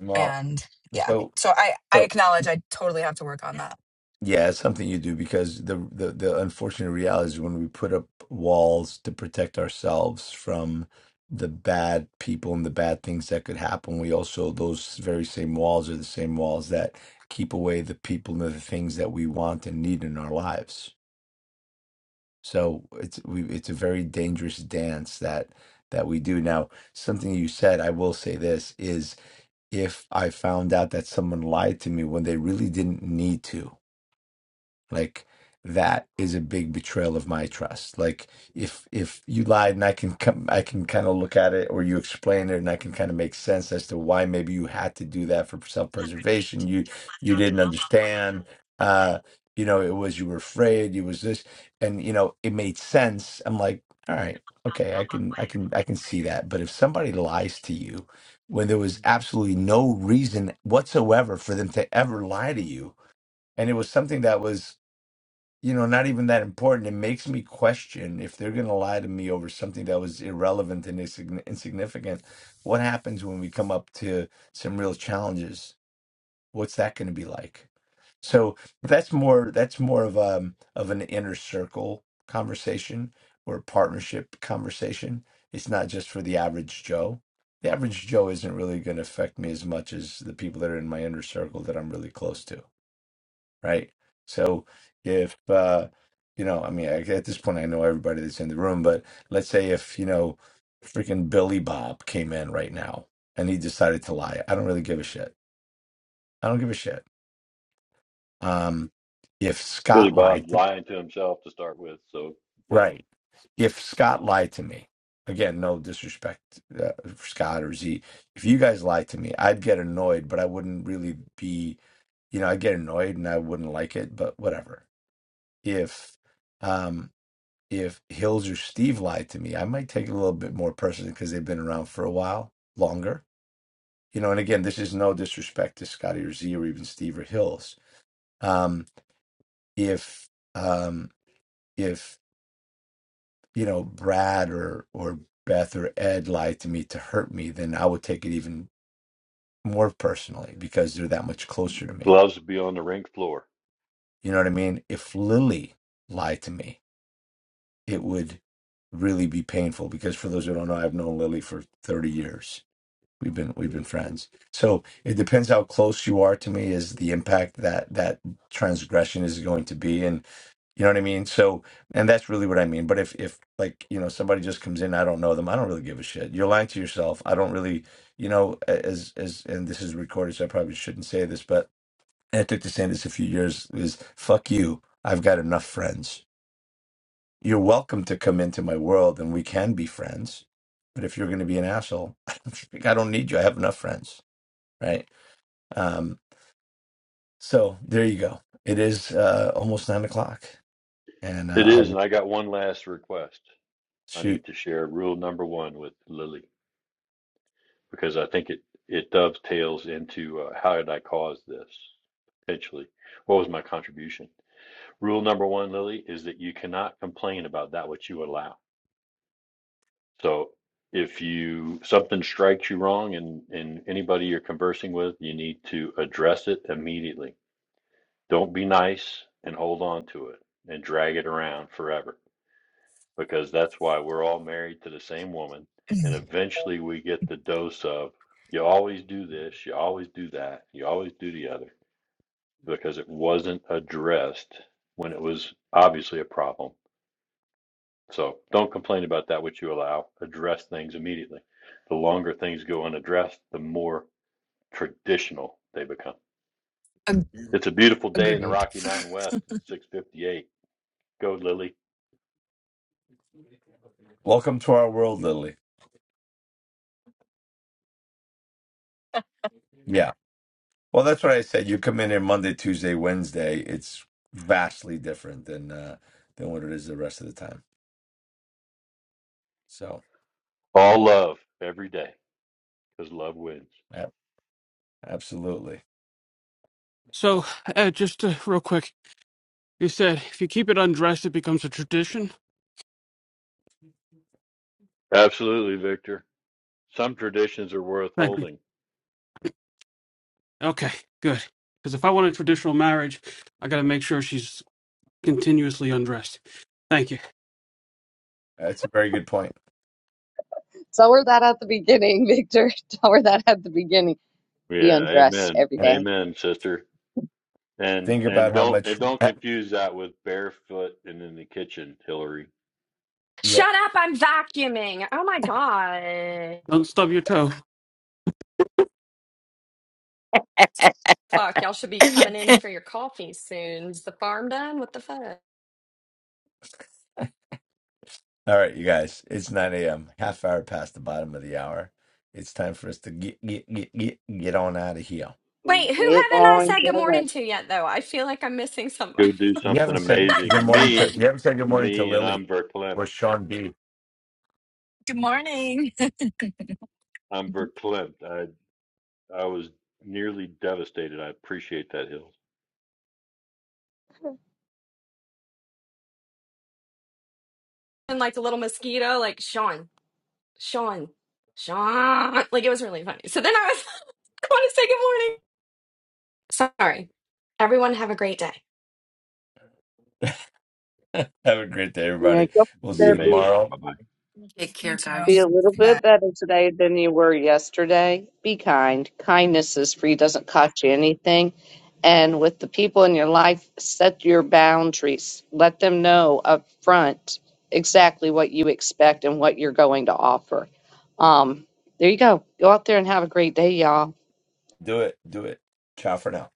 Speaker 1: Well,
Speaker 10: And yeah,
Speaker 1: so
Speaker 10: so I, I
Speaker 1: so
Speaker 10: acknowledge I totally have to work on that.
Speaker 1: Yeah, it's something you do because the, the the unfortunate reality is when we put up walls to protect ourselves from the bad people and the bad things that could happen, we also those very same walls are the same walls that keep away the people and the things that we want and need in our lives. So it's we it's a very dangerous dance that that we do. Now, something you said, I will say this, is if I found out that someone lied to me when they really didn't need to like that is a big betrayal of my trust. Like if if you lied and I can come, I can kind of look at it, or you explain it, and I can kind of make sense as to why maybe you had to do that for self preservation. You you didn't understand. Uh, you know, it was you were afraid. You was this, and you know, it made sense. I'm like, all right, okay, I can I can I can see that. But if somebody lies to you when there was absolutely no reason whatsoever for them to ever lie to you. And it was something that was you know, not even that important. It makes me question if they're going to lie to me over something that was irrelevant and insign- insignificant. What happens when we come up to some real challenges? What's that going to be like? So that's more that's more of um of an inner circle conversation or a partnership conversation. It's not just for the average Joe. The average Joe isn't really going to affect me as much as the people that are in my inner circle that I'm really close to right? So if uh, you know, I mean, I, at this point, I know everybody that's in the room, but let's say if you know, freaking Billy Bob came in right now and he decided to lie, I don't really give a shit. I don't give a shit. Um, if
Speaker 4: Billy
Speaker 1: Scott
Speaker 4: Bob
Speaker 1: lied, to,
Speaker 4: lying to himself to start with. So what?
Speaker 1: right? If Scott lied to me, again, no disrespect uh, for Scott or Z. If you guys lied to me, I'd get annoyed, but I wouldn't really be, you know, I'd get annoyed and I wouldn't like it, but whatever. If, um, if Hills or Steve lied to me, I might take it a little bit more personally because they've been around for a while longer. You know, and again, this is no disrespect to Scotty or Z or even Steve or Hills. Um, if um, if you know Brad or or Beth or Ed lied to me to hurt me, then I would take it even more personally because they're that much closer to me.
Speaker 4: Gloves would be on the rink floor.
Speaker 1: You know what I mean? If Lily lied to me, it would really be painful because for those who don't know, I've known Lily for 30 years We've been we've been friends. So it depends how close you are to me is the impact that that transgression is going to be, and you know what I mean. So and that's really what I mean. But if if like you know somebody just comes in, I don't know them. I don't really give a shit. You're lying to yourself. I don't really you know as as and this is recorded, so I probably shouldn't say this, but and I took to saying this a few years is fuck you. I've got enough friends. You're welcome to come into my world, and we can be friends. But if you're going to be an asshole, [LAUGHS] I don't need you. I have enough friends right? Um, so there you go. It is uh, almost nine o'clock, and uh,
Speaker 4: It is,
Speaker 1: I'll
Speaker 4: and I got one last request. I
Speaker 1: shoot.
Speaker 4: need to share rule number one with Lily. because I think it it dovetails into uh, how did I cause this potentially? What was my contribution? Rule number one, Lily, is that you cannot complain about that which you allow. So if you something strikes you wrong and and anybody you're conversing with, you need to address it immediately. Don't be nice and hold on to it and drag it around forever because that's why we're all married to the same woman. And eventually we get the dose of, you always do this, you always do that, you always do the other, because it wasn't addressed when it was obviously a problem. So don't complain about that which you allow, address things immediately. The longer things go unaddressed, the more traditional they become.
Speaker 10: Ag-
Speaker 4: It's a beautiful day in the
Speaker 10: agreed.
Speaker 4: Rocky Mountain West in 658. Go, Lily.
Speaker 1: Welcome to our world, Lily. Yeah. Well, that's what I said. You come in here Monday, Tuesday, Wednesday. It's vastly different than uh, than what it is the rest of the time. So,
Speaker 4: All love every day because love wins.
Speaker 1: yeah, absolutely,
Speaker 2: So, uh, just uh, real quick, you said if you keep it undressed, it becomes a tradition.
Speaker 4: Absolutely, Victor. Some traditions are worth
Speaker 2: Thank you.
Speaker 4: holding.
Speaker 2: Okay, good. Because if I want a traditional marriage, I got to make sure she's continuously undressed. Thank you.
Speaker 1: that's a very good point.
Speaker 5: tell her that at the beginning, [LAUGHS] Victor. Tell her that at the beginning be
Speaker 4: Yeah,
Speaker 5: undressed
Speaker 4: amen.
Speaker 5: every day.
Speaker 4: Amen, sister. And
Speaker 1: Think
Speaker 4: and
Speaker 1: about how
Speaker 4: don't
Speaker 1: much.
Speaker 4: and don't
Speaker 1: [CLEARS THROAT]
Speaker 4: confuse that with barefoot and in the kitchen, Hillary.
Speaker 1: Yeah.
Speaker 9: shut up? I'm vacuuming. Oh my god.
Speaker 2: Don't stub your toe.
Speaker 9: Fuck, y'all should be coming in for your coffee soon. Is the farm done? What the fuck?
Speaker 1: All right, you guys. It's nine a.m. Half hour past the bottom of the hour. It's time for us to get get get get, get on out of here.
Speaker 9: Wait, who haven't
Speaker 5: Get
Speaker 9: I
Speaker 5: on
Speaker 9: said good morning
Speaker 5: going.
Speaker 9: to yet though? I feel like I'm missing somebody.
Speaker 4: Go
Speaker 9: [LAUGHS]
Speaker 4: do
Speaker 1: You
Speaker 4: something
Speaker 1: haven't said
Speaker 4: amazing.
Speaker 1: good morning to
Speaker 4: Me,
Speaker 1: you haven't said good morning to
Speaker 4: me and
Speaker 1: Lily
Speaker 4: I'm verklempt.
Speaker 1: or Sean B.
Speaker 10: [LAUGHS] Good morning. [LAUGHS]
Speaker 4: I'm verklempt. I I was nearly devastated. I appreciate that, Hill.
Speaker 9: And like a little mosquito, like Sean, Sean, Sean. Like it was really funny. So then I was [LAUGHS] I want to say good morning. Sorry. Everyone have a great day.
Speaker 1: Have a great day, everybody.
Speaker 5: Make up
Speaker 1: We'll
Speaker 4: Be
Speaker 1: see you
Speaker 5: therapy.
Speaker 4: amazing.
Speaker 1: tomorrow.
Speaker 4: Bye bye.
Speaker 7: Take
Speaker 10: You
Speaker 7: care,
Speaker 10: too.
Speaker 5: Be
Speaker 7: guys.
Speaker 5: a little
Speaker 10: Bye.
Speaker 5: bit better today than you were yesterday. Be kind. Kindness is free, doesn't cost you anything. And with the people in your life, set your boundaries. Let them know up front exactly what you expect and what you're going to offer. Um, there you go. Go out there and have a great day, y'all.
Speaker 1: Do it. Do it. Ciao for now.